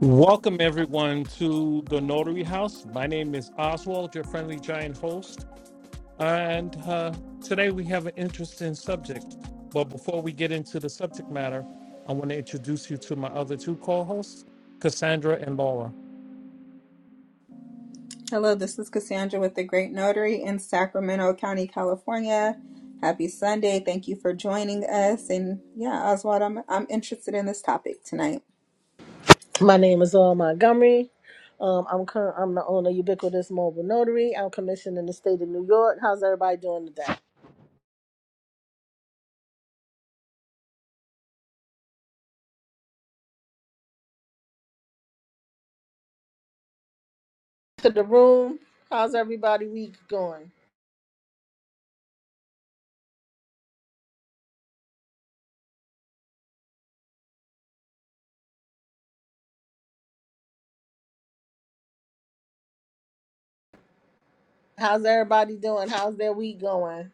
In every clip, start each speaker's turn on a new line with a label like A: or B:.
A: Welcome, everyone, to the Notary House. My name is Oswald, your friendly giant host. And uh, today we have an interesting subject. But before we get into the subject matter, I want to introduce you to my other two co hosts, Cassandra and Laura.
B: Hello, this is Cassandra with the Great Notary in Sacramento County, California. Happy Sunday. Thank you for joining us. And yeah, Oswald, I'm I'm interested in this topic tonight.
C: My name is Earl Montgomery. Um, I'm curr- I'm the owner of Ubiquitous Mobile Notary. I'm commissioned in the state of New York. How's everybody doing today? To the room. How's everybody week going? How's everybody doing? How's their week going?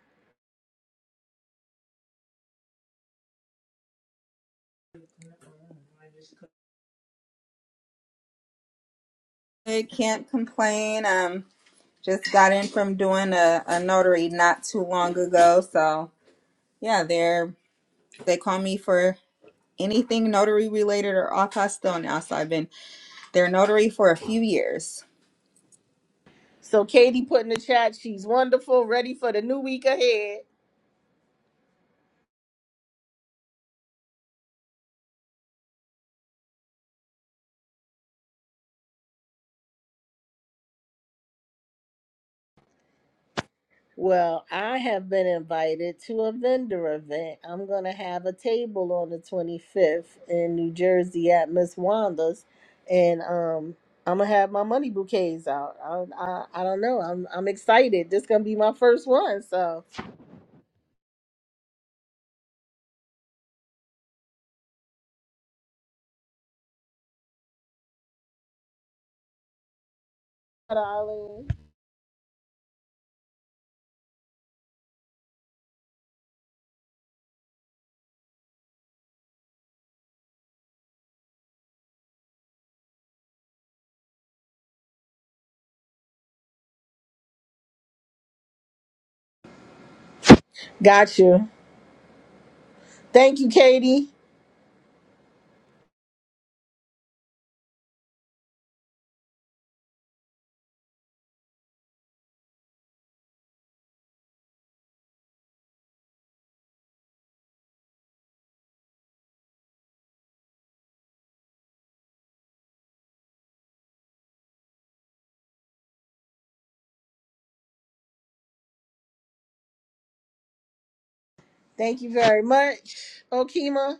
B: I can't complain. Um just got in from doing a, a notary not too long ago. So yeah, they're they call me for anything notary related or all custom now. So I've been their notary for a few years.
C: So Katie put in the chat, she's wonderful, ready for the new week ahead. Well, I have been invited to a vendor event. I'm going to have a table on the 25th in New Jersey at Miss Wanda's, and um, I'm gonna have my money bouquets out. I I, I don't know. I'm I'm excited. This gonna be my first one, so. Darling. Got you. Thank you, Katie. Thank you very much, Okima.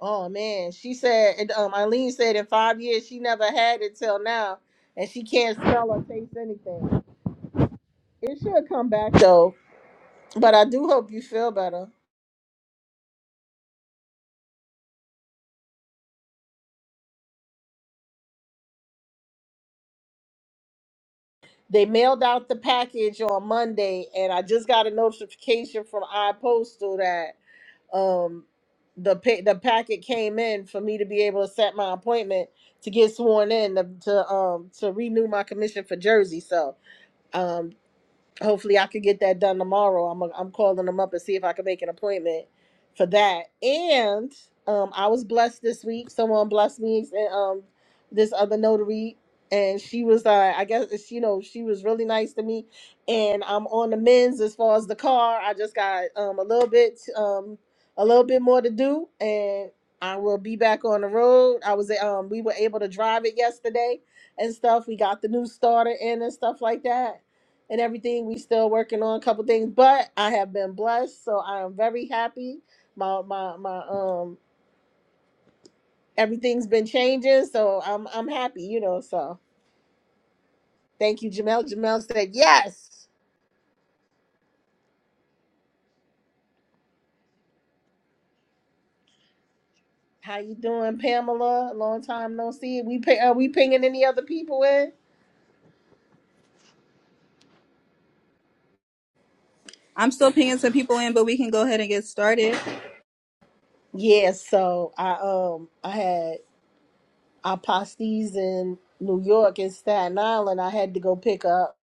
C: Oh man, she said. and, Um, Eileen said in five years she never had it till now, and she can't smell or taste anything. It should come back though, but I do hope you feel better. They mailed out the package on Monday, and I just got a notification from iPostal that um the pa- the packet came in for me to be able to set my appointment to get sworn in to, to um to renew my commission for Jersey. So um hopefully I could get that done tomorrow. I'm i I'm calling them up and see if I can make an appointment for that. And um, I was blessed this week. Someone blessed me and um, this other notary, and she was uh, I guess it's, you know she was really nice to me. And I'm on the men's as far as the car. I just got um a little bit um a little bit more to do, and I will be back on the road. I was um we were able to drive it yesterday and stuff. We got the new starter in and stuff like that and everything. We still working on a couple things, but I have been blessed, so I am very happy. My my my um everything's been changing, so I'm I'm happy, you know. So thank you, Jamel. Jamel said yes. How you doing, Pamela? Long time no see. We pay, are we pinging any other people in?
B: I'm still pinging some people in, but we can go ahead and get started.
C: Yeah, so I um I had aposties in New York and Staten Island. I had to go pick up.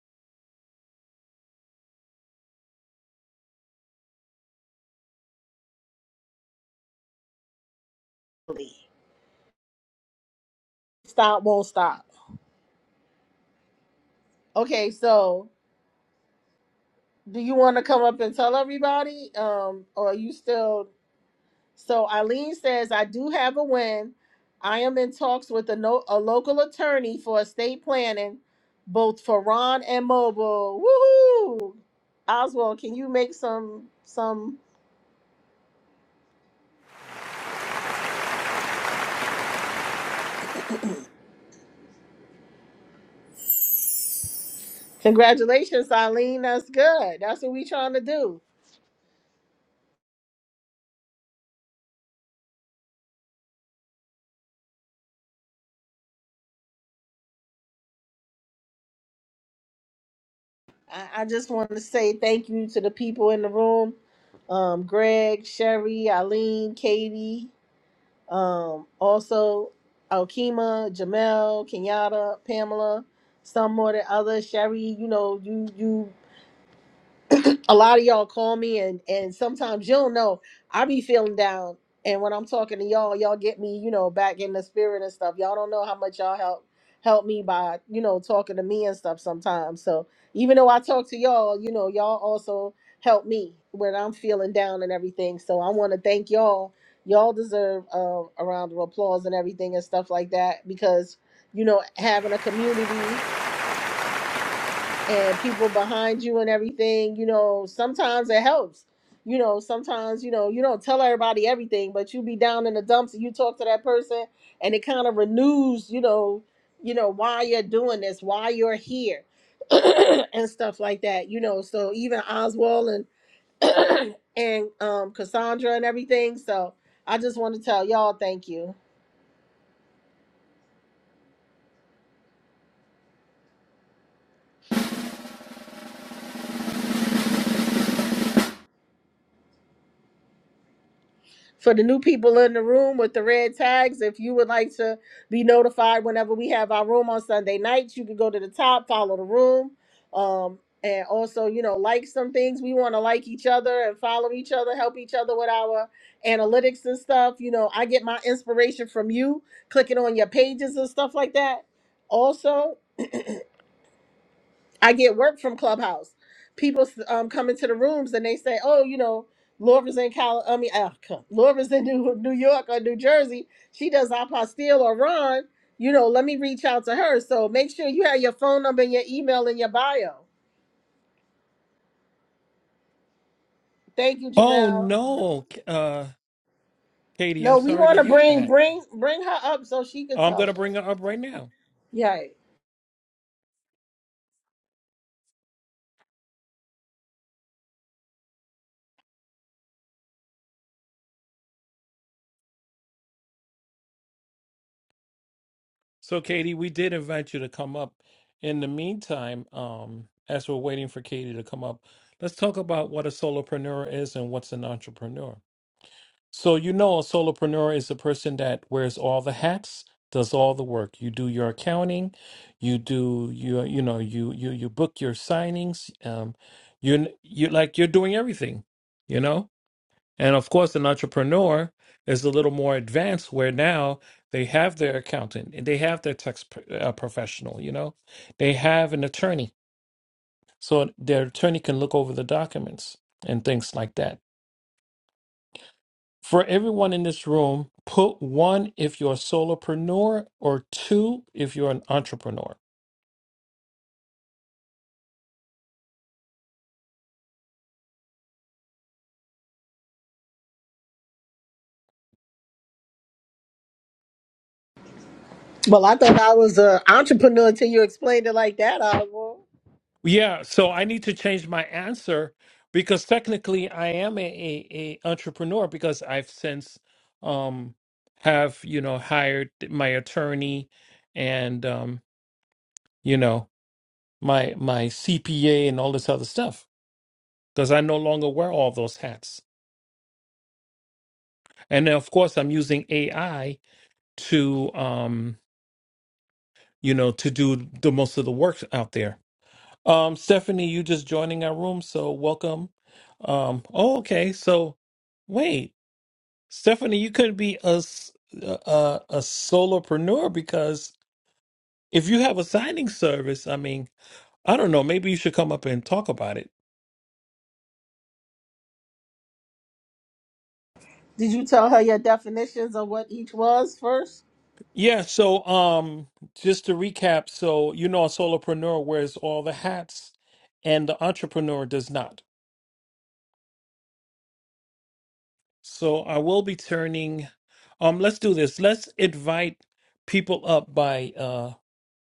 C: Stop won't stop. Okay, so do you want to come up and tell everybody um or are you still so eileen says i do have a win i am in talks with a, no, a local attorney for estate planning both for ron and mobile woohoo oswald can you make some some congratulations eileen that's good that's what we trying to do i, I just want to say thank you to the people in the room um greg sherry eileen katie Um, also, Alkema, Jamel, Kenyatta, Pamela, some more than others. Sherry, you know, you you a lot of y'all call me and and sometimes you do know i be feeling down and when i'm talking to y'all y'all get me you know back in the spirit and stuff y'all don't know how much y'all help help me by you know talking to me and stuff sometimes so even though i talk to y'all you know y'all also help me when i'm feeling down and everything so i want to thank y'all y'all deserve um, a round of applause and everything and stuff like that because you know having a community and people behind you and everything, you know, sometimes it helps. You know, sometimes, you know, you don't tell everybody everything, but you be down in the dumps and you talk to that person and it kind of renews, you know, you know, why you're doing this, why you're here and stuff like that. You know, so even Oswald and and um Cassandra and everything. So I just want to tell y'all thank you. For the new people in the room with the red tags, if you would like to be notified whenever we have our room on Sunday nights, you can go to the top, follow the room. Um, and also, you know, like some things. We want to like each other and follow each other, help each other with our analytics and stuff. You know, I get my inspiration from you clicking on your pages and stuff like that. Also, I get work from Clubhouse. People um, come into the rooms and they say, "Oh, you know, Laura's in Cal. I mean, uh, Cal- Laura's in New New York or New Jersey. She does apostille or Ron. You know, let me reach out to her. So make sure you have your phone number and your email in your bio. Thank you,
A: Oh,
C: Jamel.
A: no, K- uh, Katie, I'm
C: No, we
A: sorry to
C: want to
A: hear
C: bring
A: that.
C: bring bring her up so she could
A: I'm going
C: tell
A: to bring
C: us.
A: her up right now.
C: Yeah.
A: So, Katie, we did invite you to come up. In the meantime, um, as we're waiting for Katie to come up, let's talk about what a solopreneur is and what's an entrepreneur. So, you know, a solopreneur is a person that wears all the hats, does all the work. You do your accounting, you do your, you know, you you you book your signings. Um, you you like you're doing everything, you know. And of course, an entrepreneur is a little more advanced where now they have their accountant and they have their tax pro- uh, professional, you know, they have an attorney. So their attorney can look over the documents and things like that. For everyone in this room, put one if you're a solopreneur or two if you're an entrepreneur.
C: Well, I thought I was an entrepreneur until you explained it like that. I
A: Yeah, so I need to change my answer because technically I am a, a, a entrepreneur because I've since um have, you know, hired my attorney and um, you know, my my CPA and all this other stuff because I no longer wear all those hats. And then of course I'm using AI to um, you know, to do the most of the work out there. Um, Stephanie, you just joining our room, so welcome. Um, oh, okay. So, wait, Stephanie, you could be a s- a, a solopreneur because if you have a signing service, I mean, I don't know, maybe you should come up and talk about it.
C: did you tell her your definitions of what each was first?
A: Yeah. So, um, just to recap, so you know, a solopreneur wears all the hats, and the entrepreneur does not. So, I will be turning. Um, let's do this. Let's invite people up by uh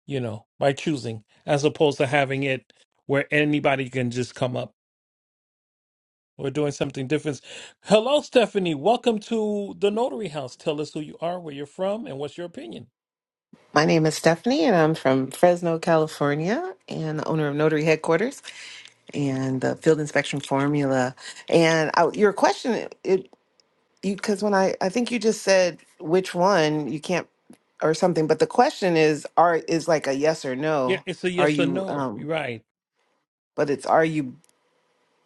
A: you know, by choosing, as opposed to having it where anybody can just come up. We're doing something different. Hello, Stephanie. Welcome to the Notary House. Tell us who you are, where you're from, and what's your opinion.
D: My name is Stephanie, and I'm from Fresno, California, and the owner of Notary Headquarters and the Field Inspection Formula. And I, your question, it you because when I I think you just said which one you can't or something, but the question is are is like a yes or
A: Yeah,
D: no.
A: it's a
D: Are
A: yes or
D: you
A: no.
D: um?
A: Right.
D: But it's are you?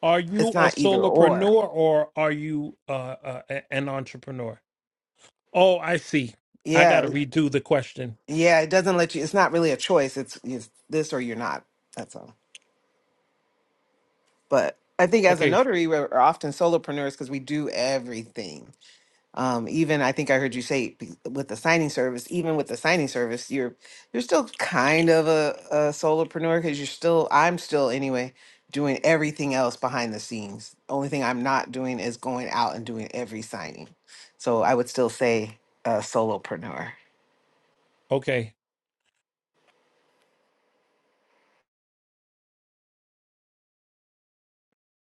A: Are you
D: It's
A: a
D: not either
A: solopreneur
D: or.
A: or are you uh, uh, a- an entrepreneur? Oh, I see. I got
D: Yeah,
A: to redo the question.
D: yeah. It doesn't let you. It's not really a choice. It's, it's this or you're not. That's all. But I think as a
A: Okay.
D: notary, we're we're often solopreneurs because we do everything Um, even I think I heard you say be- with the signing service, even with the signing service, you're you're still kind of a, a solopreneur because you're still I'm still anyway doing everything else behind the scenes. Only thing I'm not doing is going out and doing every signing. So I would still say a solopreneur.
A: Okay.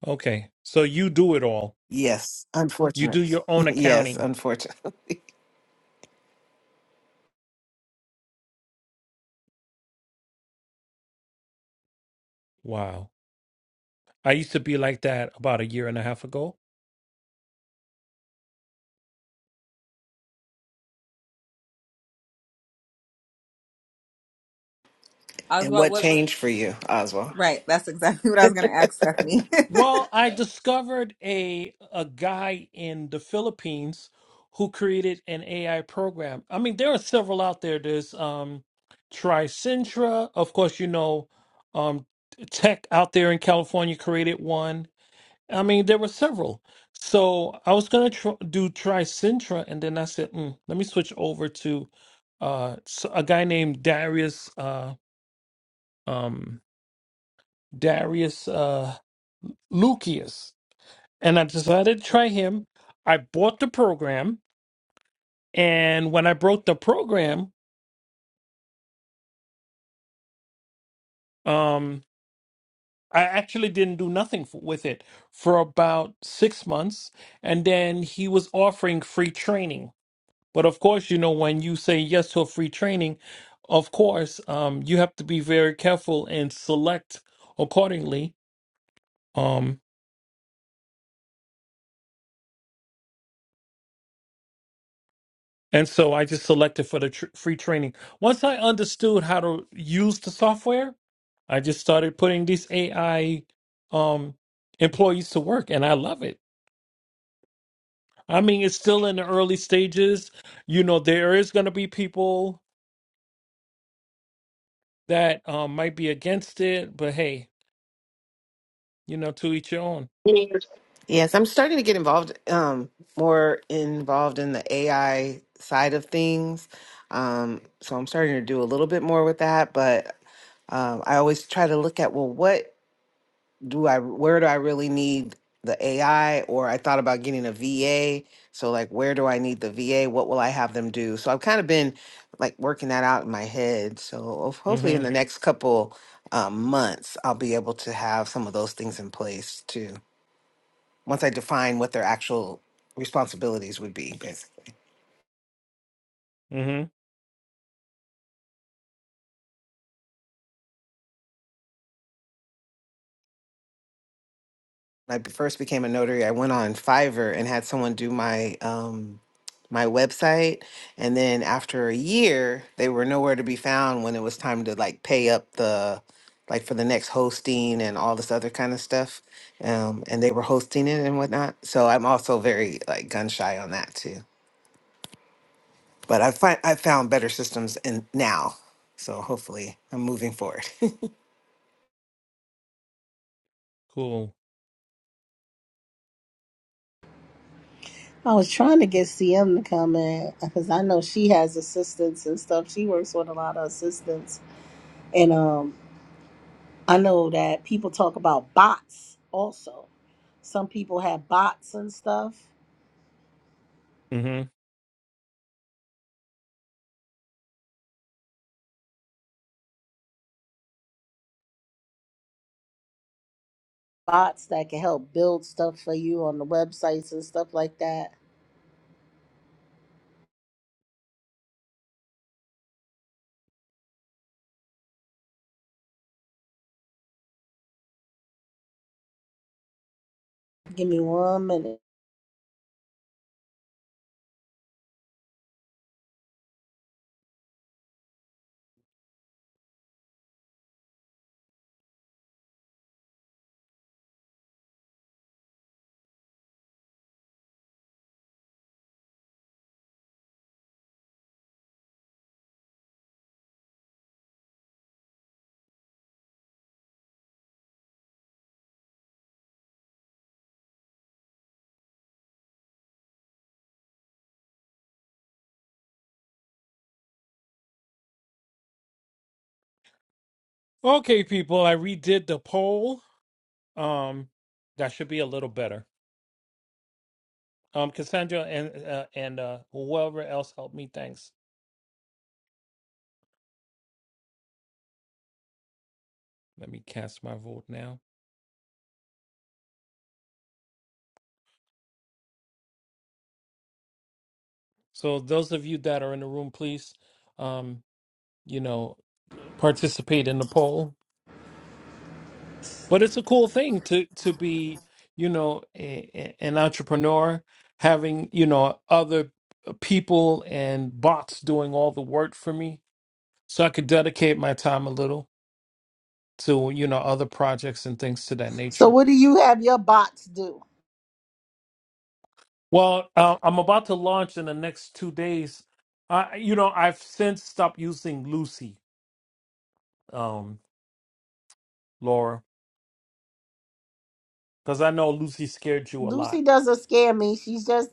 A: Okay. So you do it all.
D: Yes,
A: You
D: unfortunate.
A: do your own
D: yes,
A: accounting.
D: unfortunate.
A: Wow. I used to be like that about a year and a half ago
D: And
B: Oswald,
D: what
B: what?
D: changed for you, Oswald?
B: Right. That's exactly what I was going to ask Stephanie.
A: Well, I discovered a a guy in the Philippines who created an AI program. I mean, there are several out there. There's um Tricentra, of course, you know, um Tech out there in California created one. I mean, there were several. So I was gonna tr do Tricentra, and then I said, mm, let me switch over to uh s- a guy named Darius uh um Darius uh Lucius. and I decided to try him. I bought the program, and when I bought the program, um, I actually didn't do nothing f with it for about six months, and then he was offering free training. But of course, you know, when you say yes to a free training, of course, um, you have to be very careful and select accordingly. um, And so I just selected for the tr- free training. Once I understood how to use the software, I just started putting these AI um, employees to work, and I love it. I mean, it's still in the early stages. You know, there is going to be people that um, might be against it, but hey, you know, to each your own.
D: Yes, I'm starting to get involved, um, more involved in the AI side of things. Um, so I'm starting to do a little bit more with that, but um, I always try to look at, well, what do I, where do I really need the AI? Or I thought about getting a VA. So like, where do I need the VA? What will I have them do? So I've kind of been like working that out in my head. So ho- hopefully in the
A: Mm-hmm.
D: next couple um, months, I'll be able to have some of those things in place too once I define what their actual responsibilities would be. Basically,
A: Mm-hmm.
D: when I be- first became a notary. I went on Fiverr and had someone do my um, my website, and then after a year, they were nowhere to be found when it was time to like pay up the like for the next hosting and all this other kind of stuff. Um, and they were hosting it and whatnot. So I'm also very like gun shy on that too. But I find I found better systems in now. So hopefully I'm moving forward.
A: Cool.
C: I was trying to get CM to come in because I know she has assistants and stuff. She works with a lot of assistants, and um, I know that people talk about bots also. Some people have bots and stuff,
A: Mm-hmm.
C: bots that can help build stuff for you on the websites and stuff like that. Give me one minute.
A: Okay, people, I redid the poll. Um, that should be a little better. Um, Cassandra and uh, and uh, whoever else helped me, thanks. Let me cast my vote now. So those of you that are in the room, please, um, you know, participate in the poll. But it's a cool thing to to be, you know, a, a- an entrepreneur, having you know other people and bots doing all the work for me, so I could dedicate my time a little to you know other projects and things to that
C: So,
A: nature.
C: what do you have your bots do?
A: Well, uh, I'm about to launch in the next two days. I, you know, I've since stopped using Lucy, um, Laura, because I know Lucy scared you a lot.
C: Lucy doesn't scare me. She's just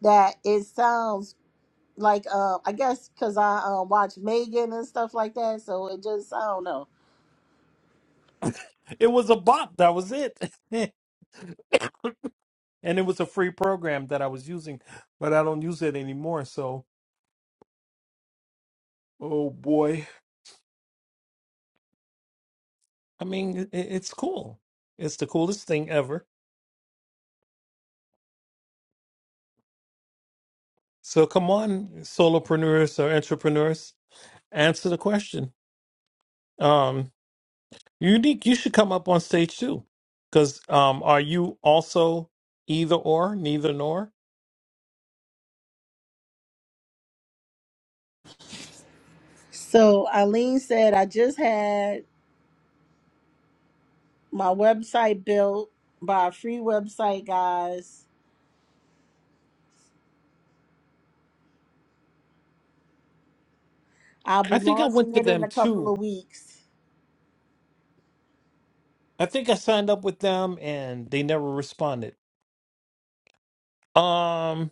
C: that it sounds like uh i guess because i uh, watch megan and stuff like that so it just i don't know
A: It was a bot, that was it, and it was a free program that I was using, but I don't use it anymore. So, oh boy, I mean, it, it's cool. It's the coolest thing ever. So come on, solopreneurs or entrepreneurs, answer the question. Um, Unique, you should come up on stage too. Because um, are you also either or, neither nor?
C: so eileen said i just had my website built by a free website guys i'll be
A: I think I went
C: launching
A: to
C: it in
A: them
C: a couple
A: too.
C: of weeks
A: I think I signed up with them and they never responded. Um,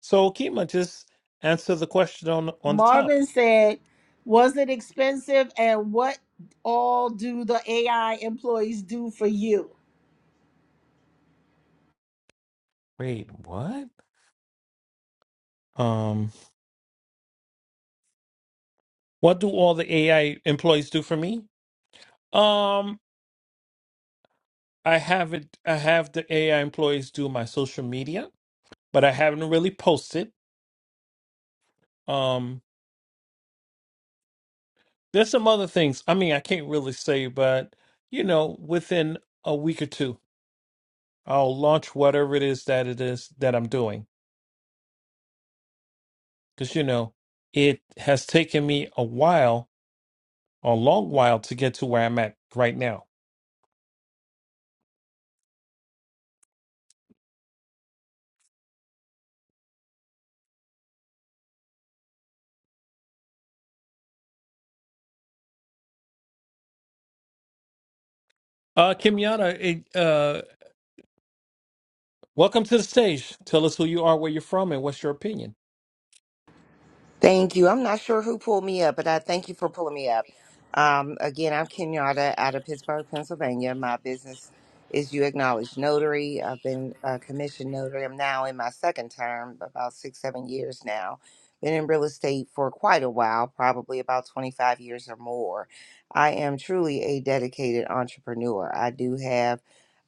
A: so Kima, just answer the question on on the top.
C: marvin said was it expensive and what all do the ai employees do for you
A: Wait, what? Um, what do all the AI employees do for me? Um, I have it. I have the AI employees do my social media, but I haven't really posted. Um. There's some other things. I mean, I can't really say, but you know, within a week or two, I'll launch whatever it is that it is that I'm doing. Because you know, it has taken me a while, a long while, to get to where I'm at right now. Uh, Kimiana, it, uh, welcome to the stage. Tell us who you are, where you're from, and what's your opinion.
E: Thank you. I'm not sure who pulled me up, but I thank you for pulling me up. Um, again, I'm Kenyatta out of Pittsburgh, Pennsylvania. My business is You Acknowledge Notary. I've been a commissioned notary. I'm now in my second term, about six, seven years now. Been in real estate for quite a while, probably about 25 years or more. I am truly a dedicated entrepreneur. I do have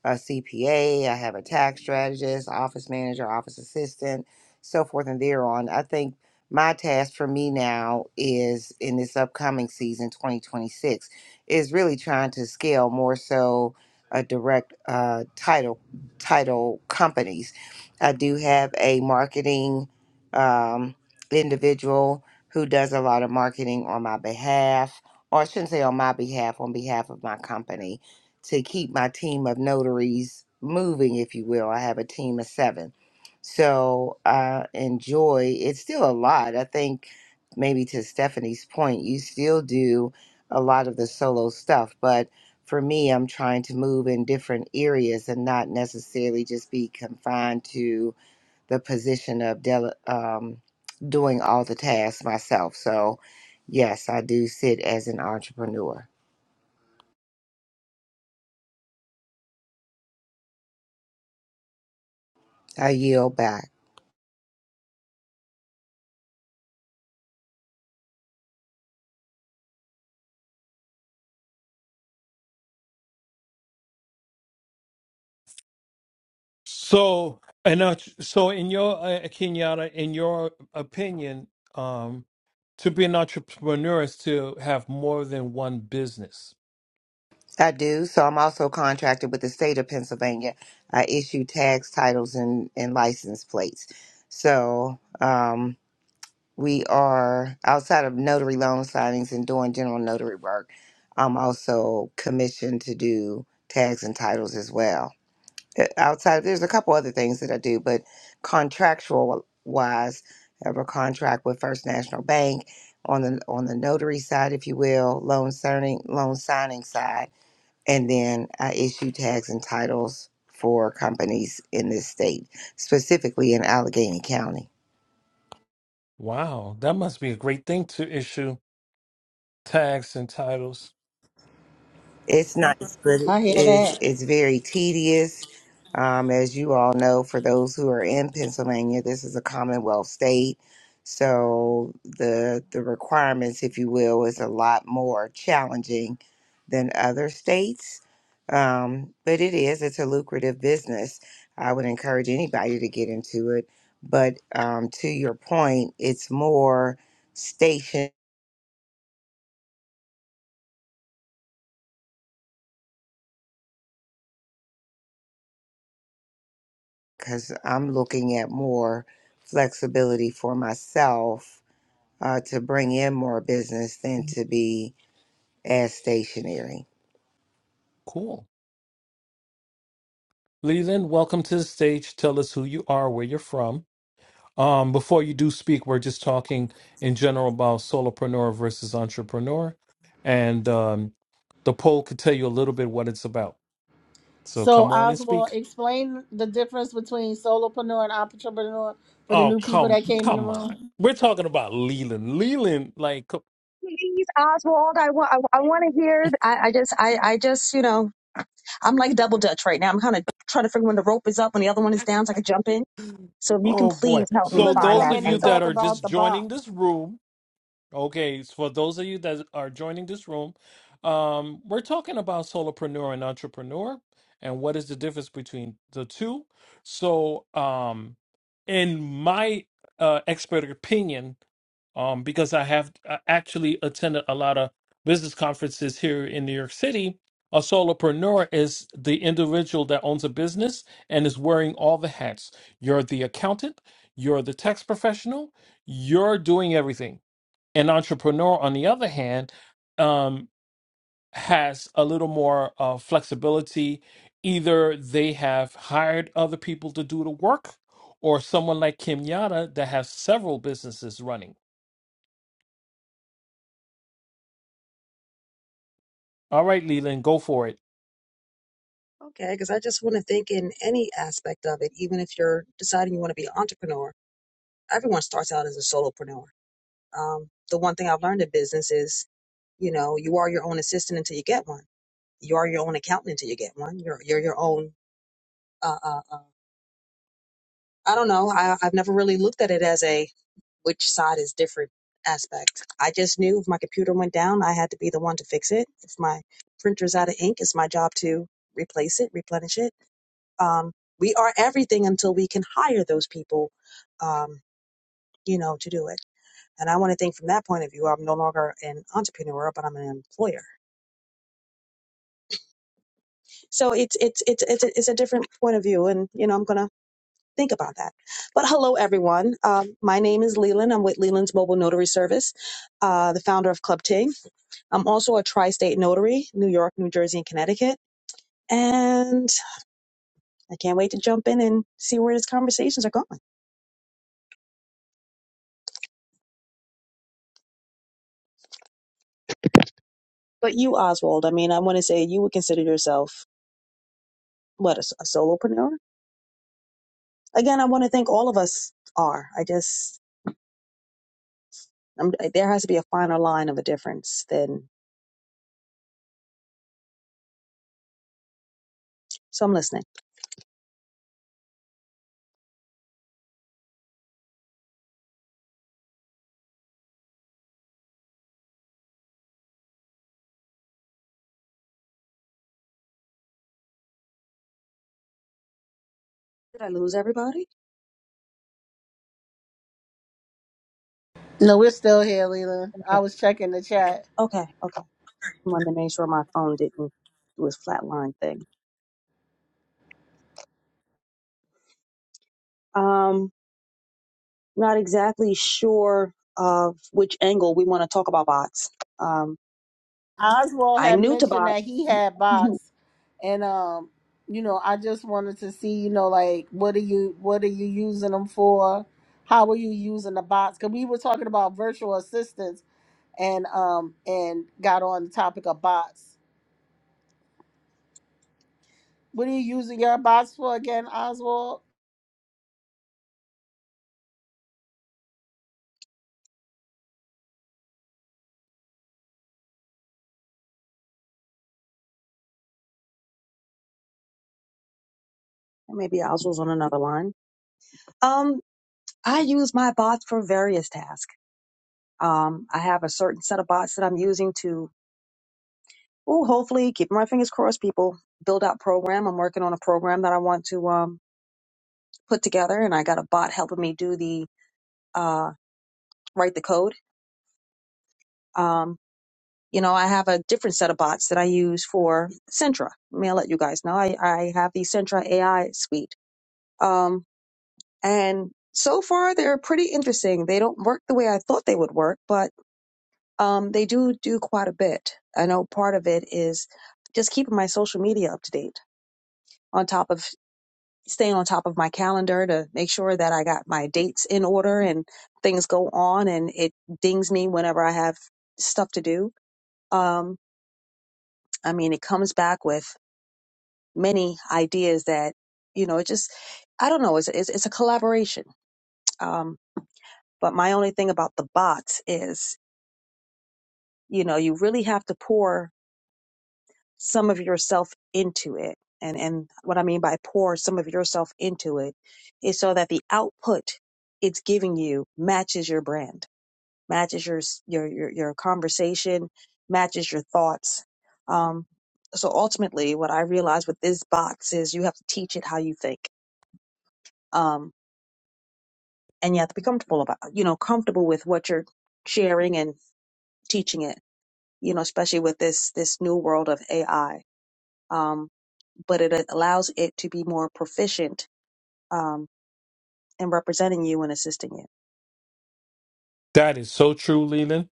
E: a CPA, I have a tax strategist, office manager, office assistant, so forth and thereon. I think my task for me now is in this upcoming season 2026 is really trying to scale more so a direct uh, title title companies i do have a marketing um, individual who does a lot of marketing on my behalf or i shouldn't say on my behalf on behalf of my company to keep my team of notaries moving if you will i have a team of seven so I enjoy it's still a lot. I think maybe to Stephanie's point, you still do a lot of the solo stuff, but for me, I'm trying to move in different areas and not necessarily just be confined to the position of dele- um, doing all the tasks myself. So, yes, I do sit as an entrepreneur. I yield back.
A: So, and uh, so in your uh, Kenyatta, in your opinion, um, to be an entrepreneur is to have more than one business.
E: I do. So I'm also contracted with the state of Pennsylvania. I issue tags, titles, and, and license plates. So um, we are outside of notary loan signings and doing general notary work. I'm also commissioned to do tags and titles as well. Uh, Outside, there's a couple other things that I do, but contractual wise, I have a contract with First National Bank on the on the notary side, if you will, loan signing loan signing side and then I issue tags and titles for companies in this state, specifically in Allegheny County.
A: Wow, that must be a great thing to issue tags and titles.
E: It's nice, but it
C: i hear
E: is
C: that
E: it's very tedious. Um, as you all know, for those who are in Pennsylvania, this is a Commonwealth state, so the the requirements, if you will, is a lot more challenging than other states. Um, but it is it's a lucrative business. I would encourage anybody to get into it. But um, to your point, it's more station. because I'm looking at more flexibility for myself uh, to bring in more business than to be as stationary.
A: Cool. Leland, welcome to the stage. Tell us who you are, where you're from. Um, before you do speak, we're just talking in general about solopreneur versus entrepreneur, and um, the poll could tell you a little bit what it's about. So
C: so
A: come on and
C: oswald
A: speak.
C: explain the difference between solopreneur and entrepreneur for the
A: Oh,
C: new people
A: come,
C: that came in the
A: come on.
C: room
A: We're talking about Leland. Leland, like,
F: Please, Oswald, I want I, I want to hear. I, I just I I just you know I'm like double dutch right now. I'm kind of trying to figure when the rope is up when the other one is down so I can jump in. So if you can
A: oh boy.
F: please help me
A: So
C: Leland to
F: find
A: those
C: come
F: that
A: of
C: in and
A: you
F: angle.
A: that
C: talk
A: are
C: about
A: just
C: the
A: joining this
C: box.
A: room, Okay, so for those of you that are joining this room, um, we're talking about solopreneur and entrepreneur and what is the difference between the two. So, um, in my uh, expert opinion, um, because I have uh, actually attended a lot of business conferences here in New York City, a solopreneur is the individual that owns a business and is wearing all the hats. You're the accountant, you're the tax professional, you're doing everything an entrepreneur, on the other hand, um, has a little more uh, flexibility. Either they have hired other people to do the work, or someone like Kim Yada that has several businesses running. All right, Leland, go for it.
F: Okay, because I just want to think in any aspect of it, even if you're deciding you want to be an entrepreneur. Everyone starts out as a solopreneur. Um, the one thing I've learned in business is, you know, you are your own assistant until you get one. You are your own accountant until you get one. You're you're your own. Uh, uh, uh, I don't know. I, I've never really looked at it as a which side is different aspect. I just knew if my computer went down, I had to be the one to fix it. If my printer's out of ink, it's my job to replace it, replenish it. Um, we are everything until we can hire those people, um, you know, to do it. And I want to think from that point of view. I'm no longer an entrepreneur, but I'm an employer. So it's it's it's it's a, it's a different point of view, and you know, I'm gonna Think about that. But hello, everyone. Um, my name is Leland. I'm with Leland's Mobile Notary Service, uh, the founder of Club Ting. I'm also a tri state notary, New York, New Jersey, and Connecticut. And I can't wait to jump in and see where these conversations are going. But you, Oswald, I mean, I want to say you would consider yourself, what, a, s- a solopreneur? Again, I want to think all of us are. I just, I'm, there has to be a finer line of a difference than, so I'm listening. Did I lose everybody?
C: No, we're still here, Leland.
F: Okay.
C: I was checking the chat.
F: Okay. Okay. wanted to make sure my phone didn't do its flatline thing. Um, not exactly sure of which angle we want to talk about bots. Um,
C: Oswald
F: I'm
C: had
F: new to
C: mentioned
F: bots.
C: that he had bots, and um, you know, I just wanted to see, you know, like what are you, what are you using them for? How are you using the bots? Because we were talking about virtual assistants, and um, and got on the topic of bots. What are you using your bots for again, Oswald?
F: Maybe Oz was on another line. Um, I use my bots for various tasks. Um, I have a certain set of bots that I'm using to, oh, hopefully, keep my fingers crossed, people, build out program. I'm working on a program that I want to um, put together, and I got a bot helping me do the uh, write the code. Um, You know, I have a different set of bots that I use for Sentra. I mean, I'll let you guys know. I, I have the Sentra AI suite. Um, and so far, they're pretty interesting. They don't work the way I thought they would work, but um, they do do quite a bit. I know part of it is just keeping my social media up to date on top of staying on top of my calendar to make sure that I got my dates in order and things go on and it dings me whenever I have stuff to do. Um, I mean, it comes back with many ideas that you know it just i don't know it's it's, it's a collaboration um but my only thing about the bots is you know you really have to pour some of yourself into it and and what i mean by pour some of yourself into it is so that the output it's giving you matches your brand matches your s- your your, your conversation matches your thoughts um so ultimately what i realized with these bots is you have to teach it how you think um and you have to be comfortable about you know comfortable with what you're sharing and teaching it you know especially with this this new world of ai um, but it allows it to be more proficient um, in representing you and assisting you
A: That is so true, Leland.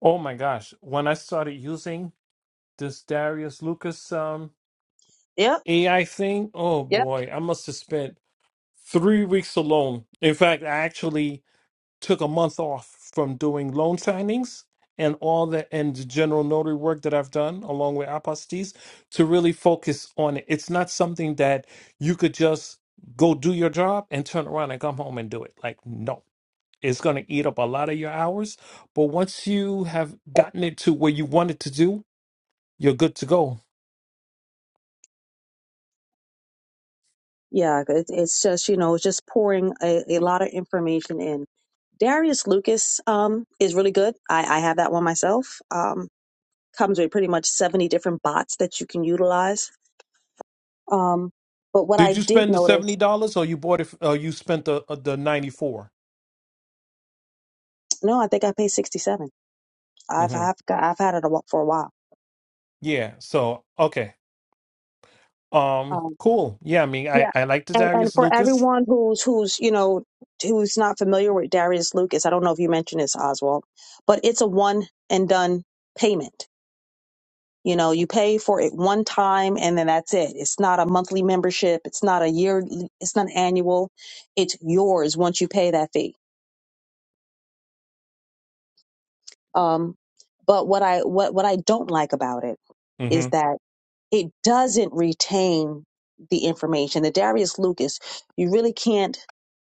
A: Oh my gosh. When I started using this Darius Lucas um,
F: Yep.
A: AI thing, oh
F: Yep.
A: boy, I must have spent three weeks alone. In fact, I actually took a month off from doing loan signings and all the and the general notary work that I've done along with apostates to really focus on it. It's not something that you could just go do your job and turn around and come home and do it. Like no. It's going to eat up a lot of your hours, but once you have gotten it to where you want it to do, you're good to go.
F: yeah it, it's just you know it's just pouring a, a lot of information in darius lucas um, is really good I, I have that one myself um, comes with pretty much 70 different bots that you can utilize um, but what i
A: Did you
F: did
A: spend the
F: notice
A: $70 or you bought it f- or you spent the uh, the 94?
F: No, I think I paid 67. I've
A: Mhm.
F: I've got, I've had it a, wh- for a while.
A: Yeah, so okay. Um,
F: Um,
A: cool. Yeah, I mean, I
F: yeah.
A: I like the
F: And and
A: Darius
F: for
A: Lucas.
F: everyone who's who's you know who's not familiar with Darius Lucas, I don't know if you mentioned this Oswald, but it's a one and done payment. You know, you pay for it one time and then that's it. It's not a monthly membership. It's not a year. It's not annual. It's yours once you pay that fee. Um, but what I what what I don't like about it is
A: hmm
F: that. it doesn't retain the information. The Darius Lucas, you really can't,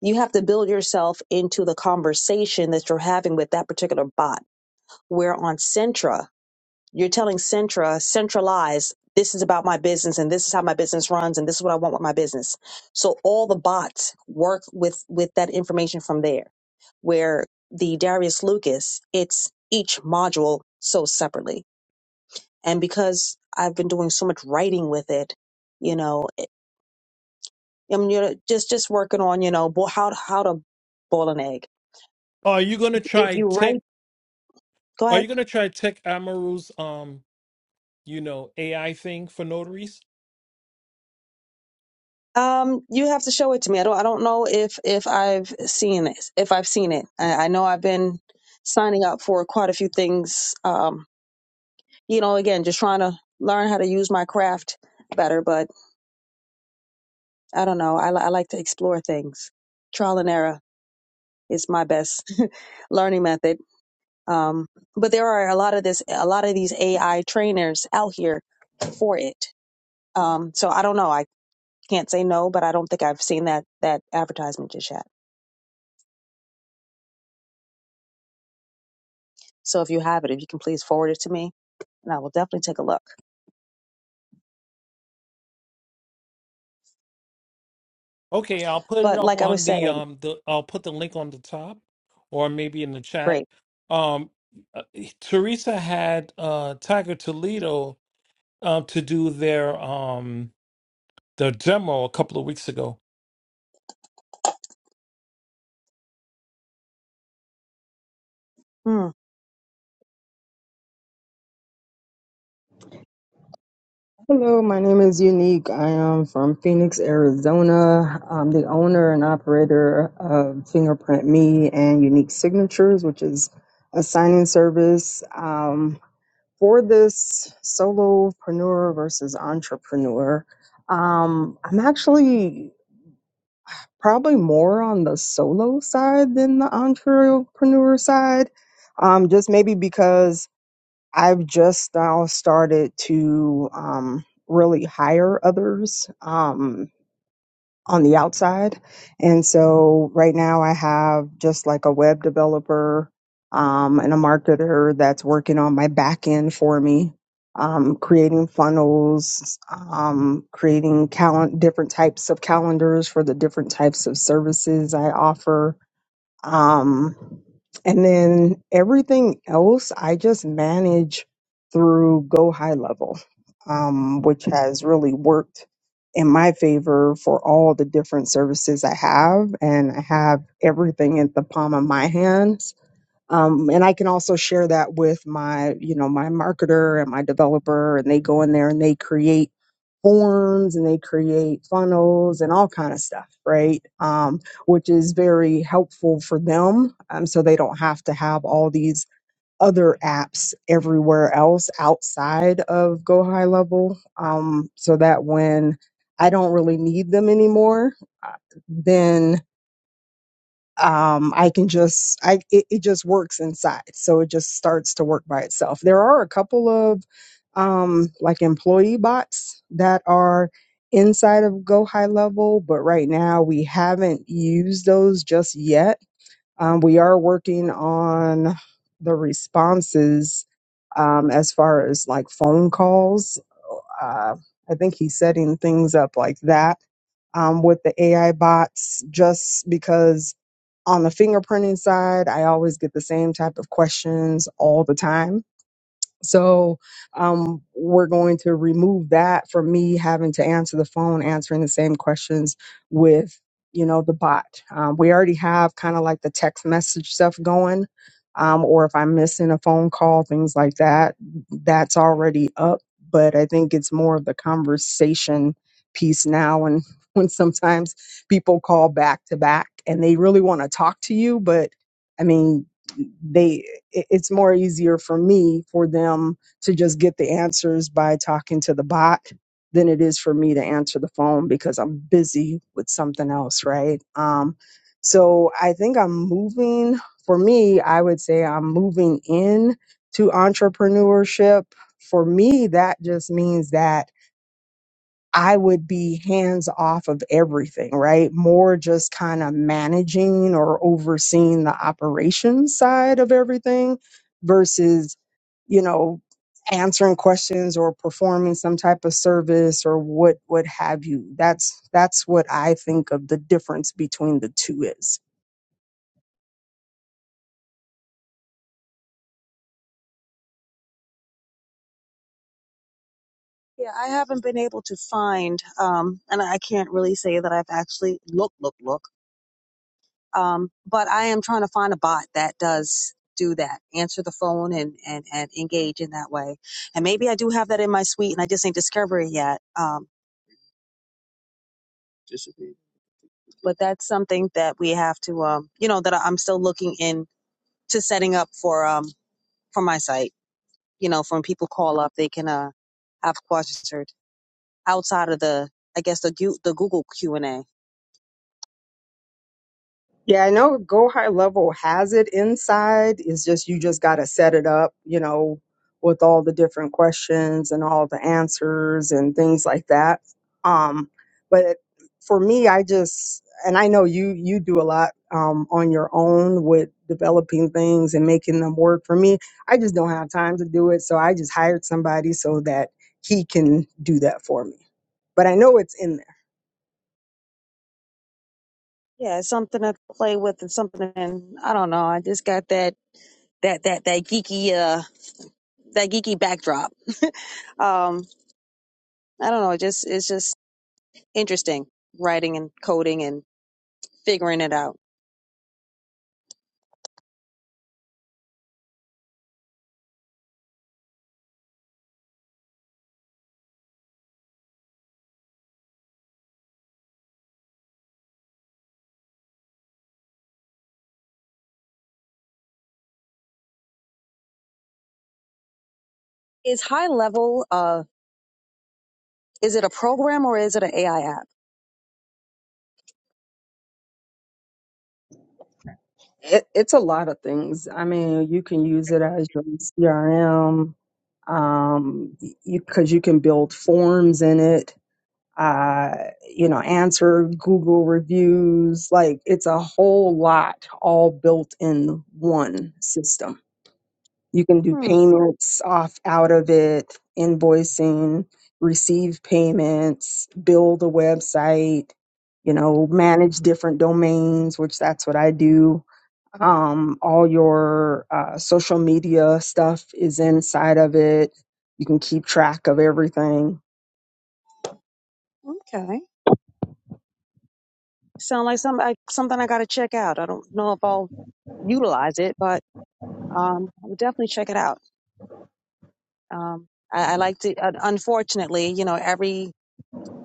F: you have to build yourself into the conversation that you're having with that particular bot. Where on Centra, you're telling Centra, centralize, this is about my business and this is how my business runs and this is what I want with my business. So all the bots work with, with that information from there. Where the Darius Lucas, it's each module so separately and because I've been doing so much writing with it, you know, I'm you know, just just working on you know bo- how how to boil an egg.
A: Are you gonna try tech?
F: Go
A: Are
F: ahead.
A: you gonna try tech Amaru's um, you know, AI thing for notaries?
F: Um, you have to show it to me. I don't I don't know if if I've seen it. If I've seen it, I, I know I've been signing up for quite a few things. Um, you know, again, just trying to learn how to use my craft better. But I don't know. I, li- I like to explore things. Trial and error is my best learning method Um, but there are a lot of this, a lot of these AI trainers out here for it. Um, so I don't know. I can't say no, but I don't think I've seen that that advertisement just yet. So if you have it, if you can please forward it to me, and I will definitely take a look.
A: Okay, I'll put it
F: But
A: up
F: like I
A: on
F: was
A: the
F: saying,
A: um the I'll put the link on the top, or maybe in the chat.
F: great.
A: Um, uh, eh, Teresa had uh Tiger Toledo um to do their um the demo a couple of weeks ago.
F: Hmm.
G: Hello, my name is Unique. I am from Phoenix, Arizona. I'm the owner and operator of Fingerprint Me and Unique Signatures, which is a signing service um, for this solopreneur versus entrepreneur. Um, I'm actually probably more on the solo side than the entrepreneur side, um, just maybe because I've just now started to um, really hire others um, on the outside. And so right now I have just like a web developer um, and a marketer that's working on my back end for me, um, creating funnels, um, creating cal- different types of calendars for the different types of services I offer um, and then everything else, I just manage through Go High Level, um, which has really worked in my favor for all the different services I have. And I have everything at the palm of my hands um, and i can also share that with my you know my marketer and my developer and they go in there and they create forms and they create funnels and all kind of stuff right um, which is very helpful for them um, so they don't have to have all these other apps everywhere else outside of go high level um, so that when i don't really need them anymore uh, then um, I can just I it, it just works inside. So it just starts to work by itself. There are a couple of um, like employee bots that are inside of Go High Level, but right now we haven't used those just yet. Um, we are working on the responses um, as far as like phone calls. Uh, I think he's setting things up like that um, with the AI bots just because on the fingerprinting side, I always get the same type of questions all the time. So um, we're going to remove that from me having to answer the phone, answering the same questions with, you know, the bot. Um, we already have kind of like the text message stuff going. Um, or if I'm missing a phone call, things like that, that's already up. But I think it's more of the conversation piece now. And when sometimes people call back to back and they really want to talk to you, but I mean, they it- it's more easier for me for them to just get the answers by talking to the bot than it is for me to answer the phone because I'm busy with something else, right? Um so I think I'm moving for me, I would say I'm moving in to entrepreneurship. For me, that just means that I would be hands off of everything, right? More just kind of managing or overseeing the operations side of everything versus, you know, answering questions or performing some type of service or what what have you. That's that's what I think of the difference between the two is.
F: Yeah, I haven't been able to find, um, and I can't really say that I've actually look, look, look. Um, but I am trying to find a bot that does do that, answer the phone and, and, and engage in that way. And maybe I do have that in my suite and I just ain't discovered it yet. Um, Disagree. but that's something that we have to, um, you know, that I- I'm still looking in to setting up for, um, for my site, you know, for when people call up, they can, uh, have questions or outside of the, I guess the, Gu- the Google Q and A.
G: Yeah, I know Go High Level has it inside. It's just you just got to set it up, you know, with all the different questions and all the answers and things like that. Um, but for me, I just and I know you you do a lot um, on your own with developing things and making them work. For me, I just don't have time to do it, so I just hired somebody so that he can do that for me. But I know it's in there.
F: Yeah. It's something to play with and something. And I don't know. I just got that, that, that, that geeky, uh, that geeky backdrop. um, I don't know. It just it's just interesting writing and coding and figuring it out. Is high level? Uh, is it a program or is it an AI app?
G: It, it's a lot of things. I mean, you can use it as your CRM, um, you because you can build forms in it. Uh, you know, answer Google reviews. Like it's a whole lot, all built in one system. You can do
F: Hmm.
G: payments off out of it, invoicing, receive payments, build a website. You know, manage different domains, which that's what I do um, all your uh, social media stuff is inside of it. You can keep track of everything.
F: Okay. Sound like some I, something I got to check out. I don't know if I'll utilize it, but um, I would definitely check it out. Um, I, I like to. Uh, unfortunately, you know, every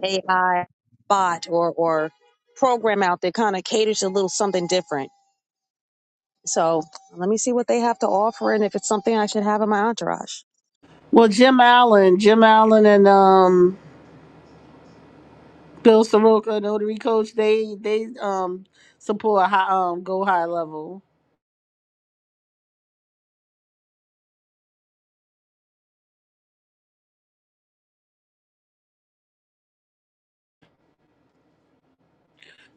F: AI bot or or program out there kind of caters to a little something different So let me see what they have to offer and if it's something I should have in my entourage.
C: Well, Jim Allen, Jim Allen, and um, Bill Soroka, notary coach, they they um support high um go high level.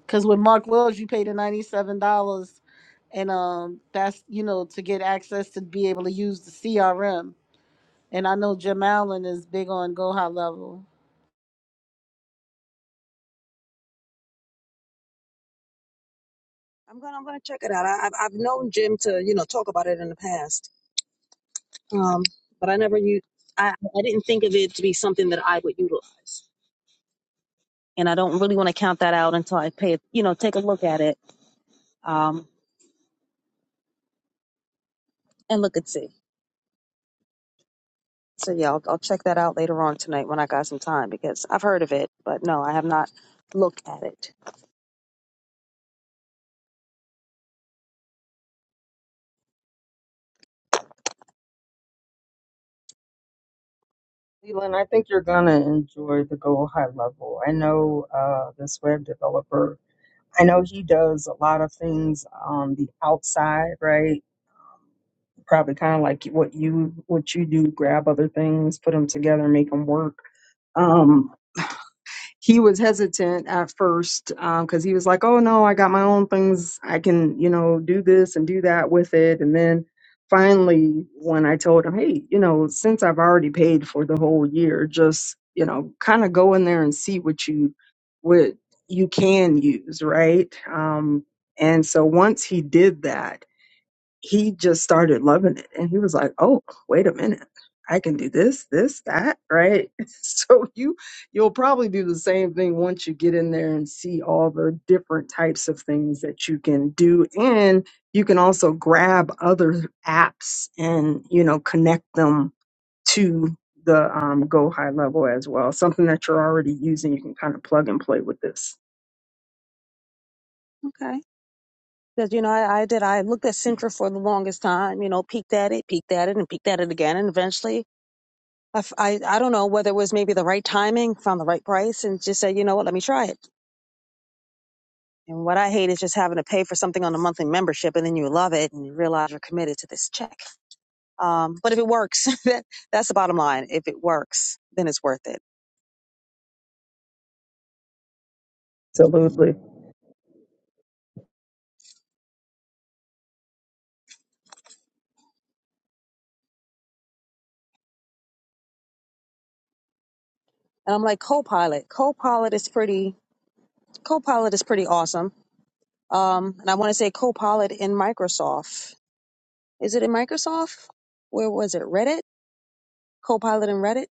C: Cause with Mark Wells, you pay the ninety seven dollars, and um that's you know to get access to be able to use the CRM. And I know Jim Allen is big on go high level.
F: I'm gonna I'm gonna check it out. I, I've I've known Jim to you know talk about it in the past, um, but I never u- I I didn't think of it to be something that I would utilize. and I don't really want to count that out until I pay, you know, take a look at it um, and look and see. So yeah, I'll, I'll check that out later on tonight when I got some time because I've heard of it, but no, I have not looked at it.
G: Leland, I think you're gonna enjoy the Go High Level. I know uh, this web developer. I know he does a lot of things on the outside, right? probably kind of like what you what you do grab other things put them together make them work um he was hesitant at first um because he was like oh no i got my own things i can you know do this and do that with it and then finally when i told him hey you know since i've already paid for the whole year just you know kind of go in there and see what you what you can use right um and so once he did that he just started loving it and he was like oh wait a minute i can do this this that right so you you'll probably do the same thing once you get in there and see all the different types of things that you can do and you can also grab other apps and you know connect them to the um, go high level as well something that you're already using you can kind of plug and play with this
F: Okay. Because you know, I, I did. I looked at Centra for the longest time. You know, peeked at it, peeked at it, and peeked at it again, and eventually, I, f- I, I don't know whether it was maybe the right timing, found the right price, and just said, you know what, let me try it. And what I hate is just having to pay for something on a monthly membership, and then you love it and you realize you're committed to this check. Um, but if it works, that, that's the bottom line. If it works, then it's worth it.
G: absolutely
F: And I'm like, Copilot. Copilot is pretty. Copilot is pretty awesome. Um, and I want to say Copilot in Microsoft. Is it in Microsoft? Where was it? Reddit. Copilot in Reddit.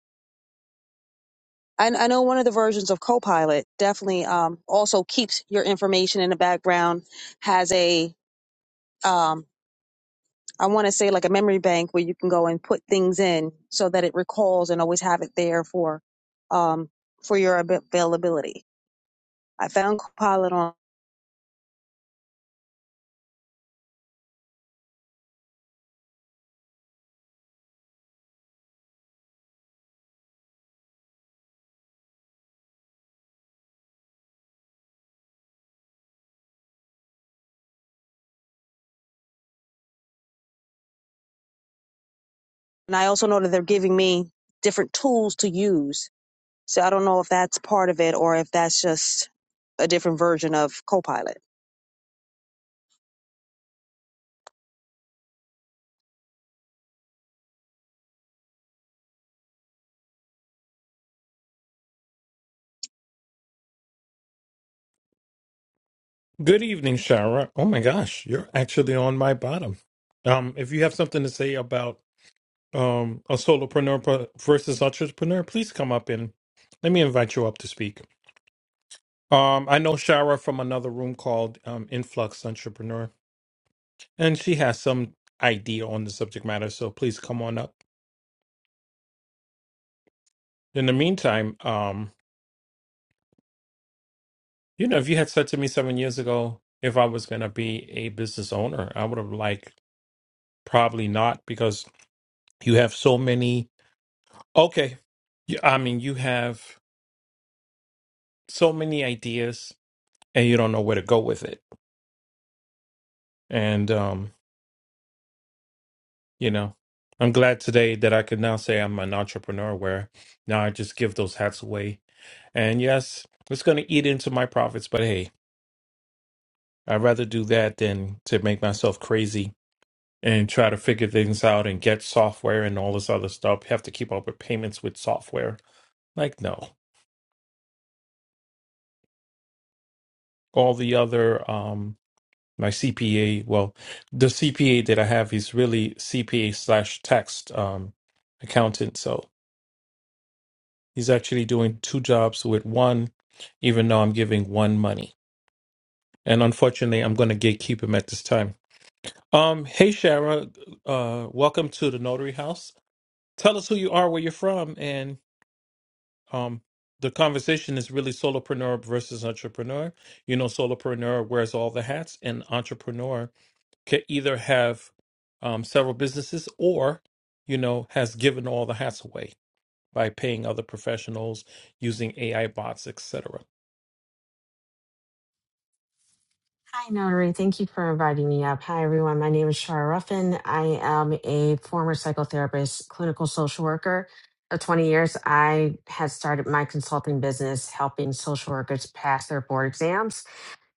F: I, I know one of the versions of Copilot definitely um, also keeps your information in the background. Has a um, I want to say like a memory bank where you can go and put things in so that it recalls and always have it there for um for your ab- availability. I found Copilot on and I also know that they're giving me different tools to use. So I don't know if that's part of it or if that's just a different version of Copilot.
A: Good evening, Shara. Oh my gosh, you're actually on my bottom. Um, if you have something to say about um, a solopreneur per- versus entrepreneur, please come up and let me invite you up to speak. Um, I know Shara from another room called um, Influx Entrepreneur, and she has some idea on the subject matter. So please come on up. In the meantime, um, you know, if you had said to me seven years ago if I was going to be a business owner, I would have like probably not because you have so many. Okay, you, I mean, you have so many ideas and you don't know where to go with it. And um, you know i'm glad today that i could now say i'm an entrepreneur where now i just give those hats away and yes it's going to eat into my profits but hey i'd rather do that than to make myself crazy and try to figure things out and get software and all this other stuff have to keep up with payments with software like no all the other um my cpa well the cpa that i have is really cpa slash tax um accountant so He's actually doing two jobs with one, even though I'm giving one money. And unfortunately, I'm going to gatekeep him at this time. Um, hey, Shara, uh, welcome to the Notary House. Tell us who you are, where you're from, and um, the conversation is really solopreneur versus entrepreneur. You know, solopreneur wears all the hats, and entrepreneur can either have um, several businesses or, you know, has given all the hats away by paying other professionals using AI bots, etc.
H: Hi, Notary. Thank you for inviting me up. Hi, everyone. My name is Shara Ruffin. I am a former psychotherapist, clinical social worker. For 20 years, I had started my consulting business helping social workers pass their board exams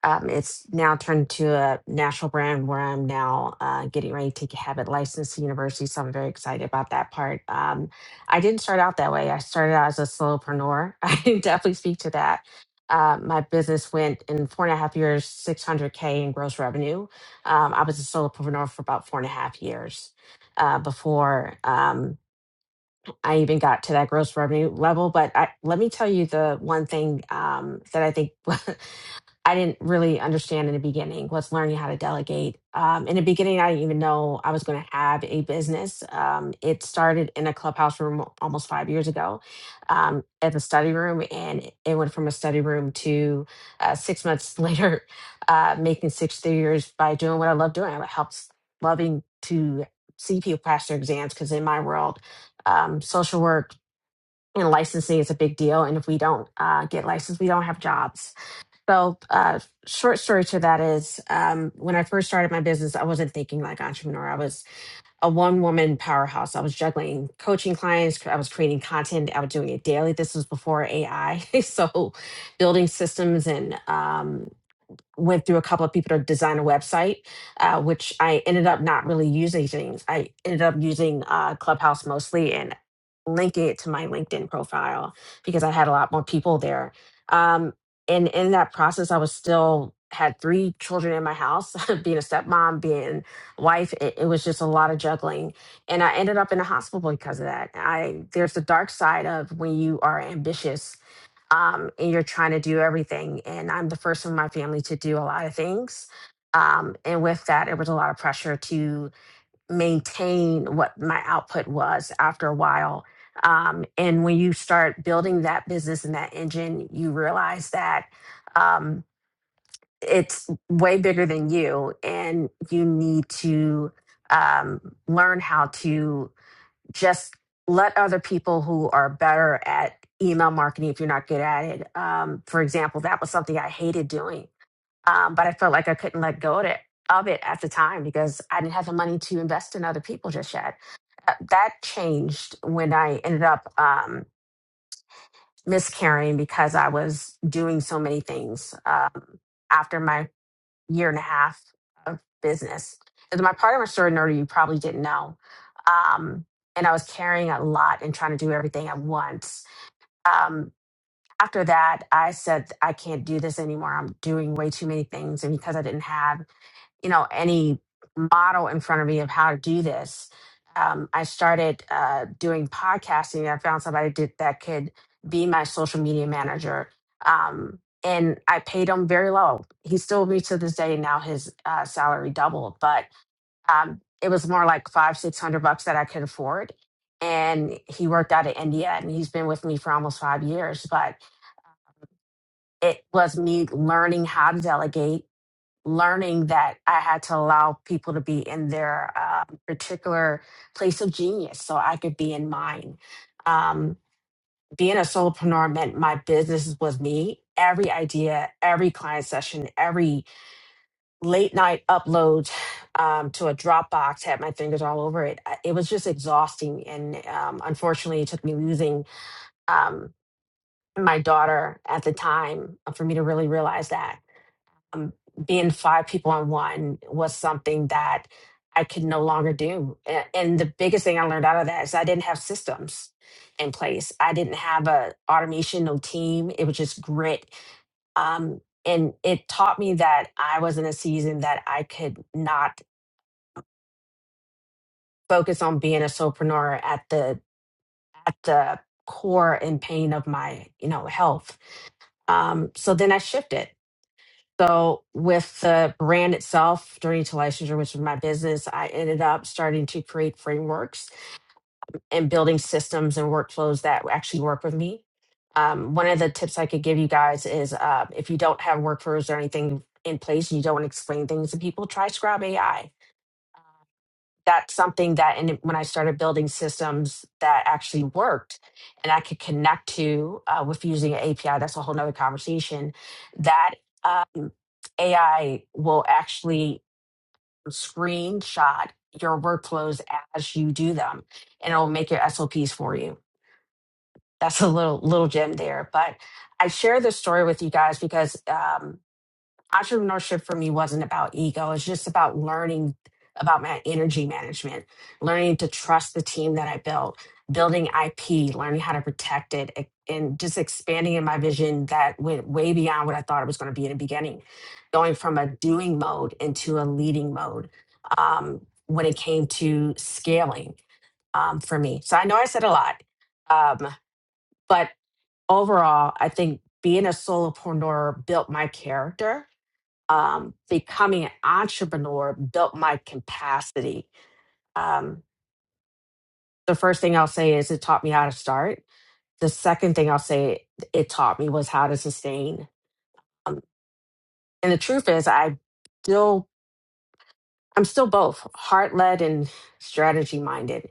H: um, it's now turned to a national brand where I'm now uh, getting ready to have it licensed to universities. So I'm very excited about that part. Um, I didn't start out that way. I started out as a solopreneur. I can definitely speak to that. Uh, my business went in four and a half years, 600K in gross revenue. Um, I was a solopreneur for about four and a half years uh, before um, I even got to that gross revenue level. But I, let me tell you the one thing um, that I think I didn't really understand in the beginning was learning how to delegate. Um, in the beginning, I didn't even know I was going to have a business. Um, it started in a clubhouse room almost five years ago um, at the study room, and it it went from a study room to uh, six months later, uh, making six figures by doing what I love doing. I helps loving to see people pass their exams because in my world, um, social work and licensing is a big deal. And if we don't uh, get licensed, we don't have jobs so, uh, short story to that is um, when I first started my business, I wasn't thinking like entrepreneur. I was a one woman powerhouse. I was juggling coaching clients, I was creating content, I was doing it daily. This was before AI. so, building systems and um, went through a couple of people to design a website, uh, which I ended up not really using things. I ended up using uh, Clubhouse mostly and linking it to my LinkedIn profile because I had a lot more people there. Um, and in that process, I was still had three children in my house, being a stepmom, being a wife. It, it was just a lot of juggling, and I ended up in a hospital because of that. I there's the dark side of when you are ambitious um, and you're trying to do everything. And I'm the first in my family to do a lot of things. Um, and with that, it was a lot of pressure to maintain what my output was after a while. Um, and when you start building that business and that engine, you realize that um, it's way bigger than you, and you need to um, learn how to just let other people who are better at email marketing if you're not good at it um, for example that was something i hated doing um, but i felt like i couldn't let go of it, of it at the time because i didn't have the money to invest in other people just yet Uh, that changed when i ended up um, miscarrying because i was doing so many things um, after my year and a half of business. And my part of my story, Nerdy, you probably didn't know. Um, and I was carrying a lot and trying to do everything at once. Um, after that, I said, I can't do this anymore. I'm doing way too many things. And because I didn't have you know any model in front of me of how to do this um, i started uh, doing podcasting i found somebody did, that could be my social media manager um, and i paid him very low he still with me to this day now his uh, salary doubled but um, it was more like five six hundred bucks that i could afford and he worked out of india and he's been with me for almost five years but it was me learning how to delegate learning that I had to allow people to be in their uh, particular place of genius so I could be in mine. Um, being a solopreneur meant my business was me. Every idea, every client session, every late night upload um, to a Dropbox had my fingers all over it. I- It was just exhausting. And um, unfortunately, it took me losing um, my daughter at the time for me to really realize that um, being five people on one was something that I could no longer do. A- And the biggest thing I learned out of that is I didn't have systems in place. I didn't have a automation, no team. It was just grit. Um, and it taught me that I was in a season that I could not focus on being a solopreneur at the at the core and pain of my you know health. Um, so then I shifted So with the brand itself, Journey to Licensure, which was my business, I ended up starting to create frameworks and building systems and workflows that actually work with me. Um, one of the tips I could give you guys is uh, if you don't have workflows or anything in place, you don't want to explain things to people, try Scribe AI that's something that and when i started building systems that actually worked and i could connect to uh, with using an api that's a whole nother conversation that um, ai will actually screenshot your workflows as you do them and it'll make your sops for you that's a little little gem there but i share this story with you guys because um, entrepreneurship for me wasn't about ego. It's just about learning about my energy management, learning to trust the team that I built, building IP, learning how to protect it, e- and just expanding in my vision that went way beyond what I thought it was going to be in the beginning, going from a doing mode into a leading mode um, when it came to scaling um, for me. So I know I said a lot, um, but overall, I think being a solopreneur built my character um, becoming an entrepreneur built my capacity. Um, the first thing I'll say is it taught me how to start. The second thing I'll say it taught me was how to sustain. Um, and the truth is, I still I'm still both heart led and strategy minded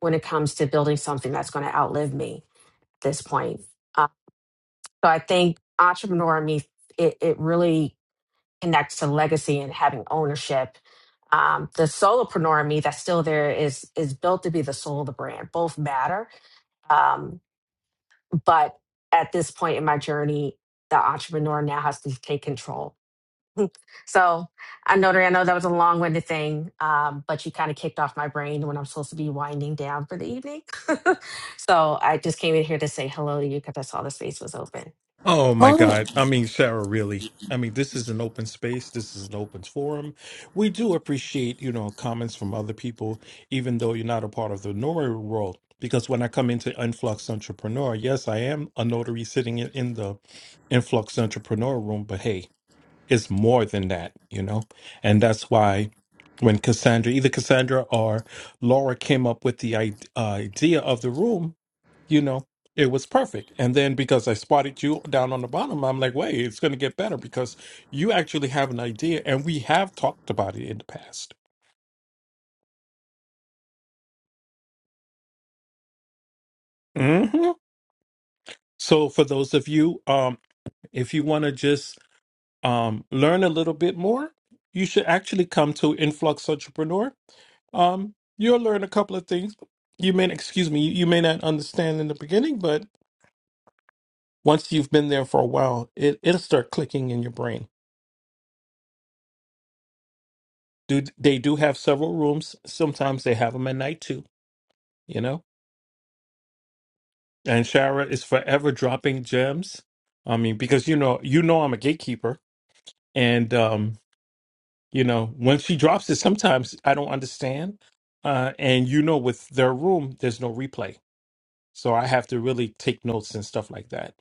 H: when it comes to building something that's going to outlive me at this point. Uh, so I think entrepreneur in me it, it really connects to legacy and having ownership. Um, the solopreneur in me that's still there is is built to be the soul of the brand. Both matter, um, but at this point in my journey, the entrepreneur now has to take control so I know that I know that was a long winded thing, um, but you kind of kicked off my brain when I'm supposed to be winding down for the evening. so I just came in here to say hello to you because I saw the space was open.
A: Oh my
C: Oh,
A: God. I mean, Sarah, really. I mean, this is an open space. This is an open forum. We do appreciate, you know, comments from other people, even though you're not a part of the notary world. Because when I come into Influx Entrepreneur, yes, I am a notary sitting in, in the Influx Entrepreneur room, but hey, it's more than that, you know? And that's why when Cassandra, either Cassandra or Laura came up with the i- uh, idea of the room, you know, it was perfect. And then because I spotted you down on the bottom, I'm like, wait, it's going to get better because you actually have an idea, and we have talked about it in the past. hmm So for those of you, um, if you want to just um, learn a little bit more, you should actually come to Influx Entrepreneur. Um, you'll learn a couple of things. You may, excuse me, you may not understand in the beginning, but once you've been there for a while, it, it'll start clicking in your brain. do they do have several rooms. Sometimes they have them at night too, you know. And Shara is forever dropping gems. I mean, because you know, you know, I'm a gatekeeper, and um, you know, when she drops it, sometimes I don't understand. Uh, and you know, with their room, there's no replay, so I have to really take notes and stuff like that,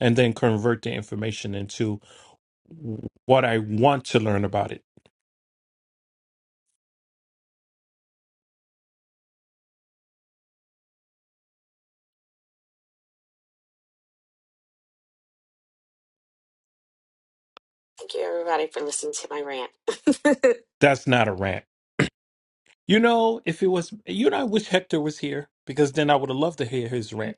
A: and then convert the information into what I want to learn about it.
H: Thank you, everybody, for listening to my rant.
A: That's not a rant You know, if it was, you know, I wish Hector was here because then I would have loved to hear his rant.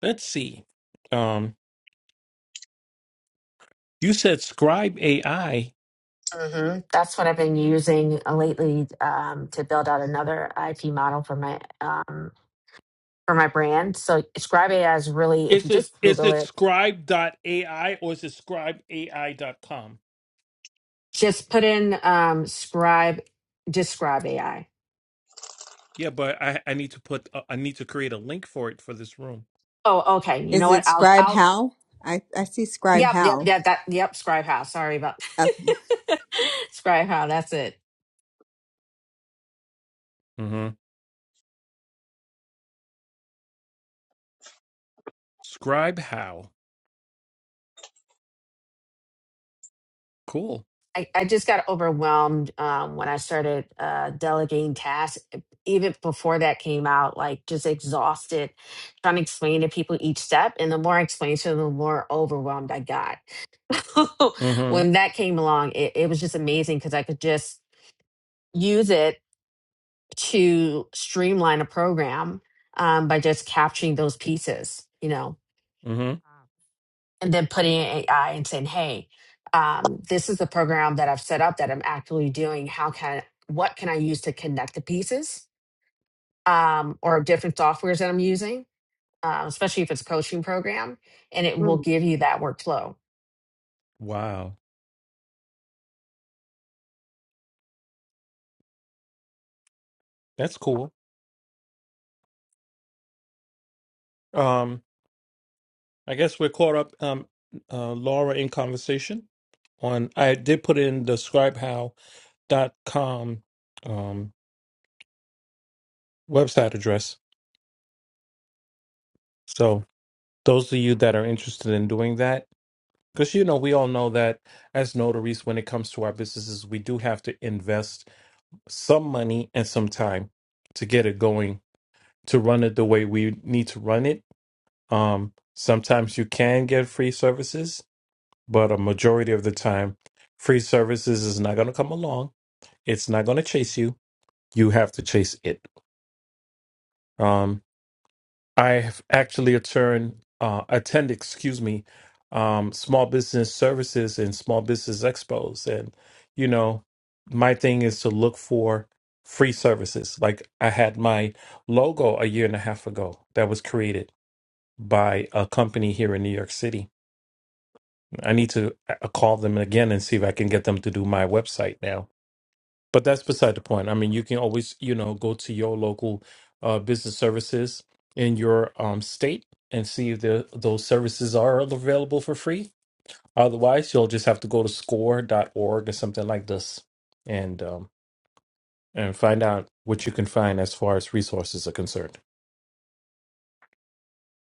A: Let's see. Um, you said Scribe AI.
H: hmm That's what I've been using uh, lately um, to build out another IP model for my um, for my brand. So Scribe AI is really, if you
A: Is it
H: just
A: is
H: Google
A: it
H: it,
A: Scribe AI or is it Scribe A I dot com?
H: just put in um, Scribe, just Scribe AI.
A: Yeah, but I I need to put uh, I need to create a link for it for this room.
H: Oh, okay. You know
B: Is
H: what?
B: it
H: I'll,
B: Scribe
H: I'll,
B: Hal? I, I see Scribe
H: yep, yep,
B: Hal.
H: yep, that, yep. Scribe How. Sorry about
B: Okay.
H: Scribe How. That's it.
A: Mm-hmm. Scribe how? Cool.
H: I, I just got overwhelmed um, when I started uh, delegating tasks. e, Even before that came out, like just exhausted trying to explain to people each step. And the more I explained to them, the more overwhelmed I got. when
A: Mm-hmm.
H: that came along, it, it was just amazing because I could just use it to streamline a program um, by just capturing those pieces, you know.
A: Mm-hmm.
H: and then putting in AI and saying, "Hey, um, this is the program that I've set up that I'm actively doing. How can what can I use to connect the pieces um, or different softwares that I'm using, uh, especially if it's a coaching program?" And it will give you that workflow.
A: Wow, that's cool. Um, I guess we're caught up. Um, uh, Laura in conversation on. I did put in the Scribe how dot com um, website address. So those of you that are interested in doing that, because you know we all know that as notaries, when it comes to our businesses, we do have to invest some money and some time to get it going, to run it the way we need to run it. Um, sometimes you can get free services, but a majority of the time, free services is not going to come along. It's not going to chase you. You have to chase it. Um, I have actually attend, uh, attend, excuse me, um, small business services and small business expos. And, you know, my thing is to look for free services. Like I had my logo a year and a half ago that was created by a company here in New York City. I need to uh, call them again and see if I can get them to do my website now but that's beside the point. I mean, you can always, you know, go to your local uh, business services in your um, state and see if the, those services are available for free. Otherwise, you'll just have to go to Score dot org or something like this and um, and find out what you can find as far as resources are concerned.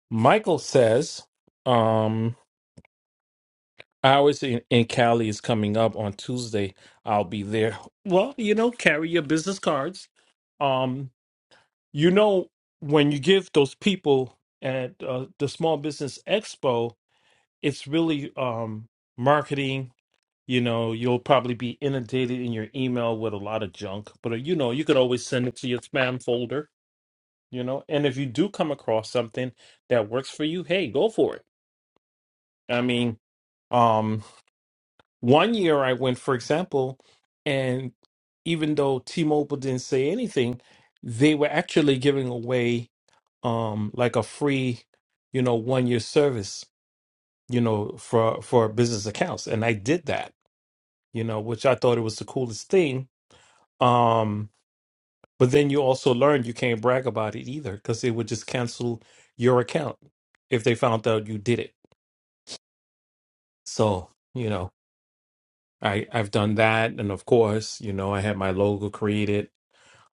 A: Michael says, um, hours in, in Cali is coming up on Tuesday. I'll be there. Well, you know, carry your business cards. Um, You know, when you give those people at uh, the Small Business Expo, it's really um, marketing. You know, you'll probably be inundated in your email with a lot of junk, but uh, you know, you could always send it to your spam folder, you know. And if you do come across something that works for you, hey, go for it. I mean, um, one year I went, for example, and even though T Mobile didn't say anything, they were actually giving away. um like a free you know one year service you know for for business accounts and i did that you know which i thought it was the coolest thing um but then you also learn you can't brag about it either because they would just cancel your account if they found out you did it so you know i i've done that and of course you know i had my logo created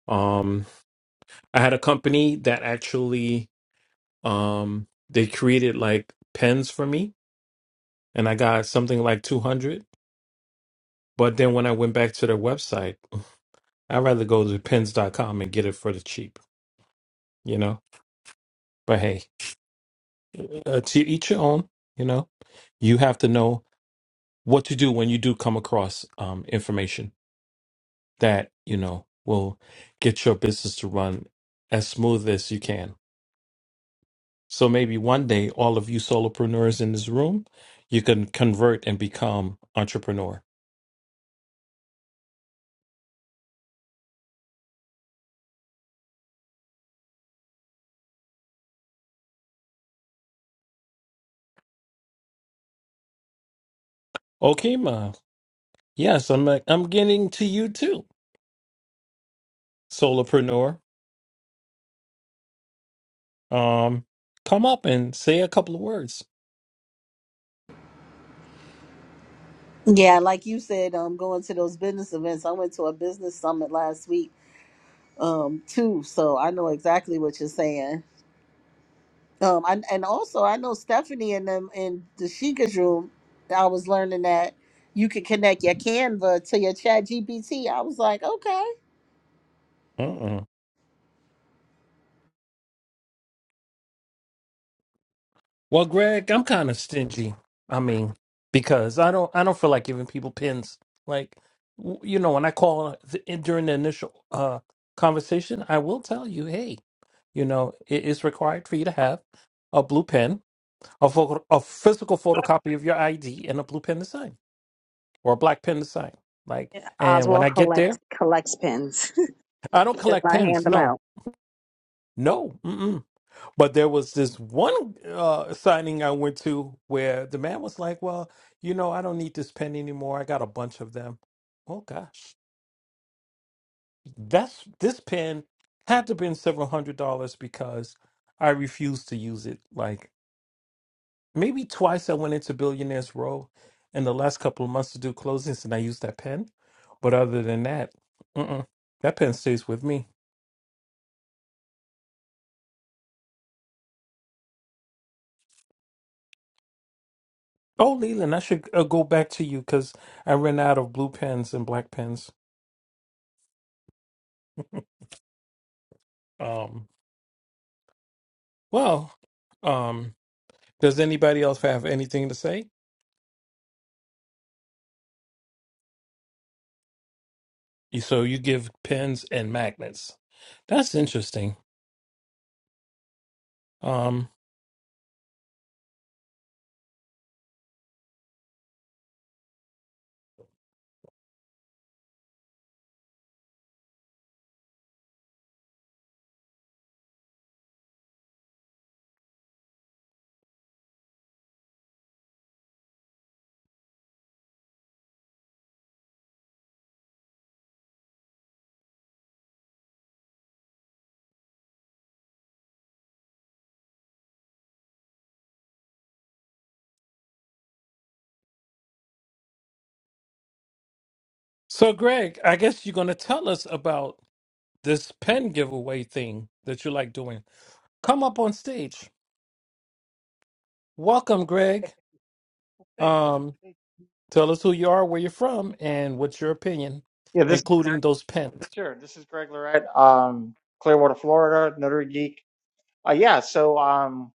A: um i had a company that actually um they created like pens for me and i got something like 200 But then when I went back to their website, I'd rather go to pins dot com and get it for the cheap, you know? But hey, uh, to each your own, you know? You have to know what to do when you do come across um, information that, you know, will get your business to run as smooth as you can. So maybe one day, all of you solopreneurs in this room, you can convert and become entrepreneur. Okay, ma. Yes, I'm I'm getting to you too, solopreneur. Um, come up and say a couple of words.
C: Yeah, like you said, um, going to those business events. I went to a business summit last week, um, too. So I know exactly what you're saying. Um, I, and also I know Stephanie and them in the Sheikah's room. I was learning that you could connect your Canva to your Chat GPT. I was like, okay.
A: Uh-uh. Well, Greg, I'm kind of stingy. I mean, because I don't, I don't feel like giving people pins. Like, w- you know, when I call th- in- during the initial uh conversation, I will tell you, hey, you know, it is required for you to have a blue pen, a photo, a physical photocopy of your ID, and a blue pen to sign or a black pen to sign. Like, and when
F: Oswald
A: I get
F: collects
A: there,
F: collects pins.
A: I
F: He
A: don't
F: Does
A: collect
F: not
A: pens.
F: hand them
A: No,
F: out.
A: no. Mm-mm. But there was this one uh, signing I went to where the man was like, "Well, you know, I don't need this pen anymore. I got a bunch of them." Oh gosh, that's this pen had to have been several hundred dollars because I refused to use it. Like maybe twice I went into Billionaires Row in the last couple of months to do closings, and I used that pen. But other than that, mm-mm, that pen stays with me. Oh, Leland, I should uh, go back to you because I ran out of blue pens and black pens. Um, Well, um, does anybody else have anything to say? You- So you give pins and magnets. That's interesting. Um, so Greg, I guess you're going to tell us about this pen giveaway thing that you like doing. Come up on stage. Welcome, Greg.
I: Thank you.
A: Um,
I: Thank
A: tell us who you are, where you're from,
I: you.
A: and what's your opinion,
I: Yeah, this
A: including those pens.
I: sure. This is Greg Lorette, um, Clearwater, Florida, Notary Geek. Uh, yeah, so um,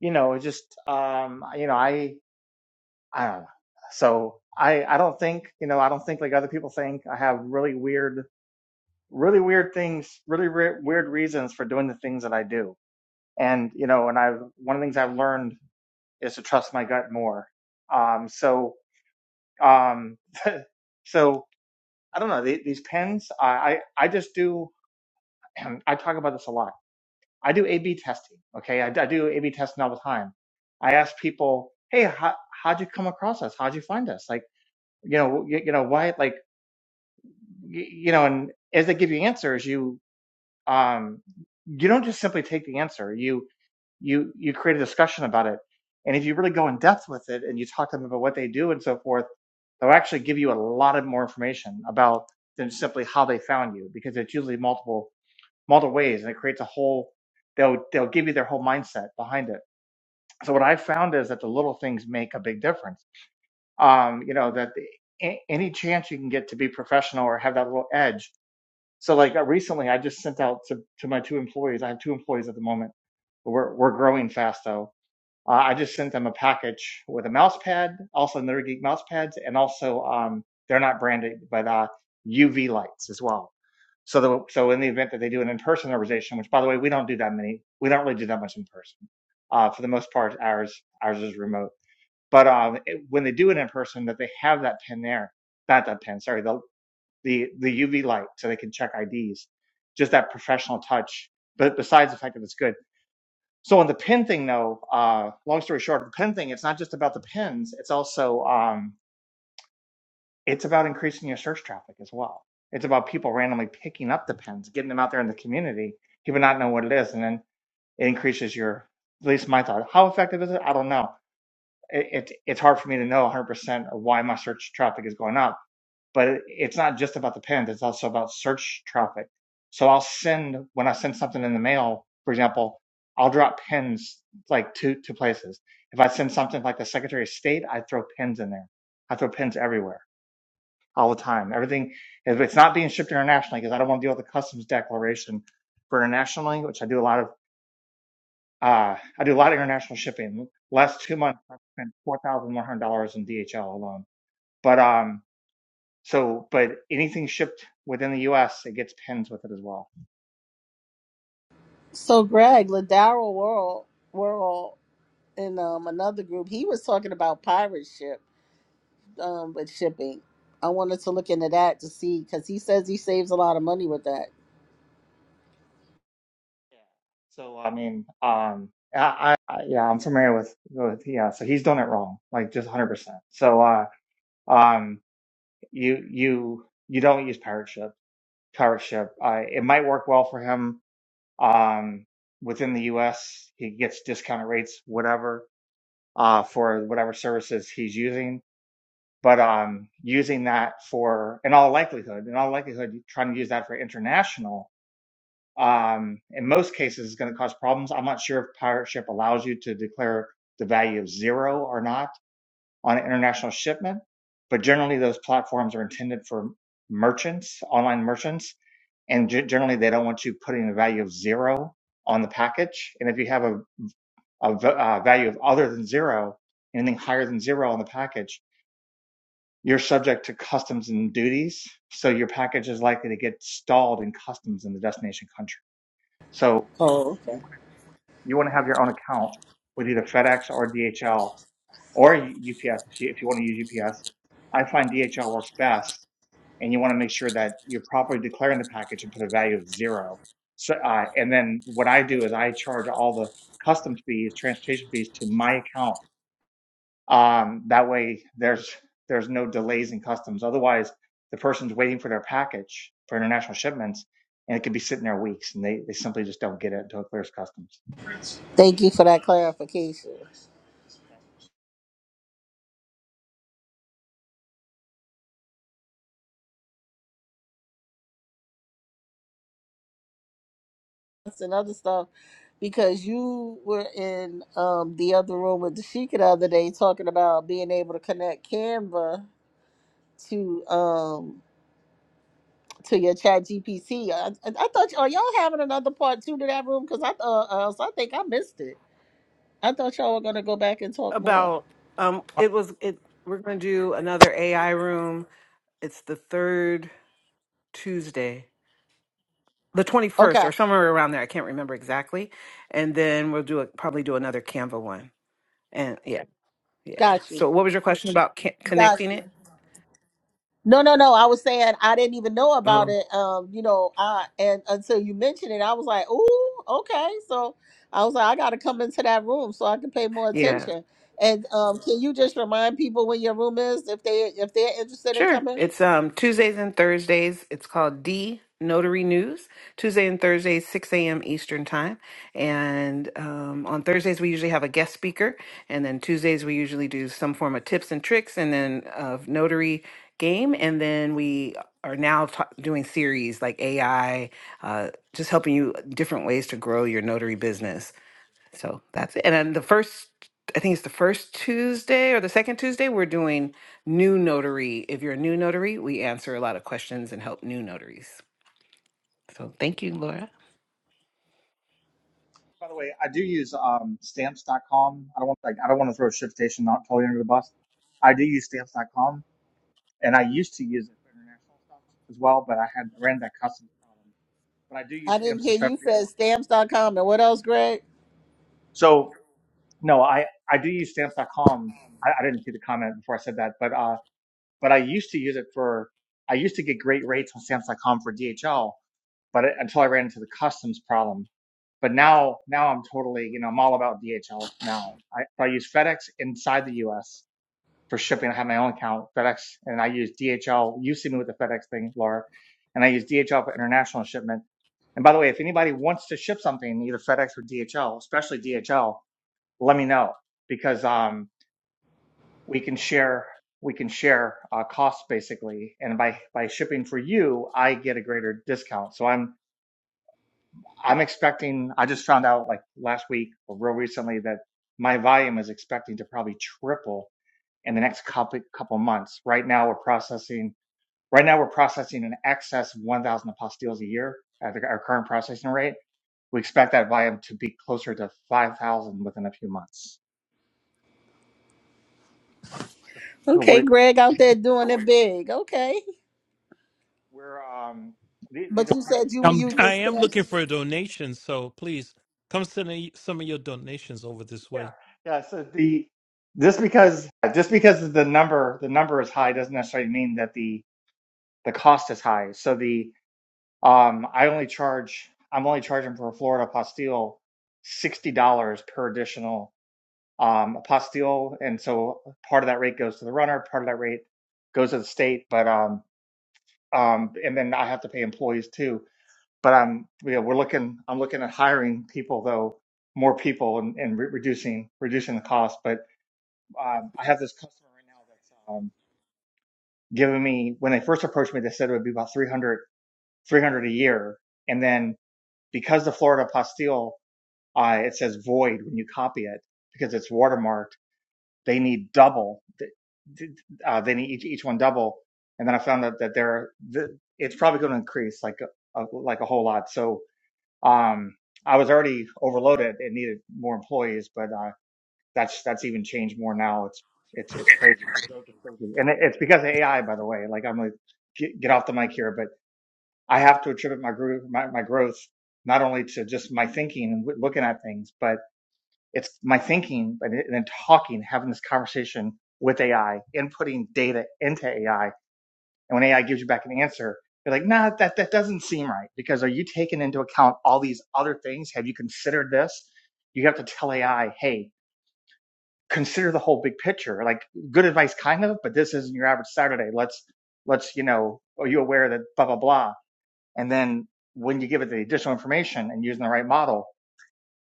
I: you know, just um, you know, I I don't know. So I I don't think you know I don't think like other people think I have really weird, really weird things, really re- weird reasons for doing the things that I do. And you know, and I've one of the things I've learned is to trust my gut more. Um, so um, so I don't know the, these pens. I, I I just do. I talk about this a lot. I do A/B testing. Okay, I, I do A/B testing all the time. I ask people, "Hey, how, how'd you come across us? How'd you find us? Like, you know, you, you know, why? Like, you, you know." And as they give you answers, you um, you don't just simply take the answer. You you you create a discussion about it, and if you really go in depth with it and you talk to them about what they do and so forth, they'll actually give you a lot of more information about than simply how they found you because it's usually multiple multiple ways and it creates a whole they'll they'll give you their whole mindset behind it so what i found is that the little things make a big difference um you know that the, a- any chance you can get to be professional or have that little edge so like uh, recently i just sent out to, to my two employees i have two employees at the moment we're, we're growing fast though uh, I just sent them a package with a mouse pad, also Nerd Geek mouse pads, and also um, they're not branded, but uh, UV lights as well. So, the, so in the event that they do an in-person organization, which by the way we don't do that many, we don't really do that much in person. Uh, for the most part, ours ours is remote. But um, it- when they do it in person, that they have that pin there, not that pin, sorry, the the the UV light, so they can check IDs. Just that professional touch. But besides the fact that it's good so on the pin thing, though, uh, long story short, the pin thing, it's not just about the pins. It's also um, it's about increasing your search traffic as well. It's about people randomly picking up the pins, getting them out there in the community, people not know what it is, and then it increases your. At least my thought. How effective is it? I don't know. It, it it's hard for me to know 100% of why my search traffic is going up but it's not just about the pins. It's also about search traffic. So I'll send, when I send something in the mail, for example, I'll drop pins like two, two places. If I send something like the secretary of state, I throw pins in there. I throw pins everywhere all the time. Everything, if it's not being shipped internationally, because I don't want to deal with the customs declaration for internationally, which I do a lot of, uh, I do a lot of international shipping. Last two months, i spent $4,100 in DHL alone. But, um, so, but anything shipped within the U.S., it gets pins with it as well.
C: So Greg Ladaro World World in um another group, he was talking about pirate ship um with shipping. I wanted to look into that to see because he says he saves a lot of money with that.
I: Yeah. So, I mean, um, I, I, yeah, I'm familiar with, with, yeah. So he's done it wrong, like just 100%. So, uh, um, you, you, you don't use pirate ship, pirate ship. Uh, it might work well for him. Um, within the U.S., he gets discounted rates, whatever, uh, for whatever services he's using. But um, using that for, in all likelihood, in all likelihood, trying to use that for international um, in most cases is going to cause problems. I'm not sure if pirate ship allows you to declare the value of zero or not on an international shipment, but generally those platforms are intended for merchants, online merchants, and ge- generally they don't want you putting a value of zero on the package. And if you have a, a v- uh, value of other than zero, anything higher than zero on the package, you're subject to customs and duties. So your package is likely to get stalled in customs in the destination country. So
C: Oh,
I: you.
C: okay.
I: you want to have your own account with either FedEx or DHL or UPS if you want to use UPS. I find DHL works best, and you want to make sure that you're properly declaring the package and put a value of zero. So, uh, and then what I do is I charge all the customs fees, transportation fees to my account. Um, that way, there's there's no delays in customs. Otherwise, the person's waiting for their package for international shipments, and it could be sitting there weeks, and they, they simply just don't get it until it clears customs.
C: Thank you for that clarification. and other stuff because you were in um, the other room with Dashika the other day talking about being able to connect Canva to um to your chat GPC. I, I I thought are y'all having another part two to that room because I thought uh, so I think I missed it. I thought y'all were gonna go back and talk more.
D: about um it was it we're going to do another AI room. It's the third Tuesday, the 21st
C: Okay,
D: or somewhere around there. I can't remember exactly. And then we'll do a, probably do another Canva one. And yeah, yeah.
C: got you,
D: So what was your question about ca-
C: got
D: connecting
C: you.
D: it?
C: No, no, no. I was saying I didn't even know about
D: Oh,
C: it. Um, you know, I and until you mentioned it, I was like, "Ooh, okay." So I was like, "I got to come into that room so I can pay more
D: yeah.
C: attention." And um, can you just remind people where your room is if they if they're interested in
D: Sure.
C: coming?
D: It's um Tuesdays and Thursdays. It's called D Notary News. Tuesday and Thursdays, 6 a.m. Eastern Time. And um, on Thursdays, we usually have a guest speaker. And then Tuesdays, we usually do some form of tips and tricks and then of notary game. And then we are now ta doing series like AI, uh, just helping you different ways to grow your notary business. So that's it. And then the first, I think it's the first Tuesday or the second Tuesday, we're doing new notary. If you're a new notary, we answer a lot of questions and help new notaries. So thank you, Laura.
I: By the way, I do use um, stamps.com. I don't want like I don't want to throw Shipstation not totally under the bus. I do use stamps.com, and I used to use it for international stuff as well, but I had ran that customs problem. But I do use
C: I didn't
I: stamps
C: hear you
I: especially.
C: said
I: For,
C: stamps.com and what else, Greg?
I: so no, I I do use stamps.com. I, I didn't see the comment before I said that, but uh, but I used to use it for. I used to get great rates on stamps.com for DHL, but it, until I ran into the customs problem. But now, now I'm totally, you know, I'm all about DHL now. I, so I use FedEx inside the U.S. for shipping. I have my own account, FedEx, and I use DHL. You see me with the FedEx thing, Laura, and I use DHL for international shipment. And by the way, if anybody wants to ship something, either FedEx or DHL, especially DHL, let me know because um, we can share we can share uh, costs basically. And by by shipping for you, I get a greater discount. So I'm I'm expecting, I just found out like last week or real recently that my volume is expecting to probably triple in the next couple, couple months. Right now we're processing, right now we're processing in excess of 1,000 apostilles a year at the- our current processing rate. We expect that volume to be closer to 5,000 within a few months. So
C: Okay,
I: We're,
C: Greg out there doing it big. Okay.
I: we're um, these, these
C: But
I: are,
C: you said you were
A: I'm,
C: using
A: I am looking
C: stamps.
A: for a donation, so please come send me some of your donations over this
I: yeah,
A: way.
I: yeah. So the, just because, just because the number, the number is high doesn't necessarily mean that the, the cost is high. So the, Um, I only charge, I'm only charging for a Florida apostille $60 per additional um, apostille. And so part of that rate goes to the runner, part of that rate goes to the state, but um, um, and then I have to pay employees too. But I'm, you know, we're looking, I'm looking at hiring people though, more people and, and re- reducing, reducing the cost. But um, I have this customer right now that's um, giving me, when they first approached me, they said it would be about 300 300 a year. And then because the Florida Pastille, uh, it says void when you copy it because it's watermarked. They need double. Uh, they need each, each one double. And then I found out that there, it's probably going to increase like a, like a whole lot. So um, I was already overloaded and needed more employees, but uh, that's that's even changed more now. It's it's it's crazy. The growth is crazy, and it, it's because of AI, by the way. Like I'm gonna get, get off the mic here, but. I have to attribute my growth, my, my growth, not only to just my thinking and w- looking at things, but it's my thinking and then talking, having this conversation with AI, inputting data into AI. And when AI gives you back an answer, you're like, nah, that, that doesn't seem right because are you taking into account all these other things? Have you considered this? You have to tell AI, hey, consider the whole big picture. Like good advice, kind of, but this isn't your average Saturday. Let's, let's, you know, are you aware that blah, blah, blah? And then when you give it the additional information and using the right model,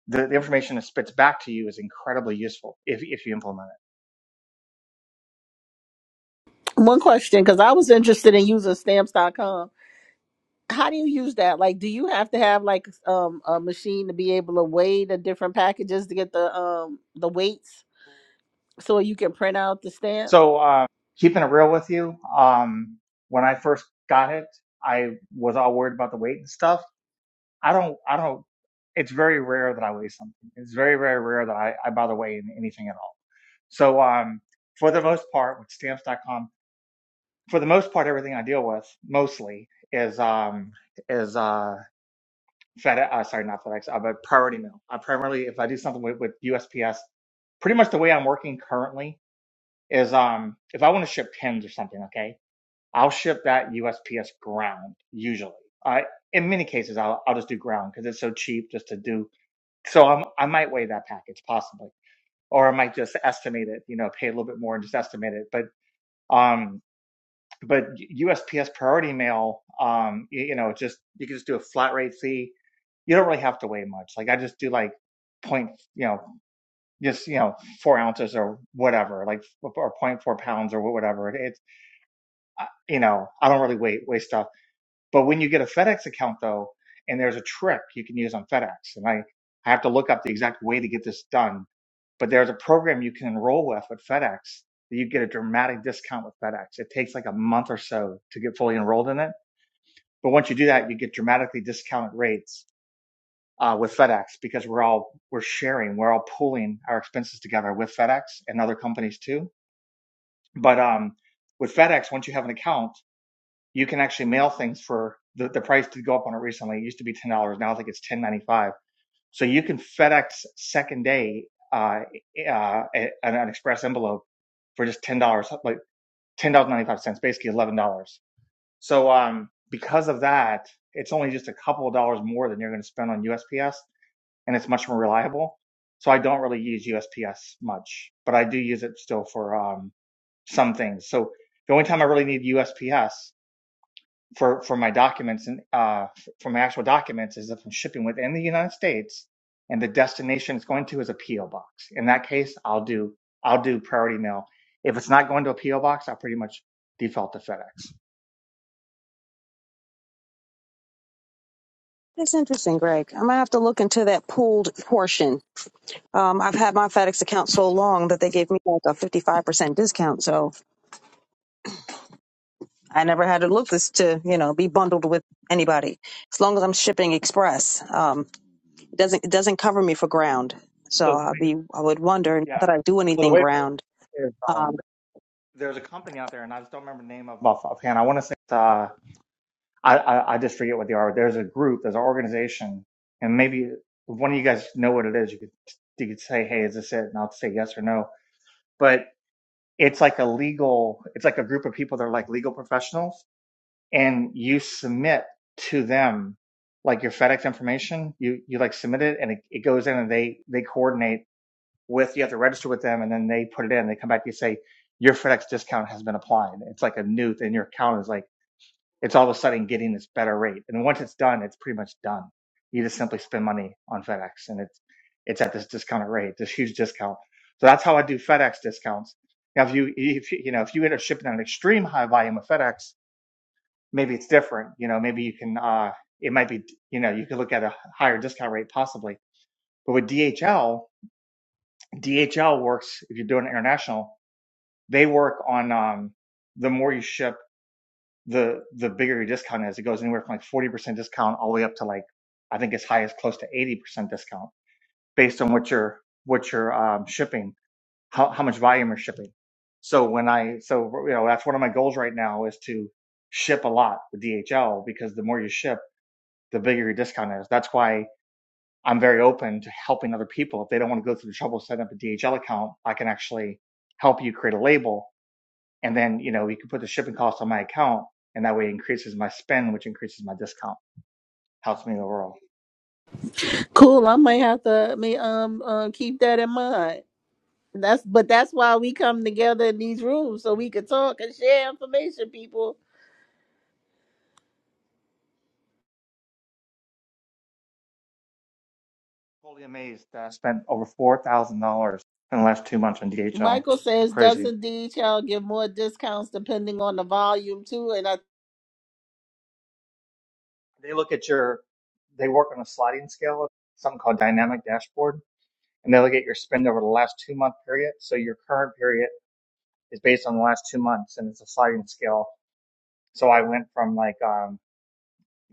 I: the, the information it spits back to you is incredibly useful if, if you implement it.
C: One question, because I was interested in using stamps.com. how do you use that? Like, do you have to have like um a machine to be able to weigh the different packages to get the um the weights so you can print out the stamp?
I: So, uh, keeping it real with you, um, when I first got it, I was all worried about the weight and stuff. I don't, I don't, it's very rare that I weigh something. It's very, very rare that I, I bother weighing anything at all. So, um, for the most part, with stamps.com, for the most part, everything I deal with mostly is, um, is, uh, FedEx, uh, sorry, not FedEx, uh, but Priority Mail. I primarily, if I do something with, with USPS, pretty much the way I'm working currently is um, if I want to ship pins or something, okay, I'll ship that USPS ground usually. I, in many cases, I'll, I'll just do ground because it's so cheap just to do. So I'm, I might weigh that package possibly, or I might just estimate it, you know, pay a little bit more and just estimate it. But, um but USPS Priority Mail, um, you, you know, just you can just do a flat rate fee. You don't really have to weigh much. Like I just do like point, you know, just you know, four ounces or whatever, like or point four pounds or whatever. it's uh, you know, I don't really weigh weigh stuff but when you get a FedEx account though, and there's a trick you can use on FedEx, and I, I have to look up the exact way to get this done, but there's a program you can enroll with with FedEx that you get a dramatic discount with FedEx. It takes like a month or so to get fully enrolled in it. But once you do that, you get dramatically discounted rates uh, with FedEx because we're all we're sharing, we're all pooling our expenses together with FedEx and other companies too. But um, with FedEx, once you have an account, you can actually mail things for the, the price did go up on it recently. It used to be ten dollars. Now I think it's ten ninety five. So you can FedEx second day uh, uh, an, an express envelope for just ten dollars, like ten dollars ninety five cents, basically eleven dollars. So um, because of that, it's only just a couple of dollars more than you're going to spend on USPS, and it's much more reliable. So I don't really use USPS much, but I do use it still for um, some things. So the only time I really need USPS for for my documents and uh, for my actual documents is if I'm shipping within the United States and the destination it's going to is a PO box. In that case, I'll do I'll do priority mail. If it's not going to a PO box, I'll pretty much default to FedEx.
F: That's interesting, Greg. I'm gonna have to look into that pooled portion. Um, I've had my FedEx account so long that they gave me like a 55% discount, so I never had to look this to you know be bundled with anybody. As long as I'm shipping express, um, it doesn't it doesn't cover me for ground.
I: So
F: So
I: the
F: I'd
I: way,
F: be I would wonder not
I: yeah.
F: that I do
I: So the
F: anything
I: way it works
F: ground.
I: is
F: uh,
I: um, there's a company out there, and I just don't remember the name of off- offhand. I want to say it's, uh, I, I I just forget what they are. There's a group, there's an organization, and maybe if one of you guys know what it is. You could you could say, hey, is this it? And I'll say yes or no. But it's like a legal it's like a group of people that are like legal professionals and you submit to them like your fedex information you you like submit it and it, it goes in and they they coordinate with you have to register with them and then they put it in they come back they say your fedex discount has been applied it's like a new thing your account is like it's all of a sudden getting this better rate. And once it's done, it's pretty much done. You just simply spend money on FedEx and it's, it's at this discounted rate, this huge discount. So that's how I do FedEx discounts. Now, if you, if you, you know, if you end up shipping an extreme high volume of FedEx, maybe it's different. You know, maybe you can, uh, it might be, you know, you could look at a higher discount rate possibly. But with DHL, DHL works, if you're doing international, they work on, um, the more you ship the the bigger your discount is. It goes anywhere from like forty percent discount all the way up to like I think as high as close to eighty percent discount based on what you're what you're um, shipping, how how much volume you're shipping. So when I so you know that's one of my goals right now is to ship a lot with DHL because the more you ship, the bigger your discount is. That's why I'm very open to helping other people if they don't want to go through the trouble of setting up a DHL account. I can actually help you create a label and then you know we can put the shipping cost on my account and that way it increases my spend which increases my discount helps me overall
C: Cool. I might have to me um uh, keep that in mind. That's but that's why we come together in these rooms so we could talk and share information, people.
I: totally amazed that i spent over $4000 in the last two months on dhl
C: Michael says,
I: crazy
C: doesn't DHL give more discounts depending on the volume too? And I
I: they look at your they work on a sliding scale something called dynamic dashboard and they look at your spend over the last two month period so your current period is based on the last two months and it's a sliding scale so i went from like um,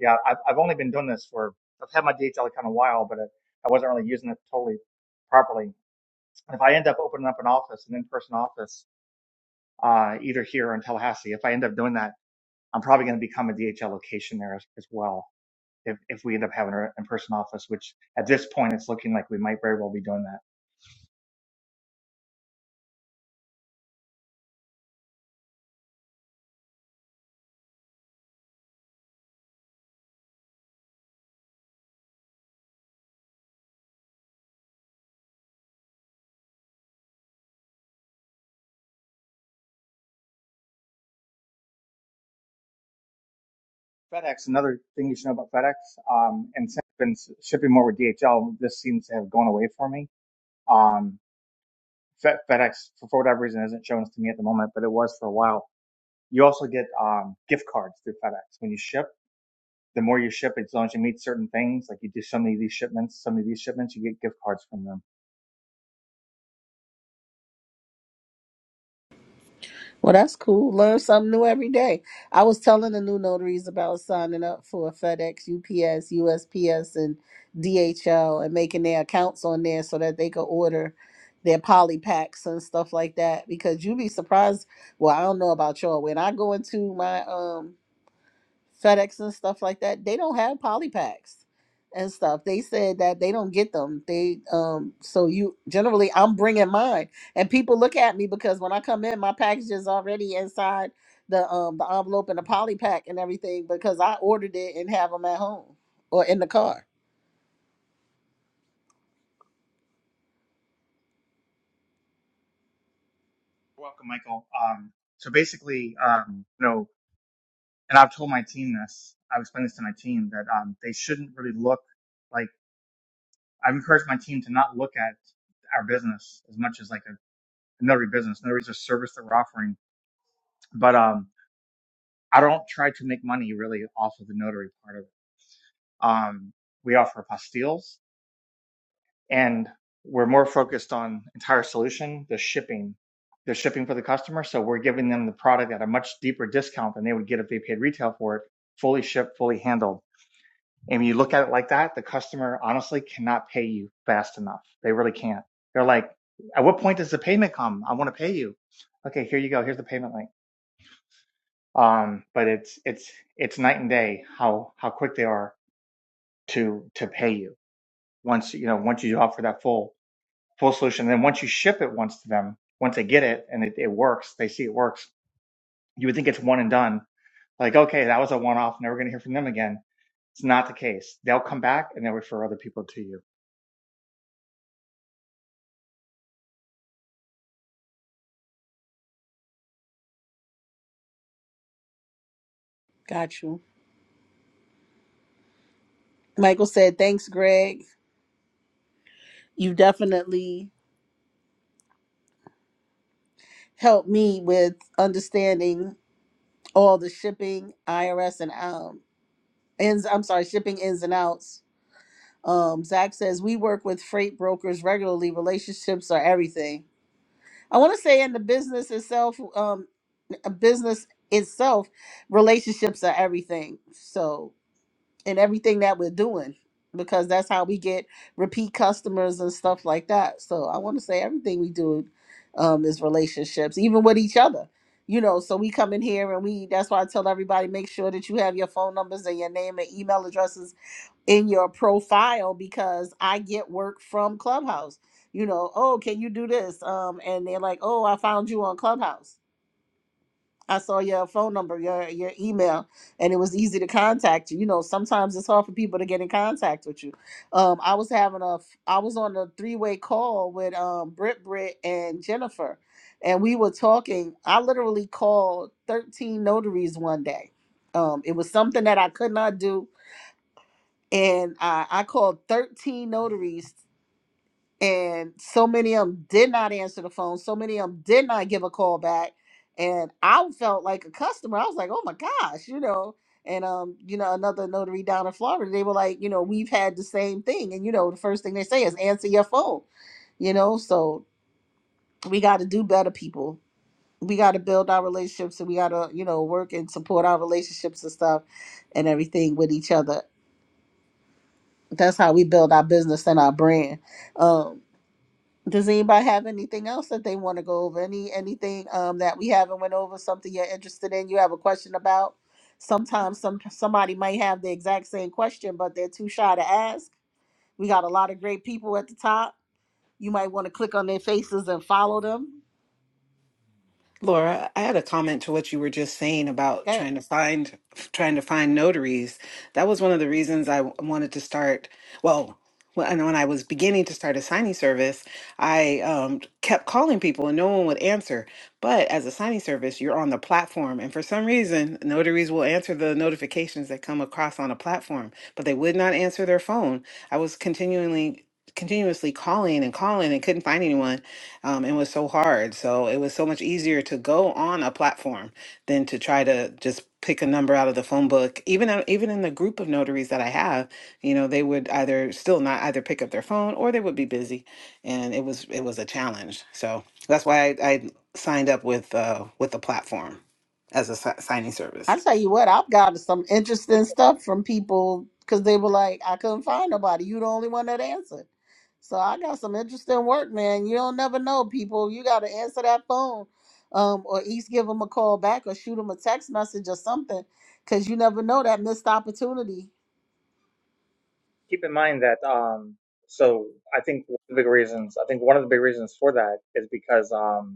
I: yeah, I've, I've only been doing this for, I've had my DHL account a while, but I, I wasn't really using it totally properly. If I end up opening up an office, an in-person office, uh, either here or in Tallahassee, if I end up doing that, I'm probably going to become a DHL location there as, as well. If, if we end up having an in-person office, which at this point, it's looking like we might very well be doing that. FedEx, another thing you should know about FedEx, um, and since I've been shipping more with DHL, this seems to have gone away for me. Um, Fe- FedEx, for whatever reason, isn't showing us to me at the moment, but it was for a while You also get um, gift cards through FedEx when you ship. The more you ship, as long as you meet certain things, like you do so many of these shipments, so many of these shipments, you get gift cards from them.
C: well, that's cool. Learn something new every day. I was telling the new notaries about signing up for FedEx, UPS, USPS, and DHL and making their accounts on there so that they could order their poly packs and stuff like that. Because you'd be surprised. Well, I don't know about y'all. When I go into my um FedEx and stuff like that, they don't have poly packs and stuff. They said that they don't get them. They um so you generally I'm bringing mine and people look at me because when I come in my package is already inside the um the envelope and the poly pack and everything because I ordered it and have them at home or in the car.
I: You're welcome, Michael. Um, so basically, um, you know, and I've told my team this. I've explained this to my team that um, they shouldn't really look like I've encouraged my team to not look at our business as much as like a, a notary business. Notary is a service that we're offering, but um, I don't try to make money really off of the notary part of it. Um, we offer apostilles. and we're more focused on entire solution, the shipping, the shipping for the customer. So we're giving them the product at a much deeper discount than they would get if they paid retail for it, fully shipped, fully handled. And when you look at it like that, the customer honestly cannot pay you fast enough. They really can't. They're like, at what point does the payment come? I want to pay you. Okay, here you go. Here's the payment link. Um, but it's it's it's night and day how how quick they are to to pay you once you know once you offer that full. full solution. then once you ship it once to them, once they get it and it, it works, they see it works, you would think it's one and done. Like, okay, that was a one off, never going to hear from them again. It's not the case. They'll come back and they'll refer other people to you.
C: Got you. Michael said, "Thanks Greg. You definitely helped me with understanding all the shipping, IRS and um ins I'm sorry, shipping ins and outs Um, Zach says we work with freight brokers regularly. Relationships are everything. I want to say in the business itself, um, a business itself, relationships are everything. So in everything that we're doing, because that's how we get repeat customers and stuff like that. So I want to say everything we do um, is relationships, even with each other. You know, so we come in here and we. That's why I tell everybody make sure that you have your phone numbers and your name and email addresses in your profile because I get work from Clubhouse. You know, oh, can you do this? Um, and they're like, oh, I found you on Clubhouse. I saw your phone number, your your email, and it was easy to contact you. You know, sometimes it's hard for people to get in contact with you. Um, I was having a, I was on a three way call with um Britt, Britt, and Jennifer, and we were talking. I literally called thirteen notaries one day. Um, it was something that I could not do and uh, I called 13 notaries, and so many of them did not answer the phone. So many of them did not give a call back, and I felt like a customer. I was like, "Oh my gosh," you know. And um, you know, another notary down in Florida, they were like, you know, we've had the same thing, and you know, the first thing they say is answer your phone. You know, so we got to do better, people. We got to build our relationships, and we got to, you know, work and support our relationships and stuff, and everything with each other. that's how we build our business and our brand. Um, does anybody have anything else that they want to go over? Any anything um, that we haven't went over? Something you're interested in? You have a question about? Sometimes some somebody might have the exact same question, but they're too shy to ask. We got a lot of great people at the top. You might want to click on their faces and follow them.
D: Laura, I had a comment to what you were just saying about trying to find trying to find notaries. That was one of the reasons I w- wanted to start. Well, when, when I was beginning to start a signing service, I um, kept calling people and no one would answer. But as a signing service, you're on the platform, and for some reason, notaries will answer the notifications that come across on a platform, but they would not answer their phone. I was continually continuously calling and calling and couldn't find anyone um, and was so hard. So it was so much easier to go on a platform than to try to just pick a number out of the phone book. Even uh, even in the group of notaries that I have, you know, they would either still not either pick up their phone or they would be busy, and it was it was a challenge. So that's why I, I signed up with uh, with the platform as a si- signing service.
C: I tell you what, I've gotten some interesting stuff from people because they were like, I couldn't find nobody. You the only one that answered. So I got some interesting work, man. You don't never know, people. You got to answer that phone, um, or at least give them a call back, or shoot them a text message or something, because you never know that missed opportunity
I: Keep in mind that, um, so I think one of the big reasons, I think one of the big reasons for that is because, um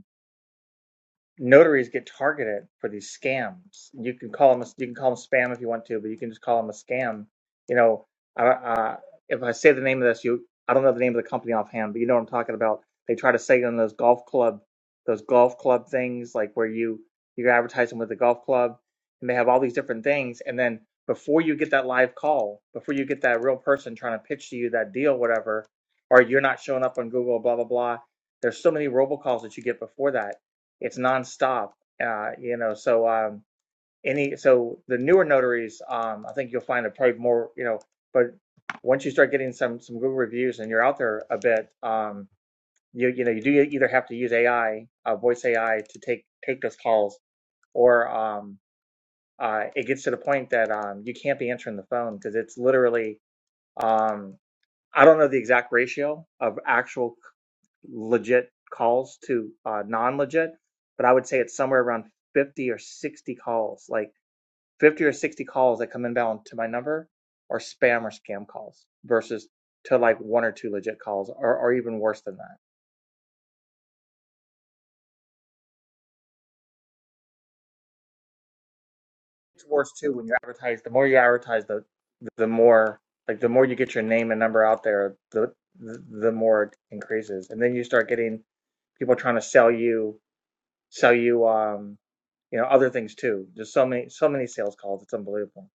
I: notaries get targeted for these scams. You can call them a, you can call them spam if you want to, but you can just call them a scam. You know, I, I, if I say the name of this, you I don't know the name of the company offhand, but you know what I'm talking about. They try to say on those golf club, those golf club things like where you you're advertising with the golf club, and they have all these different things, and then before you get that live call, before you get that real person trying to pitch to you that deal, whatever, or you're not showing up on Google, blah blah blah. There's so many robocalls that you get before that it's nonstop. Uh, you know, so um, any so the newer notaries, um, I think you'll find it probably more. You know, but once you start getting some some Google reviews and you're out there a bit, um, you you know you do e-, either have to use AI, uh, voice AI, to take take those calls, or um, uh, it gets to the point that um, you can't be answering the phone because it's literally um, I don't know the exact ratio of actual legit calls to uh, non-legit, but I would say it's somewhere around 50 or 60 calls, like 50 or 60 calls that come inbound to my number are spam or scam calls versus to like one or two legit calls or, or even worse than that. It's worse too when you advertise, the more you advertise, the the more like the more you get your name and number out there, the the, the more it increases. And then you start getting people trying to sell you sell you um you know other things too. There's so many so many sales calls. It's unbelievable.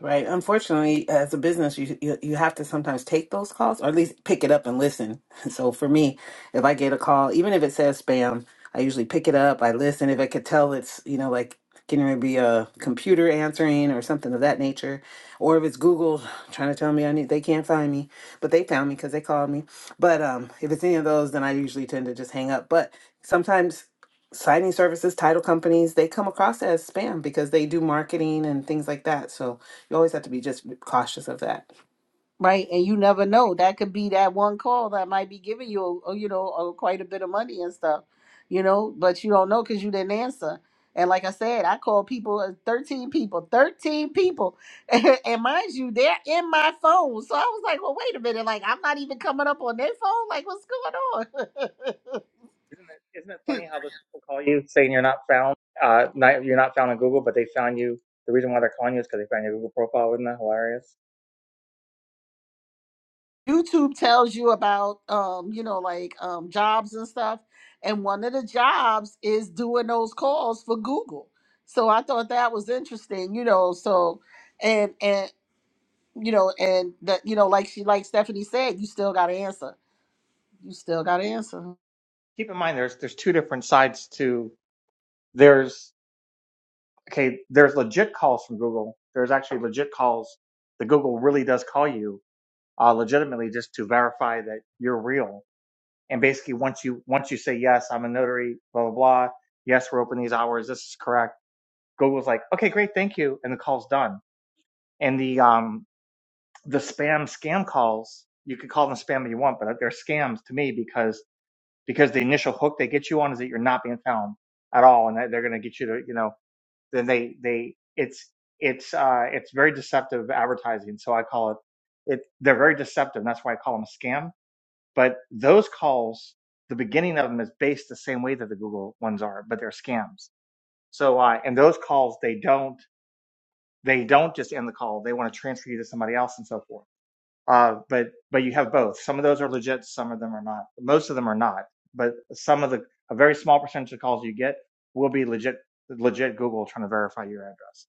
D: Right. Unfortunately, as a business, you, you you have to sometimes take those calls, or at least pick it up and listen. So for me, if I get a call, even if it says spam, I usually pick it up. I listen. If I could tell it's you know like can it be a computer answering or something of that nature, or if it's Google trying to tell me I need they can't find me, but they found me because they called me. But um, if it's any of those, then I usually tend to just hang up. But sometimes signing services, title companies, they come across as spam because they do marketing and things like that. So you always have to be just cautious of that.
C: Right, and you never
I: Funny,
C: know. That could be that one call that might be giving you, uh, you know, uh, quite a bit of money and stuff, you know. But you don't know because you didn't answer. And like I said, I called people, uh, thirteen people, thirteen people, and mind you, they're in my phone. So I was like, well, wait a minute, like I'm not even coming up on their phone. Like, what's going on?
I: isn't it? Isn't it funny how those people call you saying you're not found? Uh, not you're not found on Google, but they found you. The reason why they're calling you is because they found your Google profile. Isn't that hilarious?
C: YouTube tells you about um, you know, like um jobs and stuff. And one of the jobs is doing those calls for Google. So I thought that was interesting, you know. So and and you know, and that you know, like she like Stephanie said, you still gotta answer. You still gotta answer.
I: Keep in mind, there's there's two different sides to there's okay there's legit calls from Google. There's actually legit calls that Google really does call you uh, legitimately just to verify that you're real and basically once you once you say yes i'm a notary blah blah blah yes we're open these hours this is correct google's like okay great thank you and the call's done and the um the spam scam calls you could call them spam if you want but they're scams to me because because the initial hook they get you on is that you're not being found at all and that they're going to get you to you know then they they it's it's uh it's very deceptive advertising so i call it it they're very deceptive and that's why i call them a scam but those calls, the beginning of them is based the same way that the Google ones are, but they're scams. So, uh, and those calls, they don't, they don't just end the call. They want to transfer you to somebody else and so forth. Uh, but, but you have both. Some of those are legit. Some of them are not. Most of them are not, but some of the, a very small percentage of calls you get will be legit, legit Google trying to verify your address.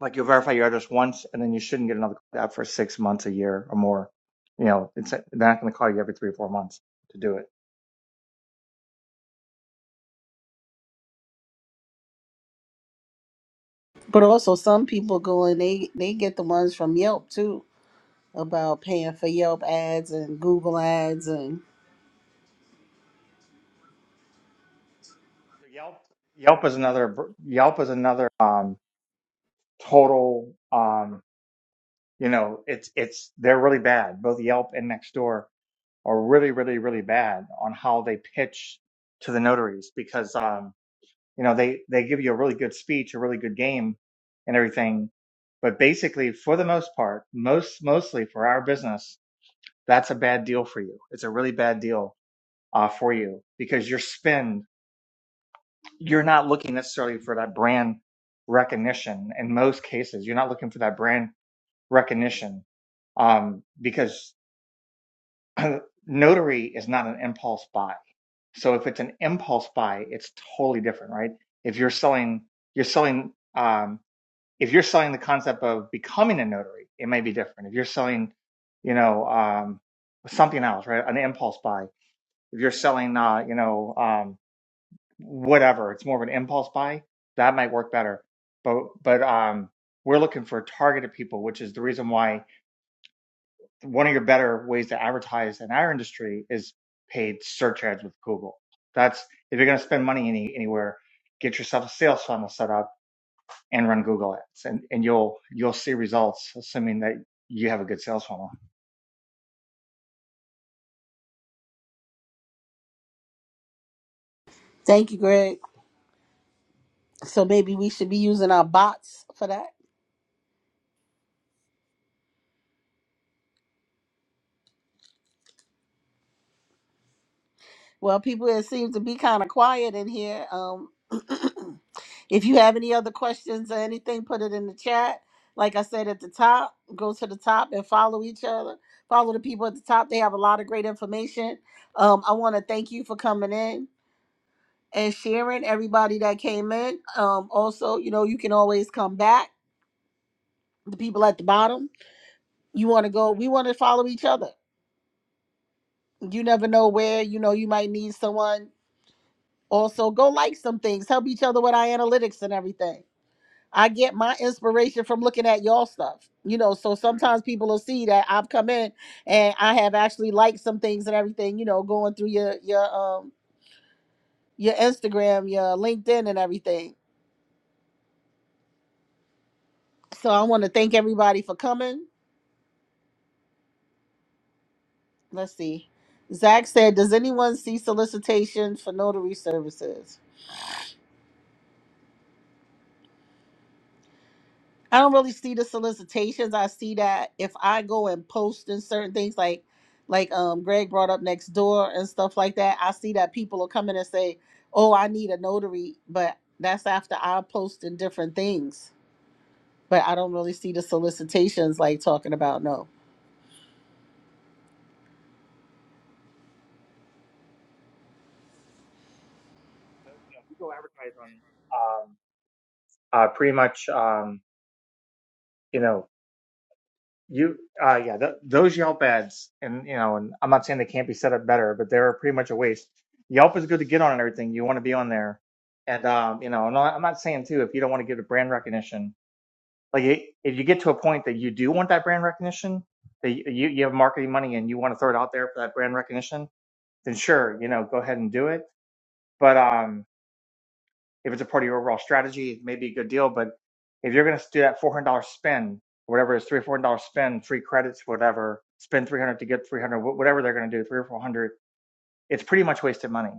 I: Like you'll verify your address once and then you shouldn't get another call out for six months, a year or more. You know, it's, they're not going to call you every three or four months to do it.
C: But also some people go and they they get the ones from Yelp too about paying for Yelp ads and Google ads and
I: So Yelp Yelp is another Yelp is another um, total um, you know it's it's they're really bad. Both Yelp and Nextdoor are really really really bad on how they pitch to the notaries because um, you know they they give you a really good speech, a really good game, and everything, but basically for the most part, most mostly for our business, that's a bad deal for you. It's a really bad deal uh, for you because your spend you're not looking necessarily for that brand recognition in most cases. You're not looking for that brand recognition um, because notary is not an impulse buy. So if it's an impulse buy, it's totally different, right? If you're selling, you're selling. Um, if you're selling the concept of becoming a notary, it may be different. If you're selling, you know, um, something else, right? An impulse buy. If you're selling, uh, you know. um, whatever. It's more of an impulse buy. That might work better. But but um, we're looking for targeted people, which is the reason why one of your better ways to advertise in our industry is paid search ads with Google. That's if you're going to spend money any, anywhere, get yourself a sales funnel set up and run Google ads, and and you'll you'll see results, assuming that you have a good sales funnel.
C: thank you, Greg. So maybe we should be using our bots for that. Well, people, it seems to be kind of quiet in here. Um, if you have any other questions or anything, put it in the chat. Like I said at the top, go to the top and follow each other. Follow the people at the top. They have a lot of great information. Um, I want to thank you for coming in and sharing everybody that came in. Um, also, you know, you can always come back. The people at the bottom, you want to go, we want to follow each other. You never know where, you know, you might need someone Also, go like some things. Help each other with our analytics and everything. I get my inspiration from looking at y'all stuff. You know, so sometimes people will see that I've come in and I have actually liked some things and everything, you know, going through your your um your Instagram, your LinkedIn and everything. So I want to thank everybody for coming. Let's see. Zach said, Does anyone see solicitation for notary services? I don't really see the solicitations. I see that if I go and post in certain things like like um Greg brought up next door and stuff like that, I see that people will come in and say, Oh, I need a notary, but that's after I post in different things. But I don't really see the solicitations like talking about no.
I: If you go advertise on um, uh, pretty much um, you know You, uh, yeah, th those Yelp ads, and you know, and I'm not saying they can't be set up better, but they're pretty much a waste. Yelp is good to get on and everything. You want to be on there, and um, you know, and I- I'm not saying too if you don't want to give it brand recognition, like i- if you get to a point that you do want that brand recognition, that y- you you have marketing money and you want to throw it out there for that brand recognition, then sure, you know, go ahead and do it. But um, if it's a part of your overall strategy, it may be a good deal. But if you're going to do that $400 spend, whatever it is, three hundred dollars or $400 spend, three credits, whatever, spend 300 dollars to get 300, wh- whatever they're going to do, three hundred dollars or 400, dollars it's pretty much wasted money.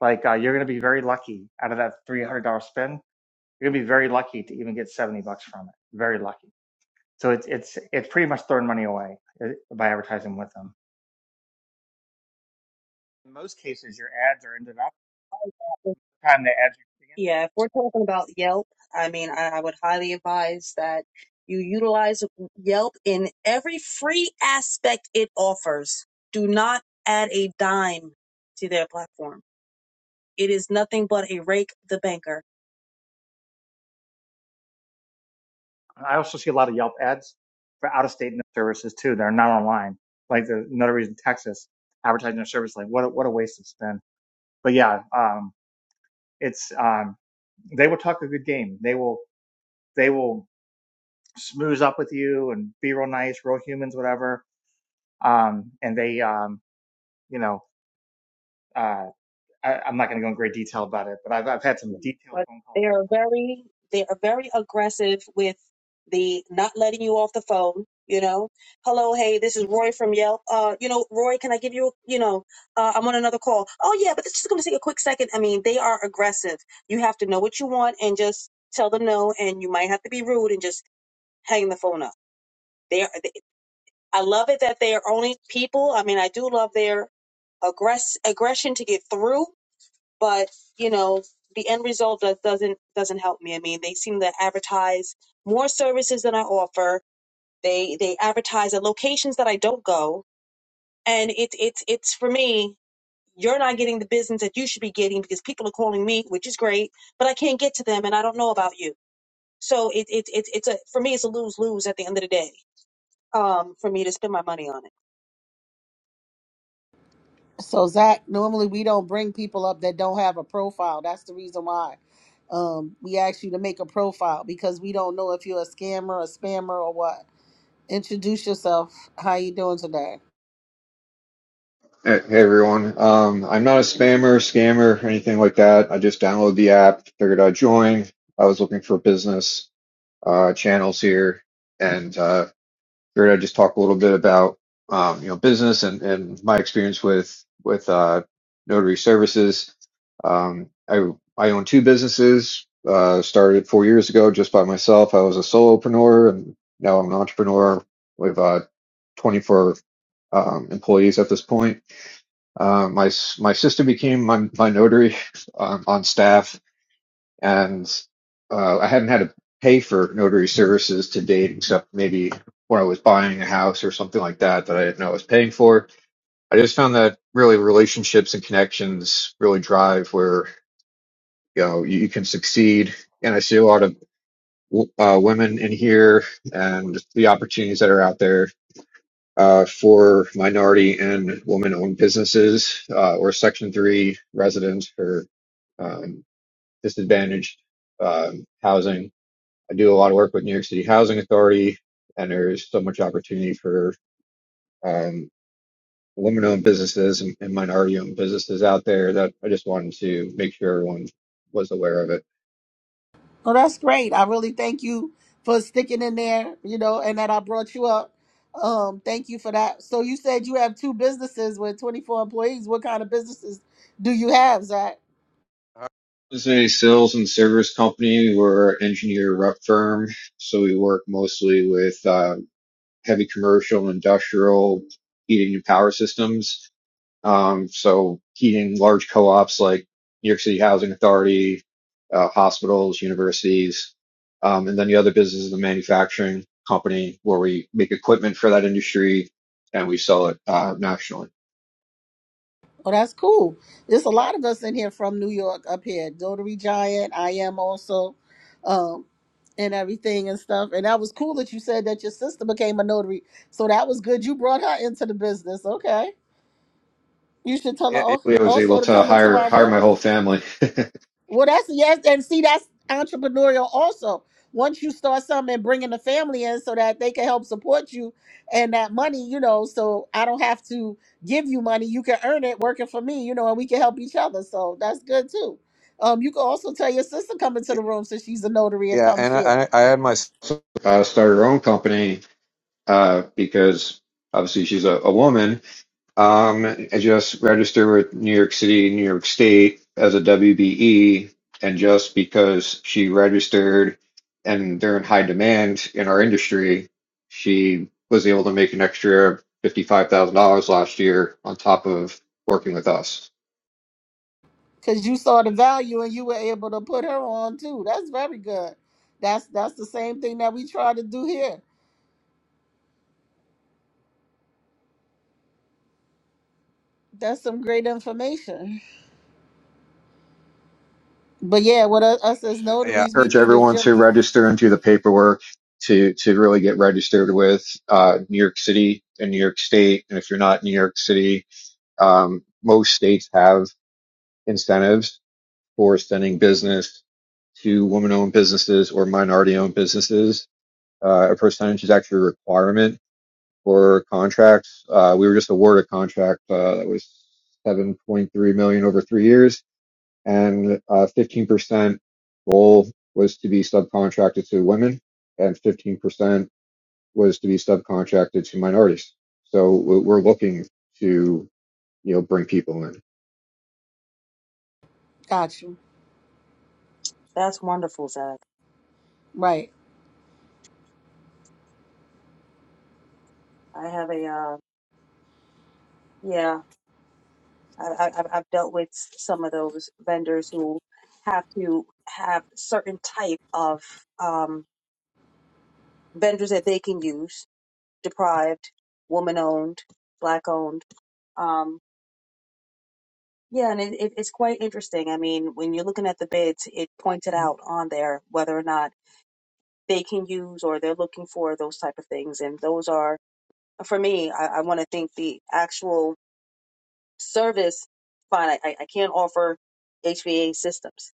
I: Like uh, you're going to be very lucky out of that $300 spend. You're going to be very lucky to even get 70 bucks from it. Very lucky. So it's, it's, it's pretty much throwing money away uh, by advertising with them. In most cases, your ads are ended up time they ads.
F: Yeah, if we're talking about Yelp, I mean, I, I would highly advise that you utilize Yelp in every free aspect it offers. Do not add a dime to their platform. It is nothing but a rake the banker.
I: I also see a lot of Yelp ads for out of state services too they are not online. Like there's notaries in Texas advertising their service. Like what a, what a waste of spend. But yeah, um, it's um, they will talk a good game. They will they will smooth up with you and be real nice, real humans, whatever. Um, and they um, you know uh, I, I'm not going to go in great detail about it, but I've I've had some detailed
F: But
I: phone calls
F: they
I: with
F: are
I: them.
F: very they are very aggressive with the not letting you off the phone. You know, hello, hey, this is Roy from Yelp. Uh, you know, Roy, can I give you, a- you know, uh, I'm on another call. Oh yeah, but it's just going to take a quick second. I mean, they are aggressive. You have to know what you want and just tell them no, and you might have to be rude and just hang the phone up. They are. They, I love it that they are only people. I mean, I do love their aggress aggression to get through but you know the end result does, doesn't doesn't help me i mean they seem to advertise more services than i offer they they advertise at locations that i don't go and it's it's it's for me you're not getting the business that you should be getting because people are calling me which is great but i can't get to them and i don't know about you so it, it, it it's a for me it's a lose lose at the end of the day um for me to spend my money on it
C: So Zach, normally we don't bring people up that don't have a profile. That's the reason why. Um, we ask you to make a profile because we don't know if you're a scammer, a spammer, or what. Introduce yourself. How you doing today?
J: Hey hey, everyone. Um, I'm not a spammer, scammer, or anything like that. I just downloaded the app, figured I'd join. I was looking for business uh, channels here, and uh, figured I'd just talk a little bit about um, you know business and, and my experience with with uh, notary services. Um, I I own two businesses. Uh, started four years ago just by myself. I was a solopreneur, and now I'm an entrepreneur with uh, 24 um, employees at this point uh, my my sister became my my notary um, on staff, and uh, I hadn't had to pay for notary services to date, except maybe when I was buying a house or something like that that I didn't know I was paying for. I just found that really relationships and connections really drive where you know you, you can succeed, and I see a lot of w- uh, women in here and the opportunities that are out there uh, for minority and woman-owned businesses uh, or Section 3 residents for um, disadvantaged um, housing. I do a lot of work with New York City Housing Authority, and there's so much opportunity for um, women-owned businesses and, and minority-owned businesses out there that I just wanted to make sure everyone was aware of it.
C: Well, that's great. I really thank you for sticking in there, you know, and that I brought you up. Um, thank you for that. So you said you have two businesses with 24 employees. What kind of businesses do you have, Zach?
J: This is a sales and service company. We're an engineer rep firm, so we work mostly with uh, heavy commercial, industrial heating and power systems. Um, so heating large co-ops like New York City Housing Authority, uh, hospitals, universities, um, and then the other business is the manufacturing company where we make equipment for that industry and we sell it uh, nationally.
C: Well, that's cool. There's a lot of us in here from New York up here. Dotary Giant, I am also, um, and everything and stuff. And that was cool that you said that your sister became a notary. So that was good. You brought her into the business. Okay. You should tell her
J: Yeah,
C: al-
J: yeah, I was able
C: also to
J: to
C: come into
J: hire
C: our
J: hire my
C: room.
J: whole family. yeah,
C: Well, that's yes, and see, that's entrepreneurial also. Once you start something and bringing the family in so that they can help support you and that money, you know, so I don't have to give you money, you can earn it working for me, you know, and we can help each other. So that's good too. Um, you can also tell your sister come into the room since she's a notary and come
J: and I,
C: share
J: I had my uh, started her own company uh, because obviously she's a, a woman Um, I just registered with New York City, New York State as a WBE, and just because she registered and they're in high demand in our industry, she was able to make an extra $55,000 last year on top of working with us.
C: because you saw the value and you were able to put her on too. That's very good. That's that's the same thing that we try to do here. That's some great information. But yeah, with us, us as
J: Yeah. I
C: notaries, we
J: Encourage
C: do the
J: everyone to
C: jump.
J: register and do the paperwork to, to really get registered with uh, New York City and New York State. And if you're not in New York City, um, most states have incentives for sending business to woman-owned businesses or minority-owned businesses. Uh, a percentage is actually a requirement for contracts. Uh, we were just awarded a contract uh, that was 7.3 million dollars over three years, and uh, 15% goal was to be subcontracted to women, and 15% was to be subcontracted to minorities. So we're looking to you know bring people in.
C: Got you
F: that's wonderful zach
C: right.
F: i have a uh, yeah I, I- I've dealt with some of those vendors who have to have certain type of um, vendors that they can use, deprived, woman owned, black owned. Um, yeah, and it, it, it's quite interesting. I mean, when you're looking at the bids, it pointed out on there whether or not they can use or they're looking for those type of things, and those are for me. I, I want to think the actual Service, fine, I, I can't offer HVA systems.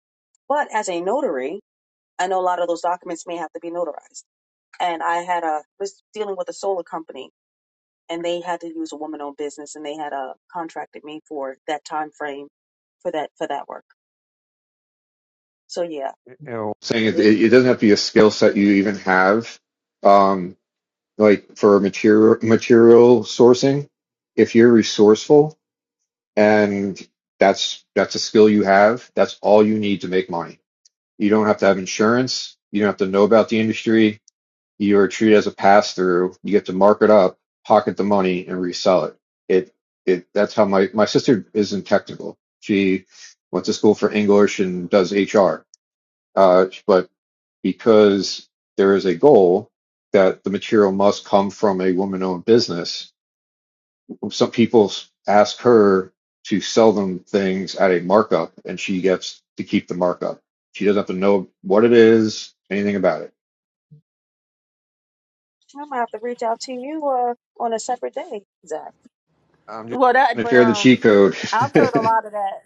F: But as a notary, I know a lot of those documents may have to be notarized. And I had a was dealing with a solar company, and they had to use a woman-owned business, and they had a contracted me for that time frame for that for that work. So yeah,
J: you know, saying it,
F: it is.
J: it, doesn't have to be a skill set you even have. Um, like for material material sourcing, if you're resourceful and that's that's a skill you have, that's all you need to make money. You don't have to have insurance. You don't have to know about the industry. You are treated as a pass through. You get to mark it up, pocket the money, and resell it. It it that's how my my sister isn't technical. She went to school for English and does HR. Uh, but because there is a goal that the material must come from a woman owned business. Some people ask her to sell them things at a markup and she gets to keep the markup. She doesn't have to know what it is, anything about it.
F: I might have to reach out to you uh, on a separate day, Zach.
J: I'm just
C: Well,
J: i
C: that.
J: gonna
C: But
J: share the
C: um,
J: cheat code.
C: I've heard a lot of that.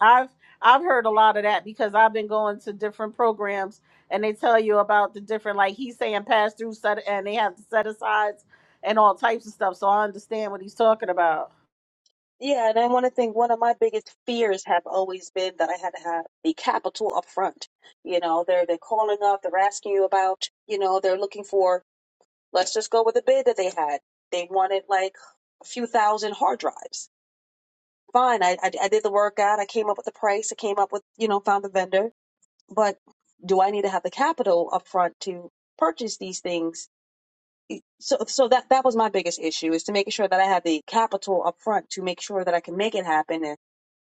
C: I've I've heard a lot of that because I've been going to different programs and they tell you about the different like he's saying pass through set and they have the set asides and all types of stuff. So I understand what he's talking about.
F: Yeah, and I want to think one of my biggest fears have always been that I had to have the capital up front. You know, they're they're calling up, they're asking you about, you know, they're looking for, let's just go with the bid that they had. They wanted like a few thousand hard drives. Fine, I, I I did the workout, I came up with the price, I came up with, you know, found the vendor. But do I need to have the capital up front to purchase these things? E, So so that that was my biggest issue is to making sure that I had the capital up front to make sure that I can make it happen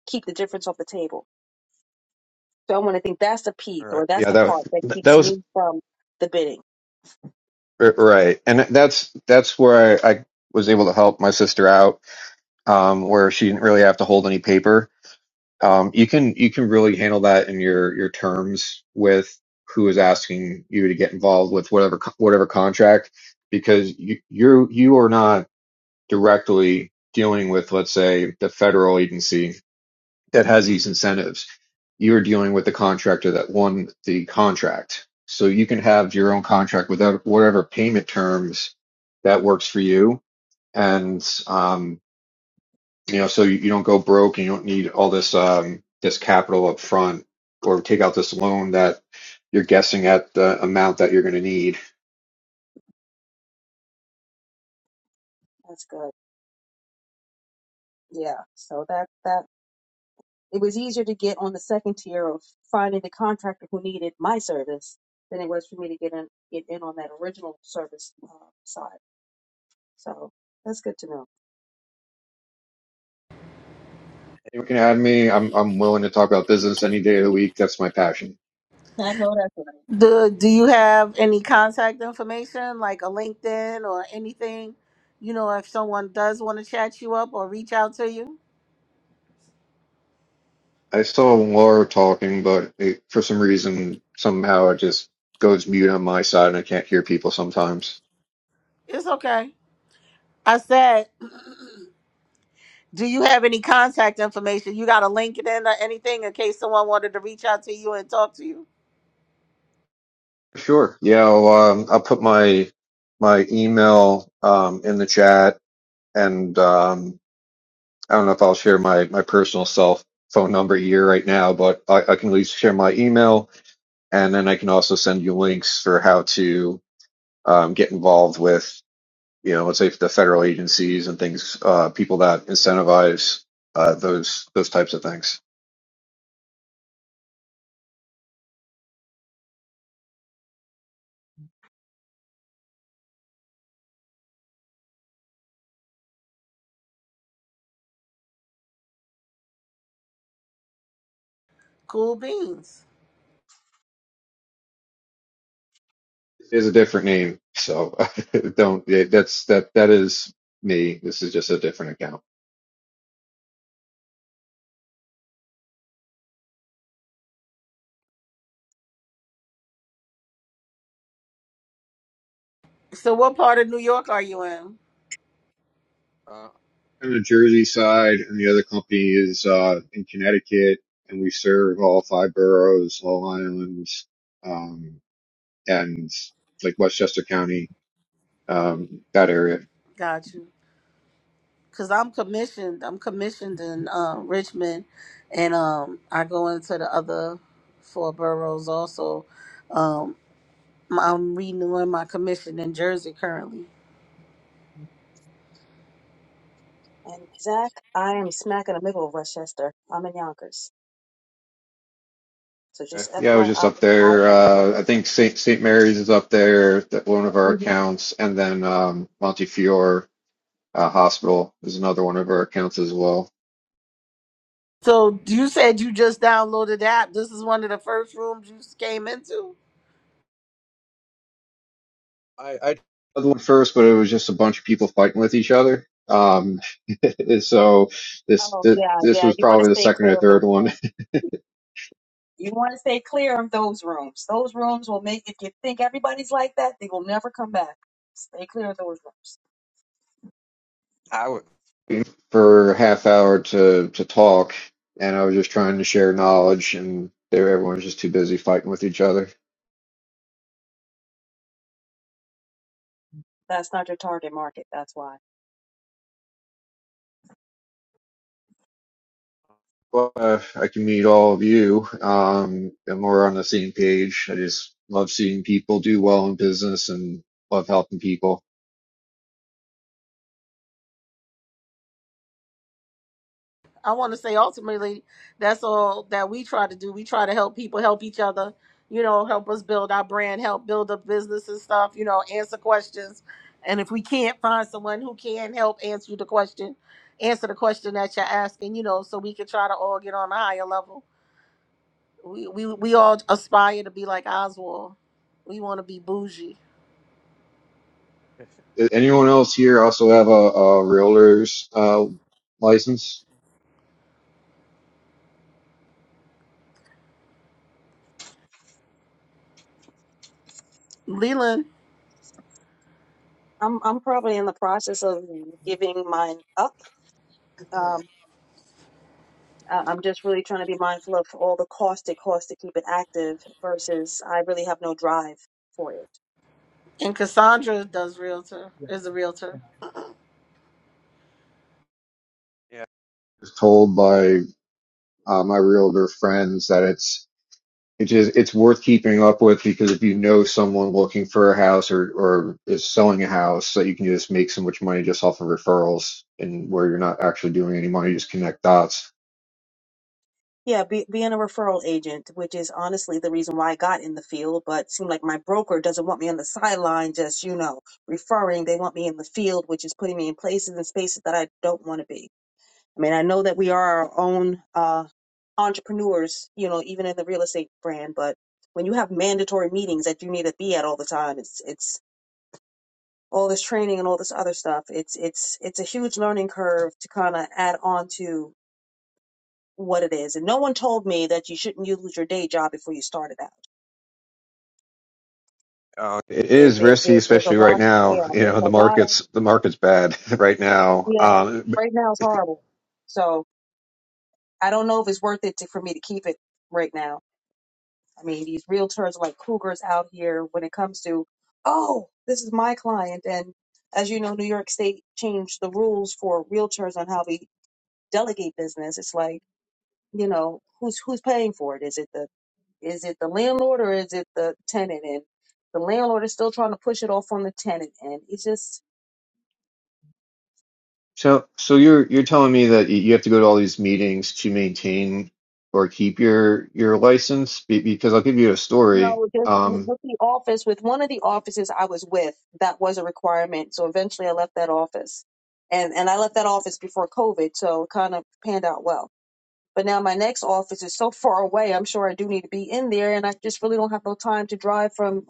F: keep the difference off the table. So I want to think that's the piece
J: all right.
F: or that's
J: yeah,
F: the
J: that
F: part that
J: was- that
F: keeps
J: was
F: me from the bidding.
J: right, and that's that's where I, I was able to help my sister out, um, where she didn't really have to hold any paper Um, you can you can really handle that in your your terms with who is asking you to get involved with whatever co- whatever contract because you you're you are not directly dealing with let's say the federal agency that has these incentives. You're dealing with the contractor that won the contract. So you can have your own contract without whatever payment terms that works for you. And um, you know, so you, you don't go broke and you don't need all this um, this capital up front or take out this loan that you're guessing at the amount that you're going to need.
F: That's good. Yeah. So that that It was easier to get on the second tier of finding the contractor who needed my service than it was for me to get in get in on that original service uh, side. So that's good to know.
J: You can add me. I'm I'm willing to talk about business any day of the week. That's my passion.
F: I know that's
C: Do Do you have any contact information like a LinkedIn or anything? You know, if someone does want to chat you up or reach out to you,
J: I saw Laura talking, but it, for some reason, somehow it just goes mute on my side, and I can't hear people sometimes.
C: it's okay. I said, do you have any contact information? You got a LinkedIn or anything in case someone wanted to reach out to you and talk to you?
J: Sure. Yeah. I'll, um, I'll put my my email um, in the chat, and um, I don't know if I'll share my my personal self phone number here right now, but I, I can at least share my email, and then I can also send you links for how to um, get involved with you know let's say the federal agencies and things, uh, people that incentivize uh, those those types of things.
C: Cool beans.
J: It is a different name, so don't. That's that that is me. This is just a different account.
C: So what part of New York are you in?
J: Uh, on the Jersey side, and the other company is uh, in Connecticut, and we serve all five boroughs, Long Island, um, and like Westchester County, um, that area.
C: Got you. Cause I'm commissioned. I'm commissioned in uh, Richmond, and um, I go into the other four boroughs also. Um, I'm renewing my commission in Jersey currently.
F: right. And Zach, I am smack in the middle of Westchester. I'm in Yonkers. So
J: Okay.
F: just
J: Yeah, I was
F: FYI,
J: just up
F: I I
J: there.
F: am close.
J: Uh, I think St. St. Mary's is up there, that one of our
F: hmm
J: accounts, and then um, Montefiore uh, Hospital is another one of our accounts as well.
C: So you said you just downloaded the app. This is one of the first rooms you came into.
J: I, I tried the one first, but it was just a bunch of people fighting with each other. Um, so this,
F: Oh,
J: this
F: yeah,
J: this
F: yeah.
J: was
F: You want to
J: probably the
F: stay
J: second or
F: clear of those
J: third one
F: rooms. You want to stay clear of those rooms. Those rooms will make, if you think everybody's like that, they will never come back. Stay clear of those rooms.
J: I would for a half hour to to talk, and I was just trying to share knowledge, and they were, everyone was just too busy fighting with each other.
F: That's not your target market. That's why.
J: Well, uh, I can meet all of you, um, and we're on the same page. I just love seeing people do well in business and love helping people.
C: I want to say ultimately that's all that we try to do. We try to help people help each other, you know, help us build our brand, help build up business and stuff, you know, answer questions. And if we can't find someone who can help answer the question, answer the question that you're asking, you know, so we can try to all get on a higher level. We we, we all aspire to be like Oswald. We want to be bougie.
J: Anyone else here also have a, a realtor's uh, license?
C: Leland
F: I'm I'm probably in the process of giving mine up. Um, I- I'm just really trying to be mindful of all the cost it costs to keep it active versus I really have no drive for it.
C: and
I: Sandra
C: Cassandra
I: was-
C: does
I: helpful.
C: realtor
I: yeah,
C: is a realtor.
I: yeah.
J: Yeah. I was told by uh, my realtor friends that it's it just it's worth keeping up with because if you know someone looking for a house or or is selling a house, that you can just make so much money just off of referrals and where you're not actually doing any money, you just connect dots.
F: Yeah, be, being a referral agent, which is honestly the reason why I got in the field, but seemed like my broker doesn't want me on the sideline, just, you know, referring. They want me in the field, which is putting me in places and spaces that I don't want to be. I mean, I know that we are our own uh, entrepreneurs, you know, even in the real estate brand, but when you have mandatory meetings that you need to be at all the time, it's, it's, all this training and all this other stuff it's it's it's a huge learning curve to kind of add on to what it is. And no one told me that you shouldn't use your day job before you started out.
J: Oh, It
F: There's,
J: is
F: there's,
J: risky,
F: there's, there's
J: especially
F: a
J: right
F: lot,
J: now.
F: yeah,
J: You know, the
F: there's a lot of,
J: market's the market's bad right now.
F: yeah,
J: Um,
F: right now it's horrible. So I don't know if it's worth it to, for me to keep it right now. I mean, these realtors are like cougars out here when it comes to, oh, this is my client. And as you know, New York State changed the rules for realtors on how we delegate business. It's like, you know, who's who's paying for it? Is it the Is it the landlord or is it the tenant? And the landlord is still trying to push it off on the tenant. And it's just,
J: So, so you're you're telling me that y- you have to go to all these meetings to maintain or keep your your license? Be, because I'll give you a
F: you
J: story.
F: know, just with,
J: Um,
F: with the office, with one of the offices I was with, that was a requirement. So eventually I left that office. And, and I left that office before COVID. So it kind of panned out well. But now my next office is so far away. I'm sure I do need to be in there. And I just really don't have no time to drive from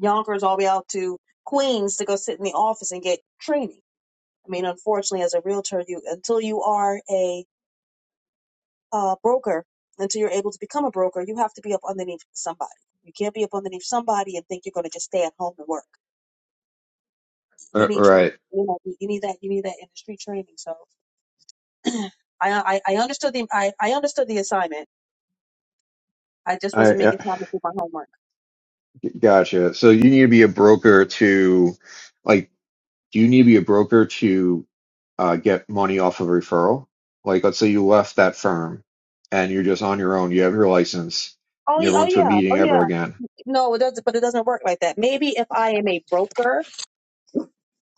F: Yonkers all the way out to Queens to go sit in the office and get training. I mean, unfortunately, as a realtor, you until you are a uh, broker until you're able to become a broker, you have to be up underneath somebody. You can't be up underneath somebody and think you're going to just stay at home and work. You
J: all
F: need training.
J: right,
F: You know, you need that. You need that industry training. So, I, I I understood the I, I understood the assignment. I just
J: I,
F: wasn't making
J: uh
F: time to do my homework.
J: gotcha. So you need to be a broker to, like, do you need to be a broker to uh, get money off of referral? Like, let's say you left that firm and you're just on your own. You have your license.
F: Oh,
J: You
F: y-
J: never
F: oh
J: went to a
F: yeah,
J: meeting
F: oh
J: ever
F: yeah.
J: again
F: No, it doesn't. But it doesn't work like that. Maybe if I am a broker,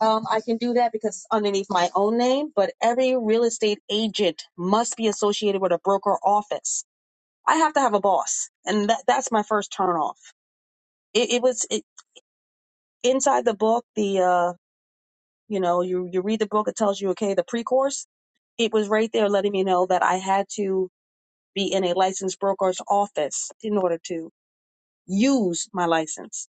F: um, I can do that because it's underneath my own name. But every real estate agent must be associated with a broker office. I have to have a boss, and that that's my first turn off. It, it was it, inside the book. The uh, you know, you you read the book, it tells you okay, the pre-course. It was right there letting me know that I had to be in a licensed broker's office in order to use my license.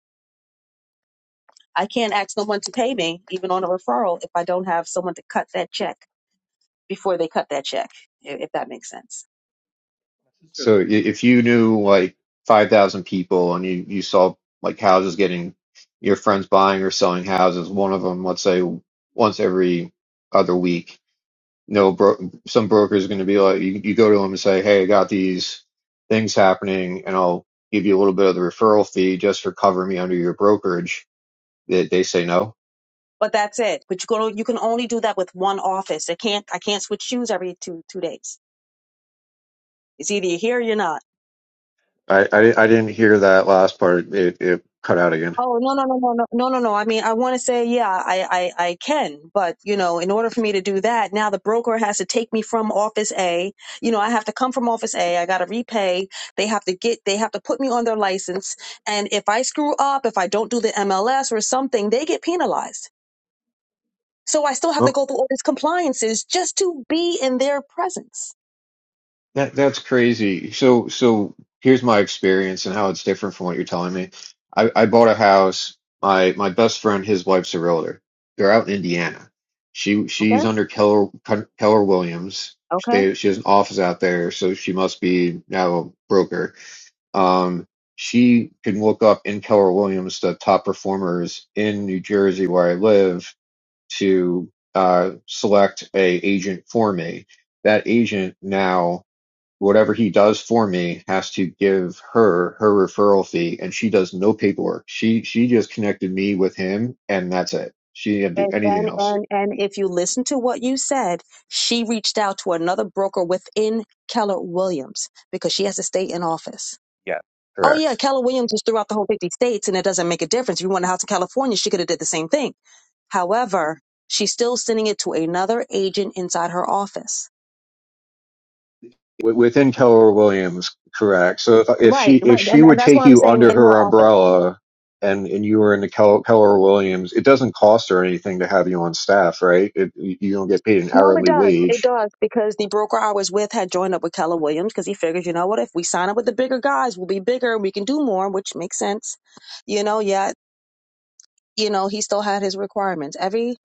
F: I can't ask someone to pay me, even on a referral, if I don't have someone to cut that check. before they cut that check, i- if that makes sense.
I: My sister,
J: So i- if you knew like 5,000 people and you, you saw like houses getting your friends buying or selling houses, one of them, let's say once every other week, no bro some broker is going to be like, you, you go to them and say, Hey, I got these things happening and I'll give you a little bit of the referral fee just for covering me under your brokerage. They, they say no.
F: But that's it. But you go, you can only do that with one office. I can't, I can't switch shoes every two, two days. It's either you're here or you're not.
J: I, I, I didn't hear that last part. It, it cut out again.
F: Oh no no no no no no no no! I mean, I want to say yeah, I, I I can, but you know, in order for me to do that, now the broker has to take me from Office A. You know, I have to come from Office A. I got to repay. They have to get. They have to put me on their license. And if I screw up, if I don't do the MLS or something, they get penalized. So I still have to
J: Well,
F: go through all these compliances just to be in their presence.
J: that that's crazy. So so here's my experience and how it's different from what you're telling me. I, I bought a house. My my best friend, his wife's a realtor. They're out in Indiana. She
F: Okay.
J: she's under Keller Keller Williams. She,
F: Okay.
J: they, she has an office out there, so she must be now a broker. Um, she can look up in Keller Williams the top performers in New Jersey where I live to uh, select a agent for me. That agent now, whatever he does for me, has to give her her referral fee, and she does no paperwork. She she just connected me with him, and that's it. She didn't do
F: And,
J: anything
F: and
J: else.
F: and and if you listen to what you said, she reached out to another broker within Keller Williams because she has to stay in office.
J: Yeah.
F: Oh
J: Correct.
F: yeah, Keller Williams is throughout the whole 50 states, and it doesn't make a difference. If you want a house in California, she could have did the same thing. However, she's still sending it to another agent inside her office.
J: Within Keller Williams, correct. So if, if
F: Right,
J: she if
F: right,
J: she
F: and, and
J: would
F: that's what
J: take
F: I'm
J: you
F: saying
J: under
F: in her
J: her
F: office.
J: umbrella and and you were in the Keller, Keller Williams, it doesn't cost her anything to have you on staff, right? It, you you don't get paid an
F: No, it
J: hourly
F: does. It
J: wage.
F: does because the broker I was with had joined up with Keller Williams because he figures, you know what, if we sign up with the bigger guys, we'll be bigger and we can do more, which makes sense. You know, yet, you know, he still had his requirements. Every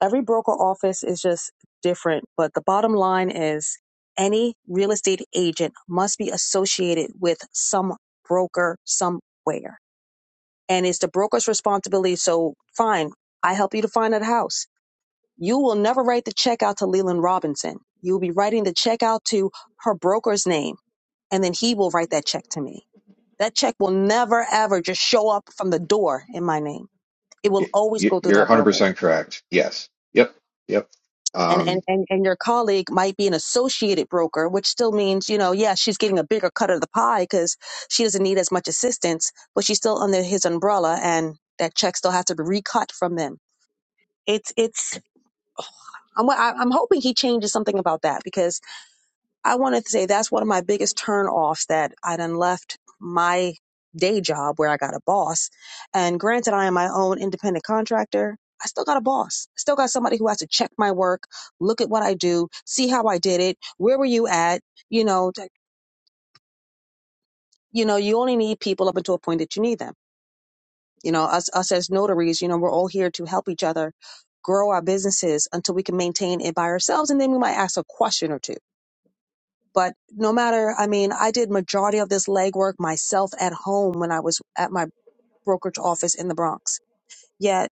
F: every broker office is just different, but the bottom line is any real estate agent must be associated with some broker somewhere. And it's the broker's responsibility. So fine, I help you to find that house. You will never write the check out to Leland Robinson. You'll be writing the check out to her broker's name, and then he will write that check to me. That check will never ever just show up from the door in my name. It will
J: Y-
F: always
J: y-
F: go through
J: You're
F: that broker.
J: 100% correct. Yes. Yep. Yep.
F: And, and,
J: Um,
F: and, and your colleague might be an associated broker, which still means, you know, yeah, she's getting a bigger cut of the pie because she doesn't need as much assistance, but she's still under his umbrella and that check still has to be recut from them. It's, it's, I'm, I'm hoping he changes something about that because I wanted to say that's one of my biggest turnoffs that I done left my day job where I got a boss. And granted, I am my own independent contractor. I still got a boss. Still got somebody who has to check my work, look at what I do, see how I did it. Where were you at? You know, t- you know, you only need people up until a point that you need them. You know, us us as notaries, you know, we're all here to help each other grow our businesses until we can maintain it by ourselves, and then we might ask a question or two But no matter, I mean, I did majority of this legwork myself at home when I was at my brokerage office in the Bronx. Yet,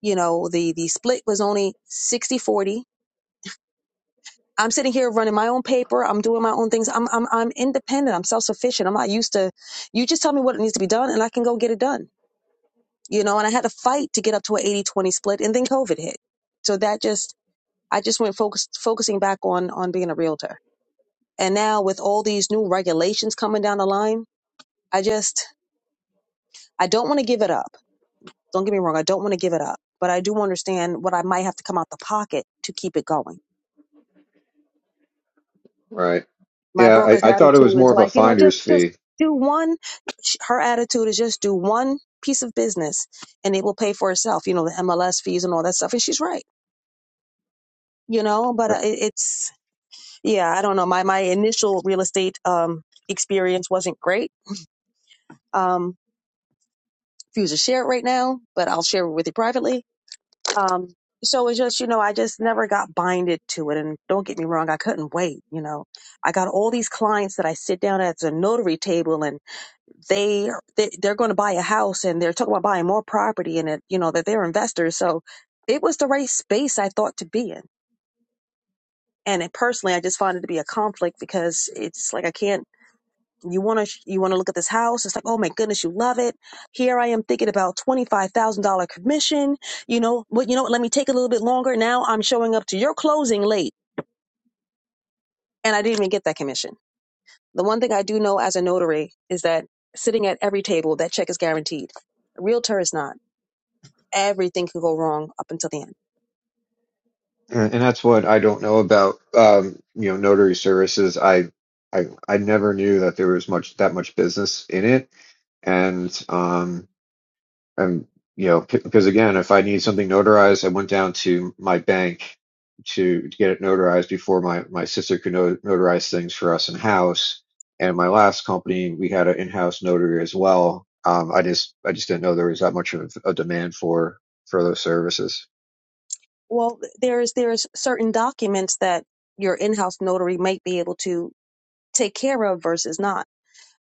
F: you know, the the split was only sixty forty. I'm sitting here running my own paper. I'm doing my own things. I'm I'm I'm independent. I'm self-sufficient. I'm not used to you just tell me what needs to be done and I can go get it done. You know, and I had to fight to get up to an eighty twenty split and then COVID hit. So that just I just went focused focusing back on on being a realtor. And now with all these new regulations coming down the line, I just I don't want to give it up. Don't get me wrong. I don't want to give it up, but I do understand what I might have to come out the pocket to keep it going.
J: right.
F: My
J: Yeah, I,
F: broker's
J: I thought it was
F: attitude is
J: more of a
F: like, you know, just,
J: finder's
F: just
J: fee.
F: do one. Her attitude is just do one piece of business and it will pay for itself, you know, the MLS fees and all that stuff. And she's right, you know, but uh,
J: Right.
F: it- it's, yeah, I don't know. My, my initial real estate, um, experience wasn't great. Um, refuse to share it right now, but I'll share it with you privately Um, so it's just, you know, I just never got binded to it. And don't get me wrong, I couldn't wait. You know, I got all these clients that I sit down at the notary table and they, they they're going to buy a house and they're talking about buying more property and it, you know, that they're investors. So it was the right space I thought to be in. And it, personally, I just found it to be a conflict because it's like I can't you want to you want to look at this house it's like oh my goodness you love it here i am thinking about $25000 commission you know what you know what let me take a little bit longer now i'm showing up to your closing late and i didn't even get that commission the one thing i do know as a notary is that sitting at every table that check is guaranteed a realtor is not Everything could go wrong up until the end.
J: And and that's what I don't know about, um, you know, notary services. I, I, I never knew that there was much that much business in it and um and you know because again if i need something notarized i went down to my bank to, to get it notarized before my my sister could no, notarize things for us in house and my last company we had an in-house notary as well um i just i just didn't know there was that much of a demand for for those services
F: Well, there's there's certain documents that your in-house notary might be able to take care of versus not.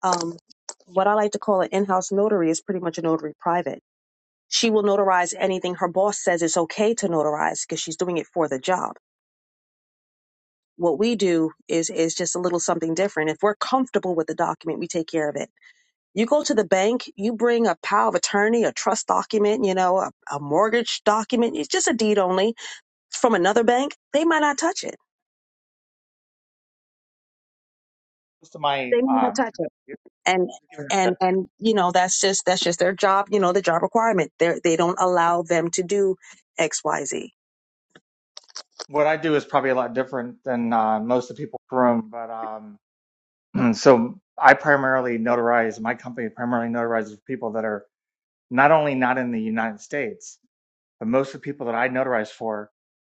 F: Um, what I like to call an in-house notary is pretty much a notary private. She will notarize anything her boss says it's okay to notarize because she's doing it for the job. What we do is is just a little something different. If we're comfortable with the document, we take care of it. You go to the bank, you bring a power of attorney, a trust document, you know, a, a mortgage document. It's just a deed only from another bank. They might not touch it.
I: most of my
F: They might not
I: um,
F: touch it. And and and you know that's just that's just their job. You know the job requirement. They they don't allow them to do X Y Z
I: what I do is probably a lot different than uh, most of the people in the room, but um, so I primarily notarize, my company primarily notarizes people that are not only not in the United States, but most of the people that I notarize for,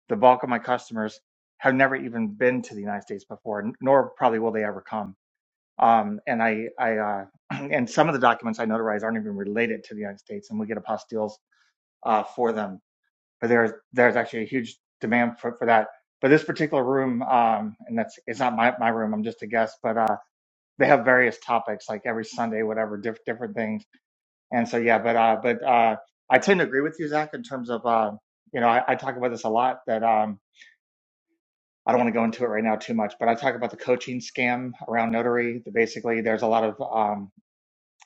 I: the bulk of my customers have never even been to the United States before, nor probably will they ever come. Um, and I, I, uh, and some of the documents I notarize aren't even related to the United States, and we get apostilles uh, for them but there's there's actually a huge demand for, for that. But this particular room, um, and that's it's not my, my room. I'm just a guest, but uh, they have various topics like every Sunday, whatever, diff- different things. And so yeah, but uh, but uh, I tend to agree with you, Zach, in terms of uh, you know I, I talk about this a lot that um, I don't want to go into it right now too much, but I talk about the coaching scam around notary. That basically, there's a lot of um,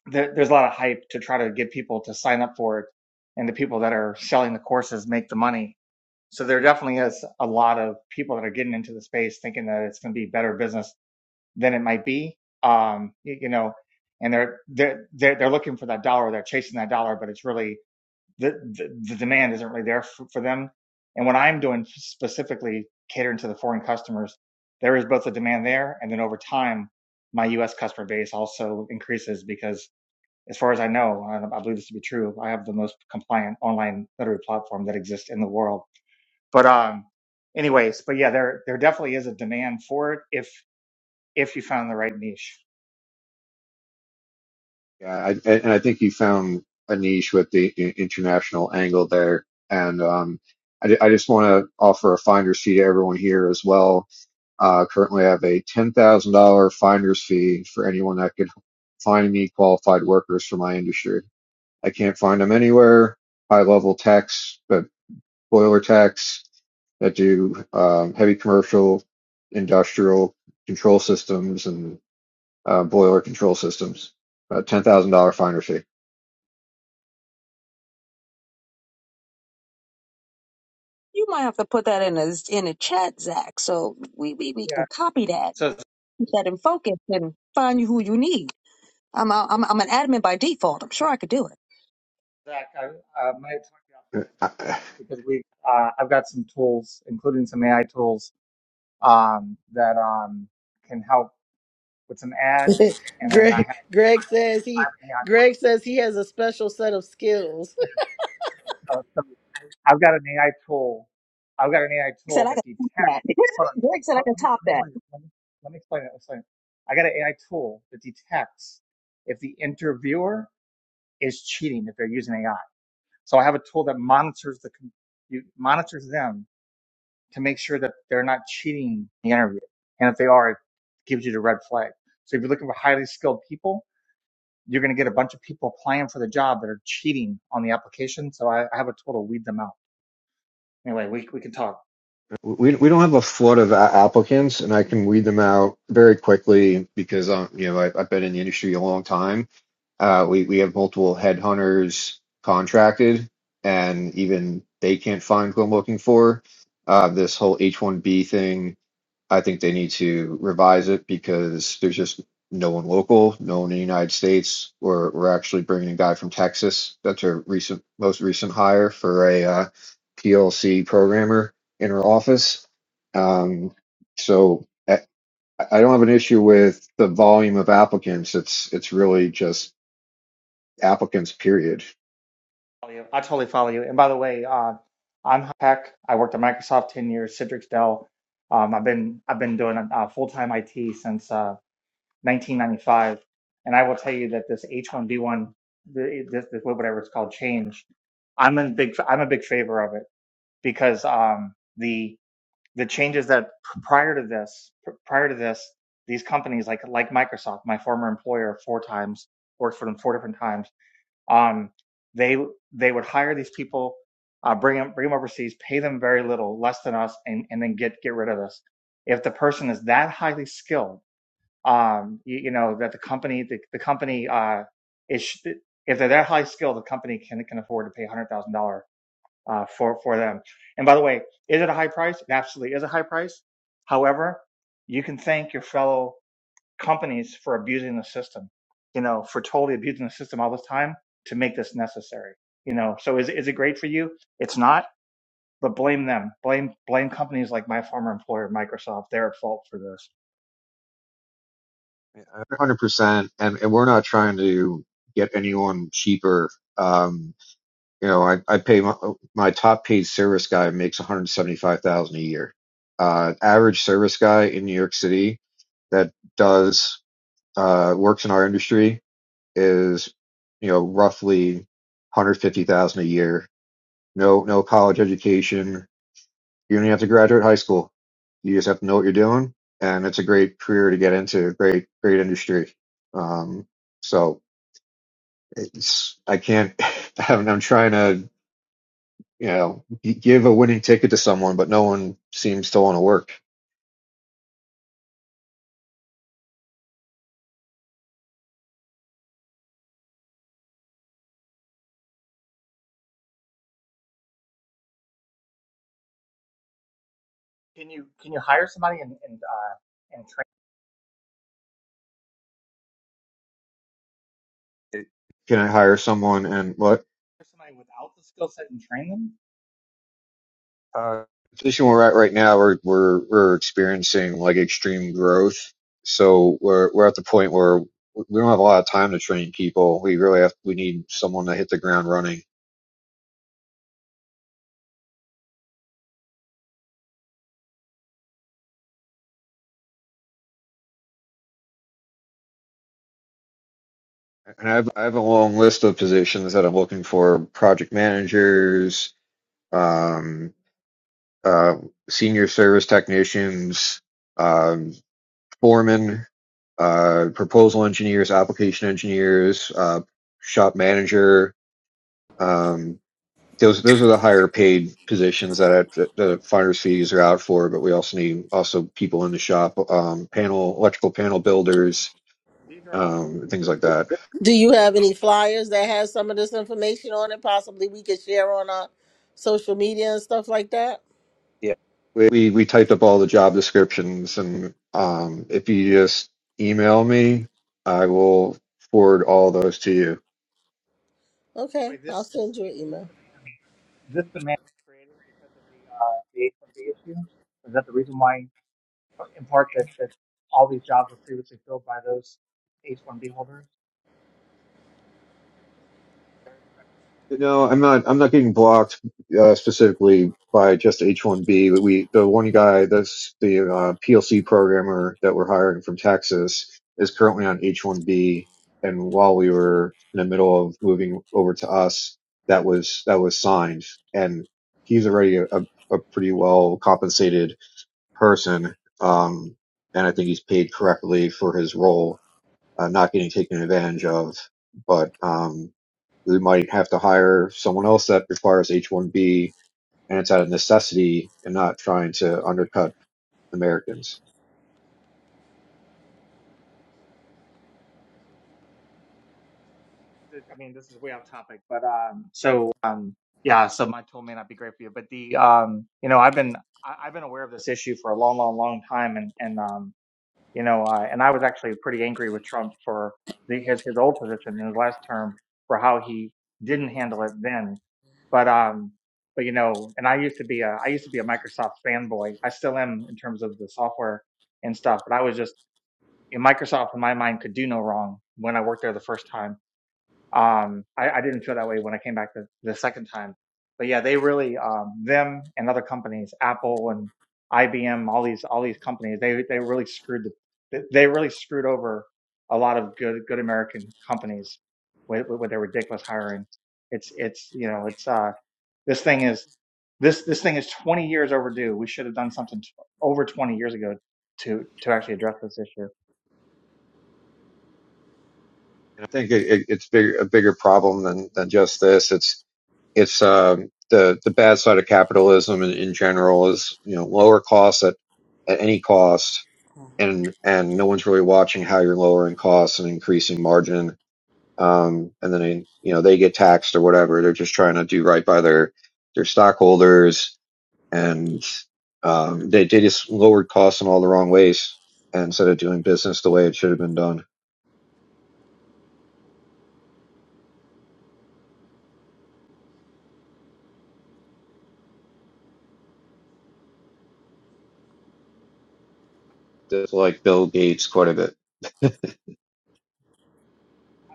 I: there, there's a lot of hype to try to get people to sign up for it, and the people that are selling the courses make the money so there definitely is a lot of people that are getting into the space thinking that it's going to be better business than it might be. Um, y- you, know, and they're they're they're they're looking for that dollar, they're chasing that dollar, but it's really the the, the demand isn't really there for, for them. And what I'm doing specifically catering to the foreign customers, there is both a demand there, and then over time, my U.S. customer base also increases because, as far as I know, and I believe this to be true, I have the most compliant online notary platform that exists in the world but um, anyways, but yeah, there there definitely is a demand for it if if you found the right niche.
J: yeah I, and i think you found a niche with the i- international angle there and um I, I just want to offer a finder's fee to everyone here as well Uh, currently, I have a $10,000 finder's fee for anyone that could find me qualified workers for my industry. I can't find them anywhere. High level techs, but boiler techs that do um, heavy commercial, industrial control systems and uh, boiler control systems. Uh, $10,000 finder fee.
F: You might have to put that in a in a chat, Zach, so we we, we
I: Yeah.
F: can copy that,
I: So
F: keep that in focus, and find you who you need. I'm a, I'm I'm an admin by default. I'm sure I could do it.
I: Zach, I uh, might talk to you offline about this because we uh, I've got some tools, including some AI tools, um, that um can help with some ads, and then I
C: Greg
I: have I
C: Greg
I: have
C: says
I: I
C: he
I: have an AI.
C: Greg says he has a special set of skills.
I: Uh, so I've got an AI tool. I've got an AI
F: He said
I: tool
F: I
I: that
F: could top that.
I: detects. Hold on.
F: Greg said I
I: Let,
F: could
I: let me,
F: top that.
I: let me explain it. Let me, let me explain it. Let's explain it. I got an AI tool that detects if the interviewer is cheating if they're using AI. So I have a tool that monitors the com- you- monitors them to make sure that they're not cheating the interview. And if they are, it gives you the red flag. So if you're looking for highly skilled people, you're going to get a bunch of people applying for the job that are cheating on the application. So I, I have a tool to weed them out. Anyway, we we can talk.
J: We we don't have a flood of a- applicants, and I can weed them out very quickly because um you know I, I've been in the industry a long time Uh, we we have multiple headhunters contracted, and even they can't find who I'm looking for. Uh, this whole H-1B thing, I think they need to revise it because there's just no one local, no one in the United States. We're we're actually bringing a guy from Texas. That's our recent most recent hire for a uh, PLC programmer in our office. Um, so. eh, I I don't have an issue with the volume of applicants. It's it's really just applicants, period.
I: I totally follow you. And by the way, uh, I'm Hack. I worked at Microsoft ten years. Citrix, Dell. Um, I've been I've been doing uh, full time IT since uh, 1995. And I will tell you that this H1B1, this, this whatever it's called, change. I'm in big I'm a big favor of it because um, the the changes that prior to this prior to this these companies like like Microsoft, my former employer, four times worked for them four different times Um, they they would hire these people, uh, bring them bring them overseas, pay them very little, less than us, and and then get get rid of us. If the person is that highly skilled, um, you, you know that the company the, the company uh, is if they're that high skilled, the company can can afford to pay a hundred thousand dollar uh, for for them. And by the way, is it a high price? It absolutely is a high price. However, you can thank your fellow companies for abusing the system, you know, for totally abusing the system all the time to make this necessary, you know. So is is it great for you? It's not, but blame them. Blame blame companies like my former employer, Microsoft. They're at fault for this.
J: one hundred percent, and and we're not trying to get anyone cheaper. Um, you know, I I pay my, my top paid service guy makes one hundred seventy five thousand dollars a year. Uh, average service guy in New York City that does uh, works in our industry is you know roughly one hundred fifty thousand dollars a year. No no college education, You don't have to graduate high school. You just have to know what you're doing, and it's a great career to get into. Great, great industry. Um, so it's I can't. I'm, I'm trying to you know g- give a winning ticket to someone, but no one seems to want to work.
I: Can you can you hire somebody and and uh, and train
J: It, Can I hire someone? And what
I: somebody without the skill set and train them?
J: uh, the position we're at right now, we're we're we're experiencing like extreme growth. So we're we're at the point where we don't have a lot of time to train people. We really have we need someone to hit the ground running And I have, I have a long list of positions that I'm looking for: project managers, um, uh, senior service technicians, um, foremen, uh, proposal engineers, application engineers, uh, shop manager. Um, those those are the higher paid positions that, I, that the finder's fees are out for. But we also need also people in the shop, um, panel electrical panel builders,
I: These are all
J: um, things like
I: this
J: that.
I: this
C: Do you have any flyers that has some of this information on it? Possibly we could share on our social media and stuff like that.
J: Yeah, we we we typed up all the job descriptions, and um, if you just email me, I will forward all those to you.
C: Okay, I'll
I: this
C: send you an
I: this
C: email.
I: demand this demand is created because of the uh, the H one B issue. Is that the reason why in part that, that all these jobs were previously filled by those H-1B holders.
J: No, I'm not. I'm not getting blocked uh, specifically by just H-1B. But we, the one guy that's the uh, PLC programmer that we're hiring from Texas is currently on H-1B, and while we were in the middle of moving over to us, that was that was signed, and he's already a, a pretty well compensated person, um, and I think he's paid correctly for his role, uh, not getting taken advantage of. But um, we might have to hire someone else that requires H-1B, and it's out of necessity, and not trying to undercut Americans.
I: I mean, this is way off topic, but um, so um, yeah, so my tool may not be great for you, but the um, you know, I've been I, I've been aware of this issue for a long, long, long time, and and um, you know, uh, and I was actually pretty angry with Trump for the, his his old position in his last term for how he didn't handle it then, but um, but you know, and I used to be a I used to be a Microsoft fanboy. I still am in terms of the software and stuff, but I was just Microsoft, in my mind, could do no wrong when I worked there the first time. Um, I, I didn't feel that way when I came back the, the second time. But yeah, they really, um, them and other companies, Apple and IBM, all these, all these companies, they, they really screwed the, they really screwed over a lot of good, good American companies with, with their ridiculous hiring. It's, it's, you know, it's, uh, this thing is, this, this thing is 20 years overdue. We should have done something t- over 20 years ago to, to actually address this issue.
J: And I think it, it, it's bigger, a bigger problem than than just this. It's it's um, the the bad side of capitalism in, in general is you know lower costs at at any cost, and and no one's really watching how you're lowering costs and increasing margin um, and then they- you know they get taxed or whatever. They're just trying to do right by their their stockholders, and um, they they just lowered costs in all the wrong ways instead of doing business the way it should have been done. Just like Bill Gates, quite a bit.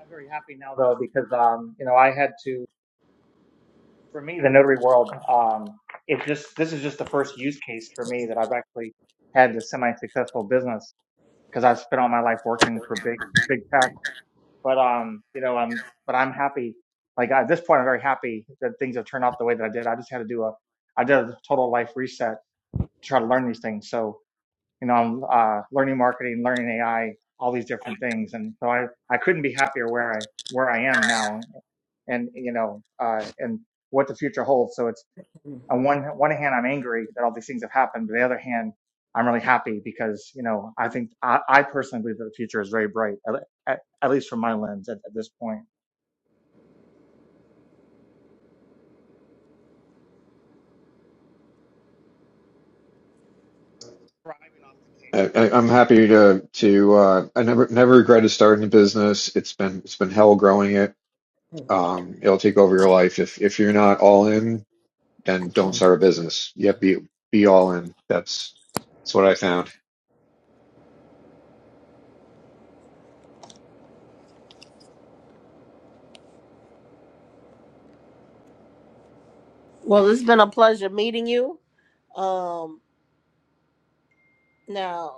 I: I'm very happy now though because um, you know I had to for me the notary world um, it just this is just the first use case for me that I've actually had a semi successful business because I've spent all my life working for big big tech but um you know I'm but I'm happy like at this point I'm very happy that things have turned out the way that I did I just had to do a I did a total life reset to try to learn these things so you know, I'm uh, learning marketing, learning AI, all these different things. And so I, I couldn't be happier where I, where I am now and, you know, uh, and what the future holds. So it's on one, one hand, I'm angry that all these things have happened. But on the other hand, I'm really happy because, you know, I think I, I personally believe that the future is very bright, at, at, at least from my lens at, at this point. Thriving off the
J: I, I, I'm happy to
I: chaos.
J: to uh, I never never regretted starting a business. It's been it's been hell growing it. Um, it'll take over your life if if you're not all in, then don't start a business. You have to be be all in. That's that's what I found.
C: Well, it's been a pleasure meeting you. Um, now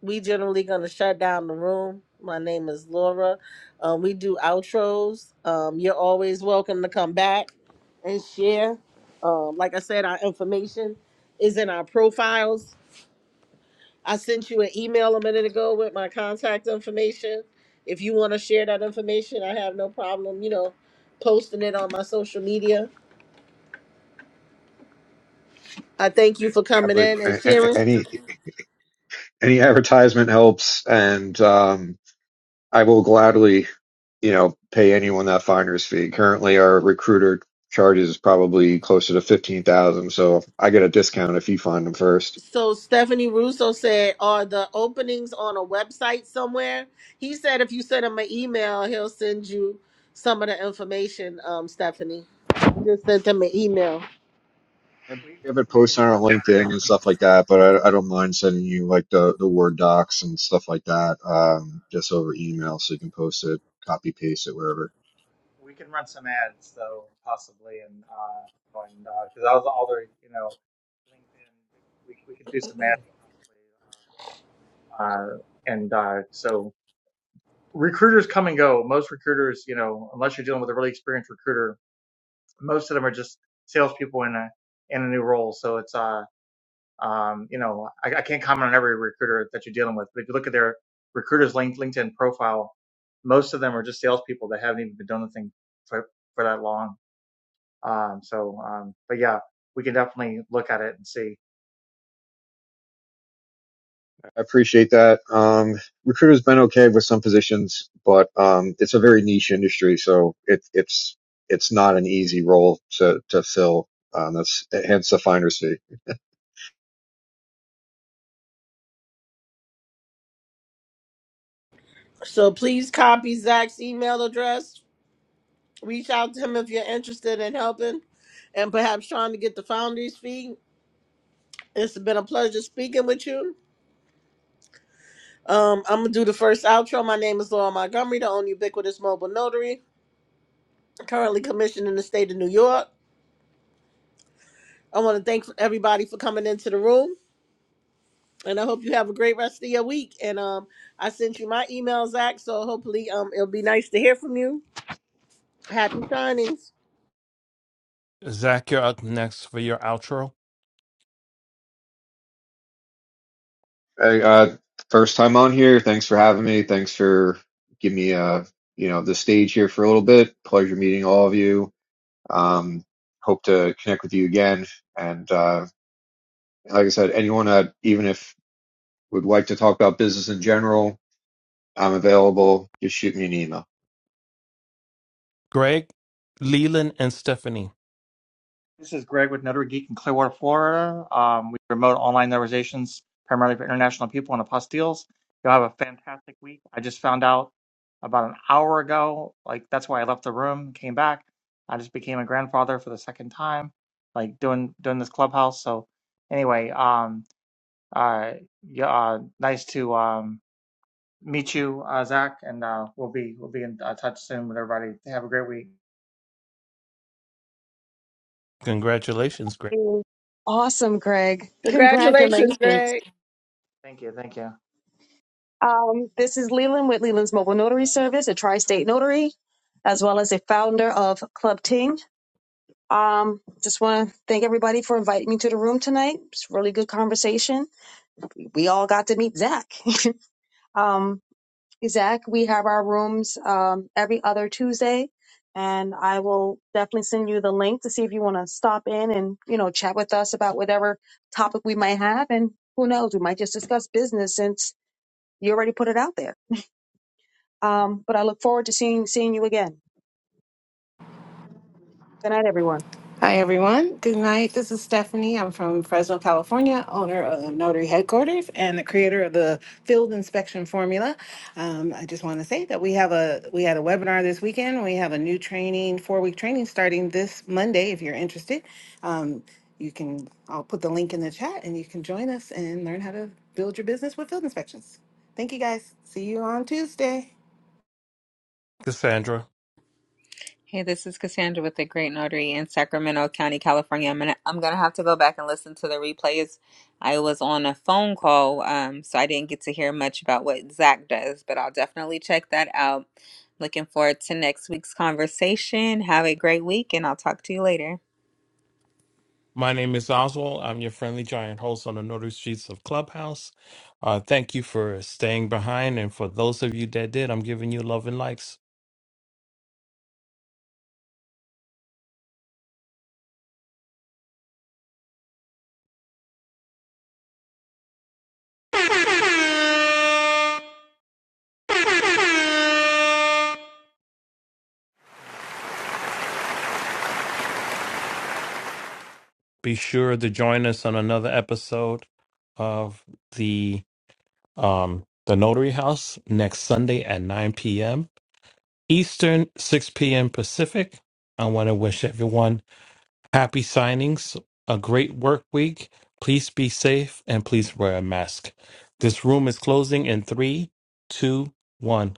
C: we generally gonna shut down the room. My name is Laura. Um, we do outros. Um, you're always welcome to come back and share. Um, like I said, our information is in our profiles. I sent you an email a minute ago with my contact information. If you want to share that information, I have no problem, you know, posting it on my social media. I thank you for coming
J: Absolutely.
C: in and sharing.
J: Any any advertisement helps, and um, I will gladly, you know, pay anyone that finder's fee. Currently, our recruiter charges probably closer to fifteen thousand, so I get a discount if you find them first.
C: So Stephanie Russo
I: We can,
C: said, "Are the openings on a website somewhere?" He said, "If you send him an email, he'll send you some of the information." Um, Stephanie I just sent him an email,
J: And
I: we,
J: we have it
I: we can
J: posted on our
I: talk about
J: LinkedIn and
I: it.
J: stuff like that, but I, I don't mind sending you like the, the Word docs and stuff like that, um, just over email, so you can post it, copy paste it wherever.
I: we can run some ads though, possibly, and uh, and because all the all the other, you know, LinkedIn, we we could do some ads possibly, uh, uh, and uh, so recruiters come and go. Most recruiters, you know, unless you're dealing with a really experienced recruiter, most of them are just salespeople in a in a new role. So it's uh um you know I, I can't comment on every recruiter that you're dealing with, but if you look at their recruiters link LinkedIn profile, most of them are just salespeople that haven't even been doing the thing for for that long Um, so, um, but yeah, we can definitely look at it and see.
J: I appreciate that. Um, recruiter's been okay with some positions, but um, it's a very niche industry, so it, it's it's not an easy role to to fill. Um, that's hence the finder's fee.
C: so please copy Zach's email address. Reach out to him if you're interested in helping, and perhaps trying to get the founders fee. It's been a pleasure speaking with you. Um, I'm gonna do the first outro. My name is Laura Montgomery, the only ubiquitous mobile notary, currently commissioned in the state of New York. I want to thank everybody for coming into the room, and I hope you have a great rest of your week. And um, I sent you my email, Zach. So hopefully, um, it'll be nice to hear from you. Happy signings!
A: Zach, you're up next for your outro.
J: Hey, uh, first time on here. Thanks for having me. Thanks for giving me uh you know the stage here for a little bit. Pleasure meeting all of you. Um, hope to connect with you again. And uh, like I said, anyone that even if would like to talk about business in general, I'm available. Just shoot me an email.
A: Greg, Leland, and Stephanie.
I: This is Greg with Notary Geek in Clearwater, Florida. Um, we promote online notarizations primarily for international people and apostilles. You'll have a fantastic week. I just found out about an hour ago. Like that's why I left the room, came back. I just became a grandfather for the second time, like doing doing this clubhouse. So anyway, um, uh, yeah, uh, nice to um meet you, uh, Zach, and uh, we'll be we'll be in uh, touch soon with everybody. Have a great week.
A: Congratulations, Greg.
F: Mm. Awesome, Greg.
C: Congratulations,
F: Congratulations.
C: Greg.
I: Thank you. Thank you.
F: Um, this is Leland with Leland's Mobile Notary Service, a tri state notary, as well as a founder of Club Ting. Um, just want to thank everybody for inviting me to the room tonight. It's a really good conversation. We all got to meet Zach. um, Zach, we have our rooms um, every other Tuesday, and I will definitely send you the link to see if you want to stop in and you know chat with us about whatever topic we might have. And who knows, we might just discuss business since you already put it out there. Um, but I look forward to seeing seeing you again. Good night, everyone.
D: Hi, everyone. Good night. This is Stephanie. I'm from Fresno, California, owner of Notary Headquarters and the creator of the Field Inspection Formula. Um, I just want to say that we have a we had a webinar this weekend. We have a new training, four week training starting this Monday. If you're interested, um, you can. I'll put the link in the chat, and you can join us and learn how to build your business with field inspections. Thank you, guys. See you on Tuesday.
A: Cassandra.
B: Hey, this is Cassandra with the Great Notary in Sacramento County, California. I'm gonna I'm gonna have to go back and listen to the replays. I was on a phone call, um, so I didn't get to hear much about what Zach does, but I'll definitely check that out. Looking forward to next week's conversation. Have a great week, and I'll talk to you later.
A: My name is Oswald. I'm your friendly giant host on the Northern Streets of Clubhouse. Uh, thank you for staying behind. And for those of you that did, I'm giving you love and likes. Be sure to join us on another episode of the um, the Notary House next Sunday at 9 p.m. Eastern, 6 p.m. Pacific. I want to wish everyone happy signings, a great work week. Please be safe and please wear a mask. This room is closing in three, two, one.